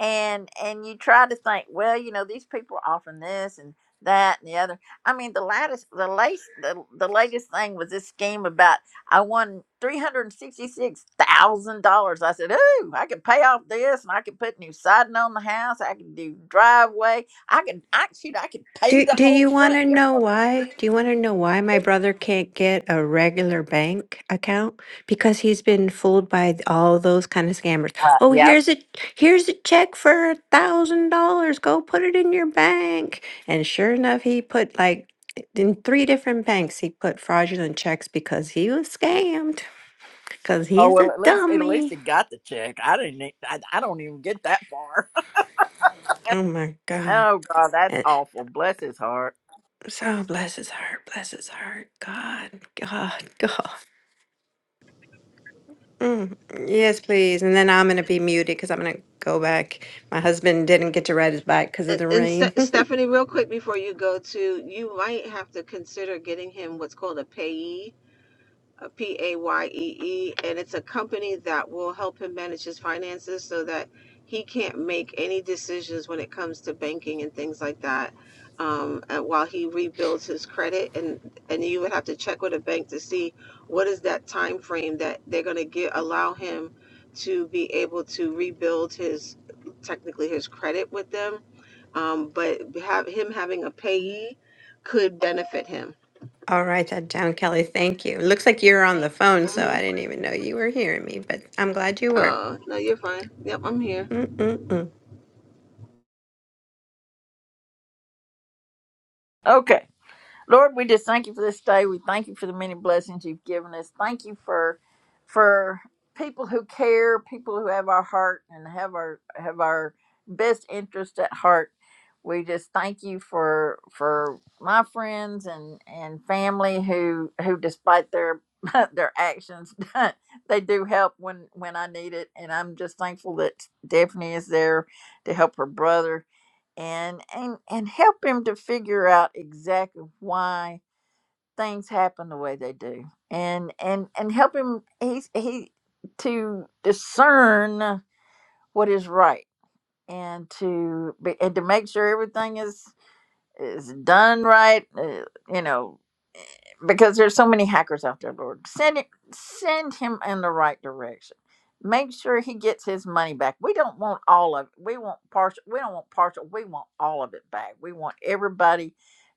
S1: and and you try to think, well, you know, these people are offering this and that and the other. I mean, the latest, the latest, the, the latest thing was this scheme about I won three hundred sixty-six thousand dollars. I said, ooh, I could pay off this, and I could put new siding on the house. I could do driveway. I could, I shoot, I could pave
S8: Do
S1: the
S8: do
S1: whole
S8: you want
S1: front
S8: to
S1: yard.
S8: know why? Do you want to know why my brother can't get a regular bank account? Because he's been fooled by th- all those kind of scammers. Oh,
S1: Yep.
S8: here's a here's a check for a thousand dollars. Go put it in your bank. And sure enough, he put like in three different banks. He put fraudulent checks because he was scammed. Because
S1: Oh
S8: he's
S1: well,
S8: a
S1: at least at least
S8: dummy.
S1: it got the check. I didn't. e- I, I don't even get that far.
S8: Oh my God.
S1: oh God, that's
S8: And
S1: awful. Bless his heart.
S8: so bless his heart, bless his heart. God, God, God. Mm, yes, please. And then I'm going to be muted because I'm going to go back. My husband didn't get to ride his bike because of
S5: And,
S8: the
S5: and
S8: rain.
S5: Ste- Stephanie, real quick before you go to, you might have to consider getting him what's called a payee uh, P A Y E E, and it's a company that will help him manage his finances so that he can't make any decisions when it comes to banking and things like that. Um, and while he rebuilds his credit, and and you would have to check with a bank to see what is that time frame that they're going to get allow him to be able to rebuild his technically his credit with them. Um, but have him having a payee could benefit him.
S8: All right, that down, Kelly. Thank you. Looks like you're on the phone, so
S5: Mhm.
S8: I didn't even know you were hearing me, but I'm glad you were.
S5: Uh, no, you're fine. Yep, I'm here.
S8: Mm-mm-mm.
S1: Okay. Lord, we just thank you for this day. We thank you for the many blessings you've given us. Thank you for for people who care, people who have our heart and have our have our best interest at heart. We just thank you for for my friends and and family who who despite their their actions they do help when when I need it and I'm just thankful that Stephanie is there to help her brother and and and help him to figure out exactly why things happen the way they do and and and help him he's he to discern what is right and to be and to make sure everything is is done right uh, you know because there's so many hackers out there, Lord. Send it, send him in the right direction. Make sure he gets his money back. We don't want all of it. We want partial. We don't want partial. We want all of it back. We want everybody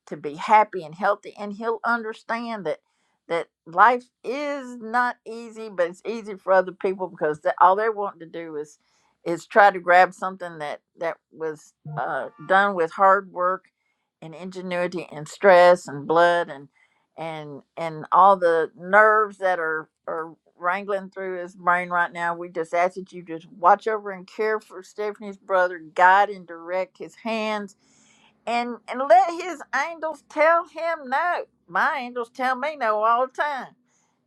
S1: to be happy and healthy, and he'll understand that that life is not easy, but it's easy for other people because the, all they're wanting to do is is try to grab something that that was uh, done with hard work and ingenuity and stress and blood and and and all the nerves that are are wrangling through his brain right now we just ask that you just watch over and care for stephanie's brother guide and direct his hands and and let his angels tell him no my angels tell me no all the time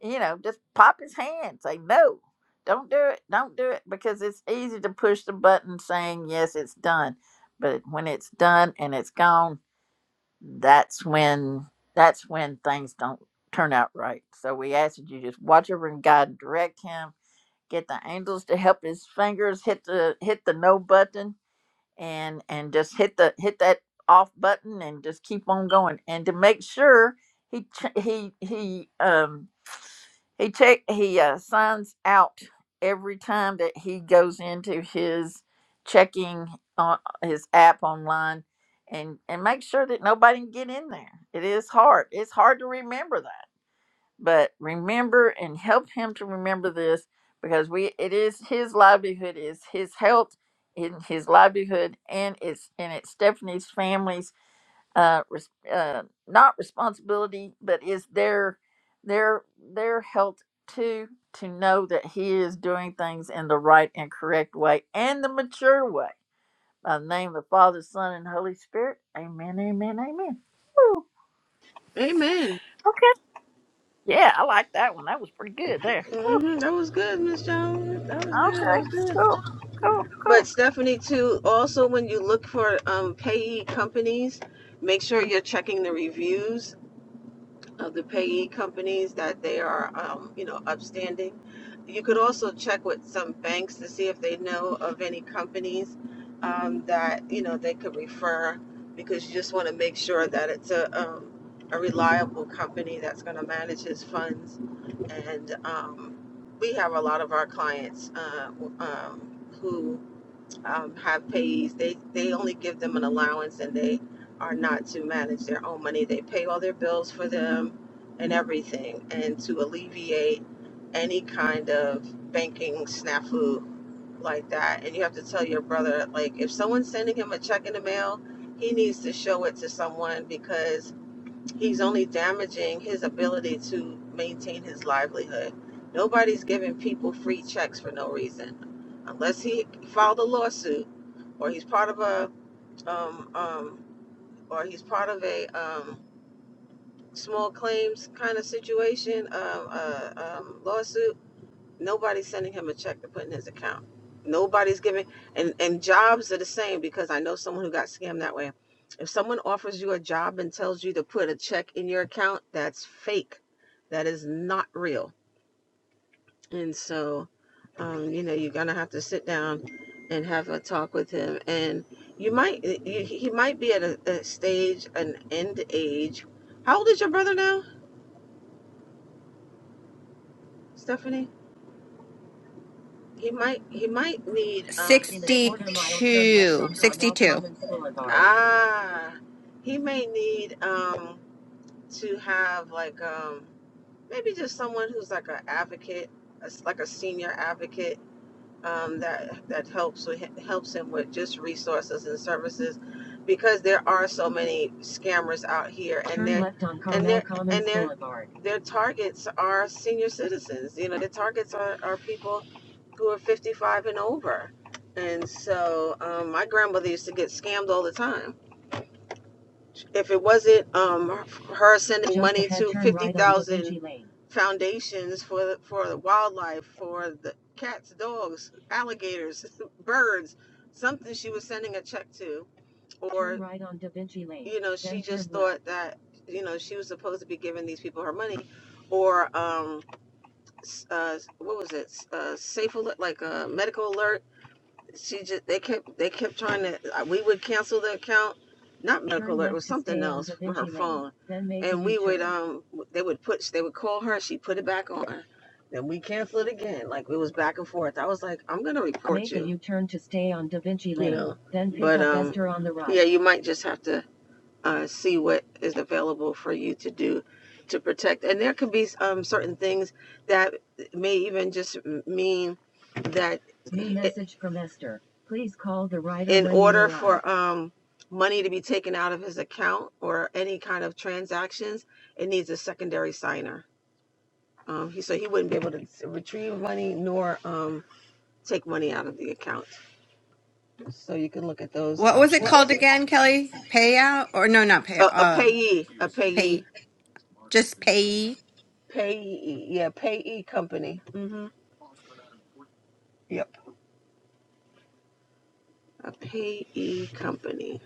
S1: you know just pop his hand say no don't do it don't do it because it's easy to push the button saying yes it's done but when it's done and it's gone that's when that's when things don't turn out right. So we ask that you just watch over and guide and direct him. Get the angels to help his fingers hit the hit the no button and and just hit the hit that off button and just keep on going and to make sure he ch- he he um he check he uh, signs out every time that he goes into his checking on his app online and and make sure that nobody can get in there. It is hard. It's hard to remember that. But remember and help him to remember this because we it is his livelihood, is his health in his livelihood and it's and it's Stephanie's family's uh, res- uh, not responsibility, but is their their their health too to know that he is doing things in the right and correct way and the mature way. By the name of the Father, Son, and Holy Spirit. Amen. Amen. Amen. Ooh,
S5: Amen.
S1: okay. Yeah, I like that one. That was pretty good there.
S5: hmm That was good, Miss Jones. That was good. That
S1: Okay.
S5: was
S1: Cool.
S5: good.
S1: Cool.
S5: But
S1: Cool.
S5: Stephanie, too. Also, when you look for um, payee companies, make sure you're checking the reviews of the payee companies that they are, um, you know, upstanding. You could also check with some banks to see if they know of any companies um, that you know they could refer, because you just want to make sure that it's a um, a reliable company that's going to manage his funds. And um, we have a lot of our clients uh, um, who um, have pays. They they only give them an allowance, and they are not to manage their own money. They pay all their bills for them and everything, and to alleviate any kind of banking snafu like that. And you have to tell your brother like if someone's sending him a check in the mail, he needs to show it to someone because He's only damaging his ability to maintain his livelihood. Nobody's giving people free checks for no reason, unless he filed a lawsuit, or he's part of a, um, um, or he's part of a um, small claims kind of situation, um, uh, um, lawsuit Nobody's sending him a check to put in his account. Nobody's giving, and and jobs are the same because I know someone who got scammed that way. If someone offers you a job and tells you to put a check in your account, that's fake. That is not real. And so, um, you know, you're gonna have to sit down and have a talk with him. And you might, you, he might be at a, a stage, an end age. How old is your brother now, Stephanie? He might he might need um In a quarter mile, turn left
S8: 62.
S5: on Carmel
S8: 62.
S5: Commons Boulevard. Ah, he may need um to have like um maybe just someone who's like an advocate, a s like a senior advocate um, that that helps with, helps him with just resources and services because there are so many scammers out here and their and their and their their targets are senior citizens you know the targets are, are people who are 55 and over and so um, my grandmother used to get scammed all the time if it wasn't um her sending money to fifty thousand foundations for the, for the wildlife, for the cats, dogs, alligators, birds, something she was sending a check to, or right on Da Vinci Lane. you know she just thought that you know she was supposed to be giving these people her money, or um s- uh what was it S- uh safe alert like a medical alert she just they kept they kept trying to uh, we would cancel the account not medical alert it was something else for her phone and we would um they would put they would call her she put it back on then we cancel it again like it was back and forth i was like i'm gonna report Make a you turn to stay on Da Vinci you know but um right. yeah you might just have to uh, see what is available for you to do to protect. And there could be um, certain things that may even just mean that New message from Esther. Please call the writer in order for um, money to be taken out of his account or any kind of transactions, it needs a secondary signer. Um, he so he wouldn't be able to retrieve money nor um, take money out of the account. So you can look at those
S8: What was
S5: options.
S8: it
S5: What
S8: called
S5: was it
S8: again, Kelly? Payout? Or no, not
S5: called?
S8: payout.
S5: A, a
S8: Um,
S5: payee, a payee
S8: pay, just pay.
S5: Payee, yeah, payee company. hmm Yep. A payee company.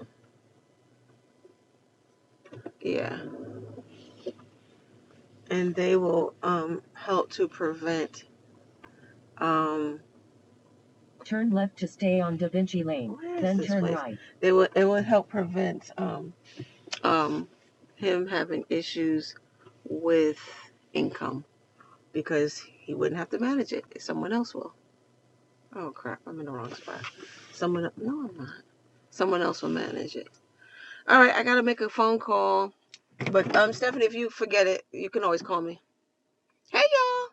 S5: Yeah, and they will um help to prevent um. Turn left to stay on Da Vinci Lane, then turn place? right. They will. It will help prevent um um him having issues with income because he wouldn't have to manage it. Someone else will. Oh crap! I'm in the wrong spot. Someone. No, I'm not. Someone else will manage it. All right, I gotta make a phone call. But um, Stephanie, if you forget it, you can always call me. Hey y'all.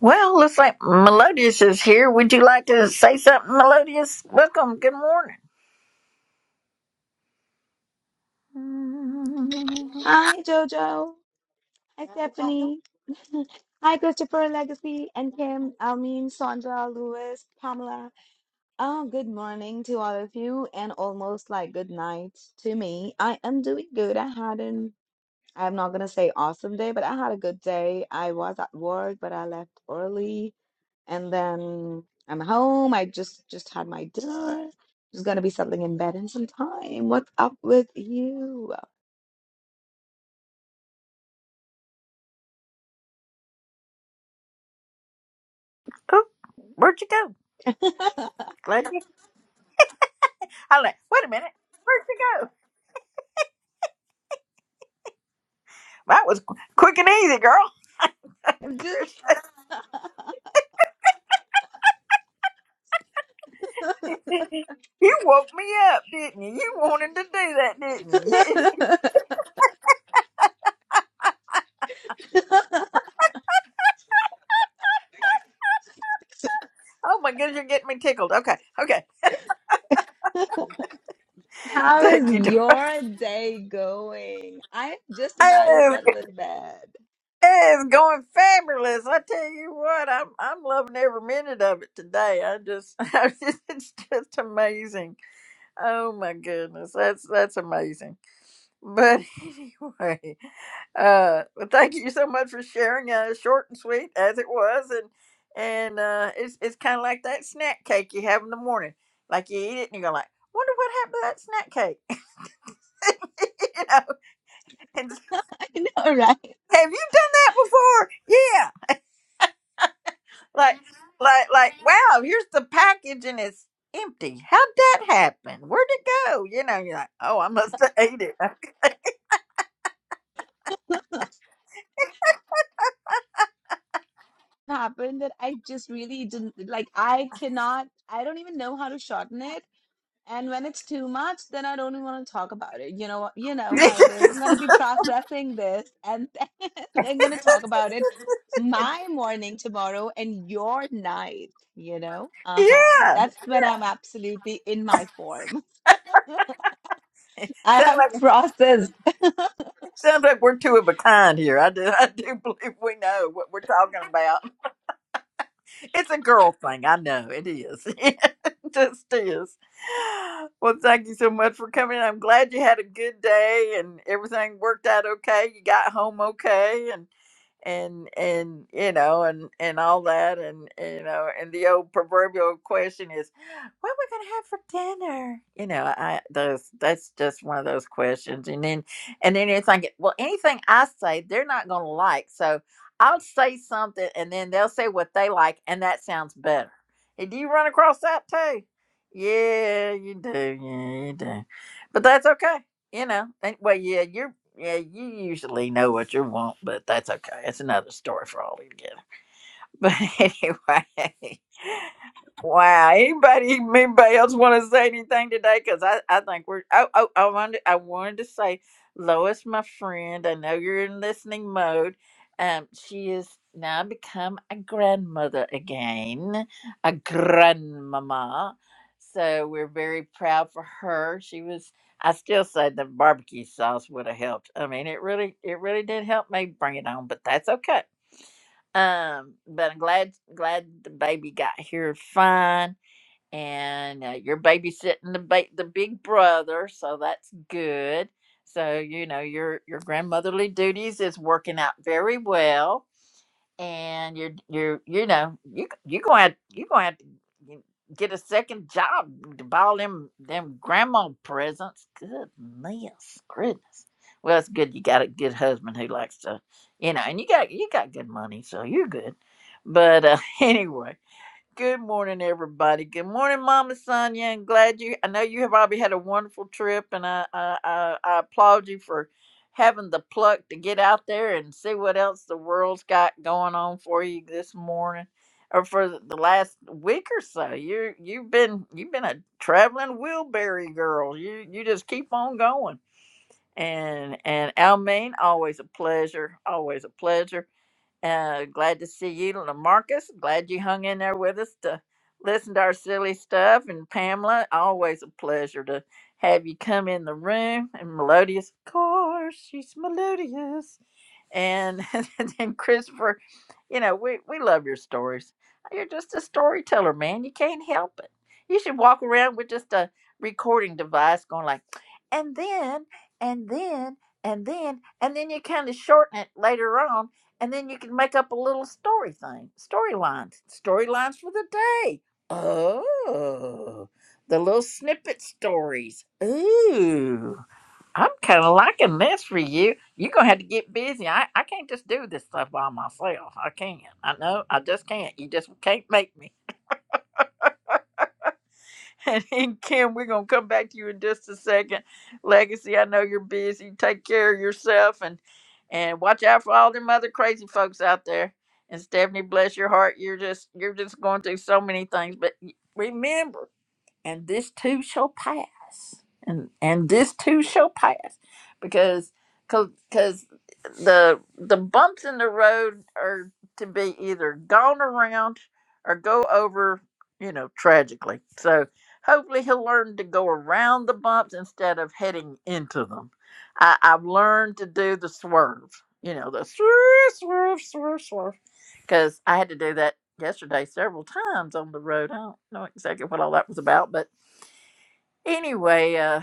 S1: Well, looks like Melodious is here. Would you like to say something, Melodious? Welcome. Good morning.
S10: Hi, Jojo. Hi, Stephanie. Hi, Christopher, Legacy, and Kim, Almeen, Sandra, Lewis, Pamela. Oh, good morning to all of you, and almost like good night to me. I am doing good. I had an, I'm not going to say awesome day, but I had a good day. I was at work, but I left early, and then I'm home. I just just had my dinner. Just going to be settling in bed in some time. What's up with you?
S1: Oh, where'd you go?
S10: I'm
S1: Glad you. I like. Wait a minute. Where'd you go? That was qu- quick and easy, girl.
S10: just
S1: you woke me up, didn't you? You wanted to do that, didn't you? Yes. Oh my goodness, you're getting me tickled. Okay, okay.
S10: How
S1: Thank you.
S10: is
S1: darling.
S10: your day going? I'm just about to
S1: Oh,
S10: settle in bed.
S1: it's going fabulous. I tell you what, I'm I'm loving every minute of it today. I just, I just it's just amazing. Oh my goodness, that's that's amazing. But anyway, uh, well, thank you so much for sharing. Uh, short and sweet as it was, and and uh, it's it's kind of like that snack cake you have in the morning. Like you eat it and you're like, wonder what happened to that snack cake. you know, and s-
S10: I know, right?
S1: have you done that before? Yeah, like Mhm. like like wow, here's the package and it's empty. How'd that happen? Where'd it go? You know, you're like, oh, I must have ate it.
S10: Happened that I just really didn't like. I cannot. I don't even know how to shorten it. And when it's too much, then I don't even want to talk about it. You know, what- you know how it is. I'm gonna be processing this, and then I'm gonna talk about it
S1: yeah,
S10: my morning tomorrow and your night. You know, uh huh. That's when I'm absolutely in my form. I
S1: sound
S10: have
S1: like
S10: processed.
S1: Sounds like we're two of a kind here. I do, I do believe we know what we're talking about it's a girl thing. I know it is. it just is. Well, thank you so much for coming. I'm glad you had a good day and everything worked out okay. You got home okay and and and you know and and all that and you know and the old proverbial question is what we gonna have for dinner you know i those that's just one of those questions and then and then you're thinking, well anything i say they're not gonna like so I'll say something and then they'll say what they like and that sounds better. Hey, do you run across that too? Yeah, you do. Yeah, you do. But that's okay. You know, and- well, yeah, you're, yeah, you usually know what you want, but that's okay. It's another story for all you get. But anyway, wow. Anybody, anybody else want to say anything today? Because I, I think we're. Oh, oh, I wanted, I wanted to say, Lois, my friend. I know you're in listening mode. Um, she is now become a grandmother again, a grandmama. So we're very proud for her. She was. I still say the barbecue sauce would have helped. I mean, it really, it really did help me bring it on, but that's okay. Um, but I'm glad glad the baby got here fine, and uh, you're babysitting the ba- the big brother, so that's good. So you know your your grandmotherly duties is working out very well and you're you're you know you you gonna have, you gonna have to get a second job to buy all them them grandma presents. Goodness, goodness. Well, it's good you got a good husband who likes to, you know, and you got you got good money, so you're good. But uh, anyway, Good morning, everybody. Good morning, Mama Sonia. And glad you. I know you have probably had a wonderful trip, and I, I I I applaud you for having the pluck to get out there and see what else the world's got going on for you this morning, or for the the last week or so. You you've been you've been a traveling wheelbarrow girl. You you just keep on going. And and Almaine, always a pleasure. Always a pleasure. Uh, glad to see you, Lamarcus. Glad you hung in there with us to listen to our silly stuff. And Pamela, always a pleasure to have you come in the room. And Melodious, of course, she's melodious and and then Christopher, you know, we we love your stories. You're just a storyteller, man. You can't help it. You should walk around with just a recording device, going like, and then, and then, and then, and then you kind of shorten it later on, and then you can make up a little story thing, storylines, storylines for the day. Oh, the little snippet stories. Ooh. I'm kind of liking this for you. You're gonna have to get busy. I, I can't just do this stuff by myself. I can't. I know. I just can't. You just can't make me. And then Kim, we're gonna come back to you in just a second. Legacy, I know you're busy. Take care of yourself and and watch out for all them other crazy folks out there. And Stephanie, bless your heart. You're just you're just going through so many things. But y- remember and this too shall pass and and this too shall pass because because the the bumps in the road are to be either gone around or go over you know tragically so hopefully he'll learn to go around the bumps instead of heading into them I, i've learned to do the swerve you know the swerve swerve swerve swerve because i had to do that yesterday several times on the road i don't know exactly what all that was about but Anyway, uh,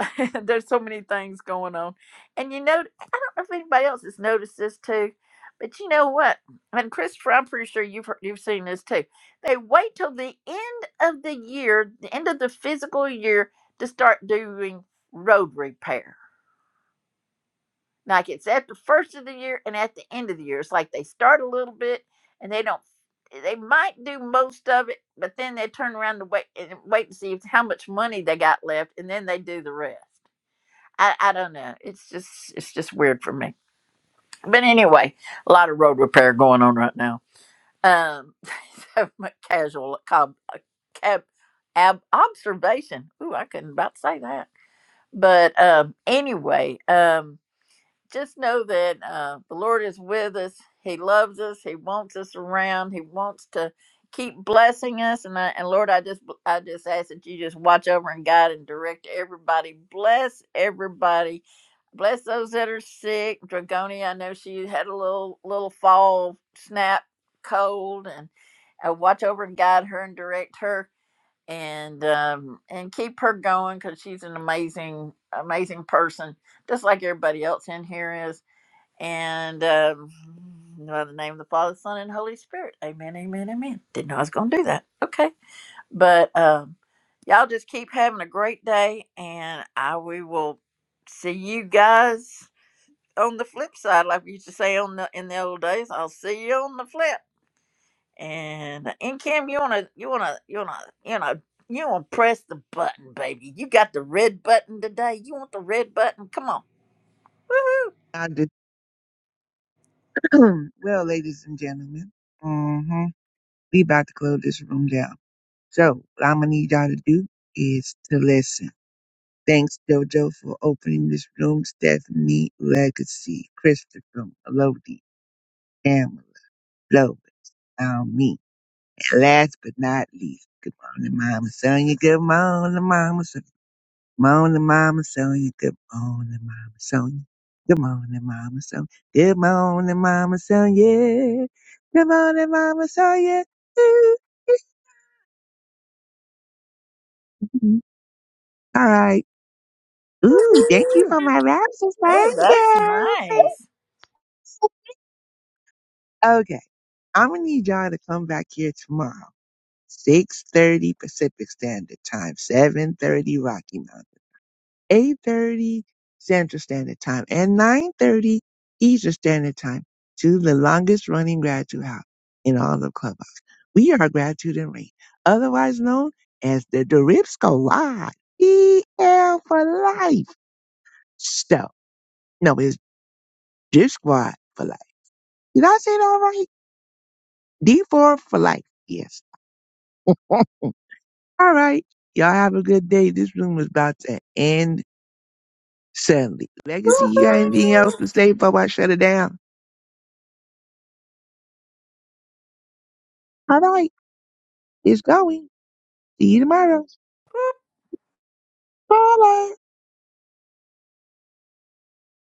S1: there's so many things going on. And you know, I don't know if anybody else has noticed this too, but you know what? And Christopher, I'm pretty sure you've heard, you've seen this too. They wait till the end of the year, the end of the physical year, to start doing road repair. Like it's at the first of the year and at the end of the year. It's like they start a little bit and they don't. They might do most of it, but then they turn around to wait and wait to see if, how much money they got left, and then they do the rest. I, I don't know. It's just it's just weird for me. But anyway, a lot of road repair going on right now. Um, so my casual cob, cab, ab, observation. Ooh, I couldn't about say that. But um, anyway, um, just know that uh, the Lord is with us. He loves us. He wants us around. He wants to keep blessing us. And I, and Lord, I just I just ask that you just watch over and guide and direct everybody. Bless everybody. Bless those that are sick. Dragonia, I know she had a little little fall snap cold, and uh, watch over and guide her and direct her and um, and keep her going because she's an amazing amazing person, just like everybody else in here is. And um, by the name of the Father, Son, and Holy Spirit. Amen, amen, amen. Didn't know I was gonna do that. Okay, but um, y'all just keep having a great day, and I we will see you guys on the flip side, like we used to say on the in the old days. I'll see you on the flip. And uh, and Kim, you wanna you wanna you wanna you know you wanna press the button, baby. You got the red button today. You want the red button? Come on. Woohoo.
S7: I just- well, ladies and gentlemen. Mm-hmm. We about to close this room down. So what I'm gonna need y'all to do is to listen. Thanks, Jojo, for opening this room. Stephanie, Legacy, Christopher, Melody, Pamela, Lovis, um, me. And last but not least, good morning, Mama Sonia. Good morning, Mama Sonia. Morning, Mama Sonia. Good morning, Mama Sonia. Good morning, Mama Sonia. Good morning, Mama Sonia. Good morning, Mama Sonia. Ooh, ooh. All right. Ooh, thank you for my raptors.
S1: Oh,
S7: Thank
S1: that's
S7: you. Thanks.
S1: nice.
S7: Okay. I'm gonna need y'all to come back here tomorrow. 6.30 Pacific Standard Time, 7.30 Rocky Mountain, 8.30 Central Standard Time, and 9.30 Eastern Standard Time to the longest running gratitude house in all of Clubhouse. We are Gratitude and Rain, otherwise known as the Doripsco Squad, EL for life. So, no, it's Drip Squad for life Did I say it all right? D4 for life. Yes. all right. Y'all have a good day. This room is about to end suddenly. Legacy, you got anything else to say before I shut it down? All right. It's going. See you tomorrow. Bye.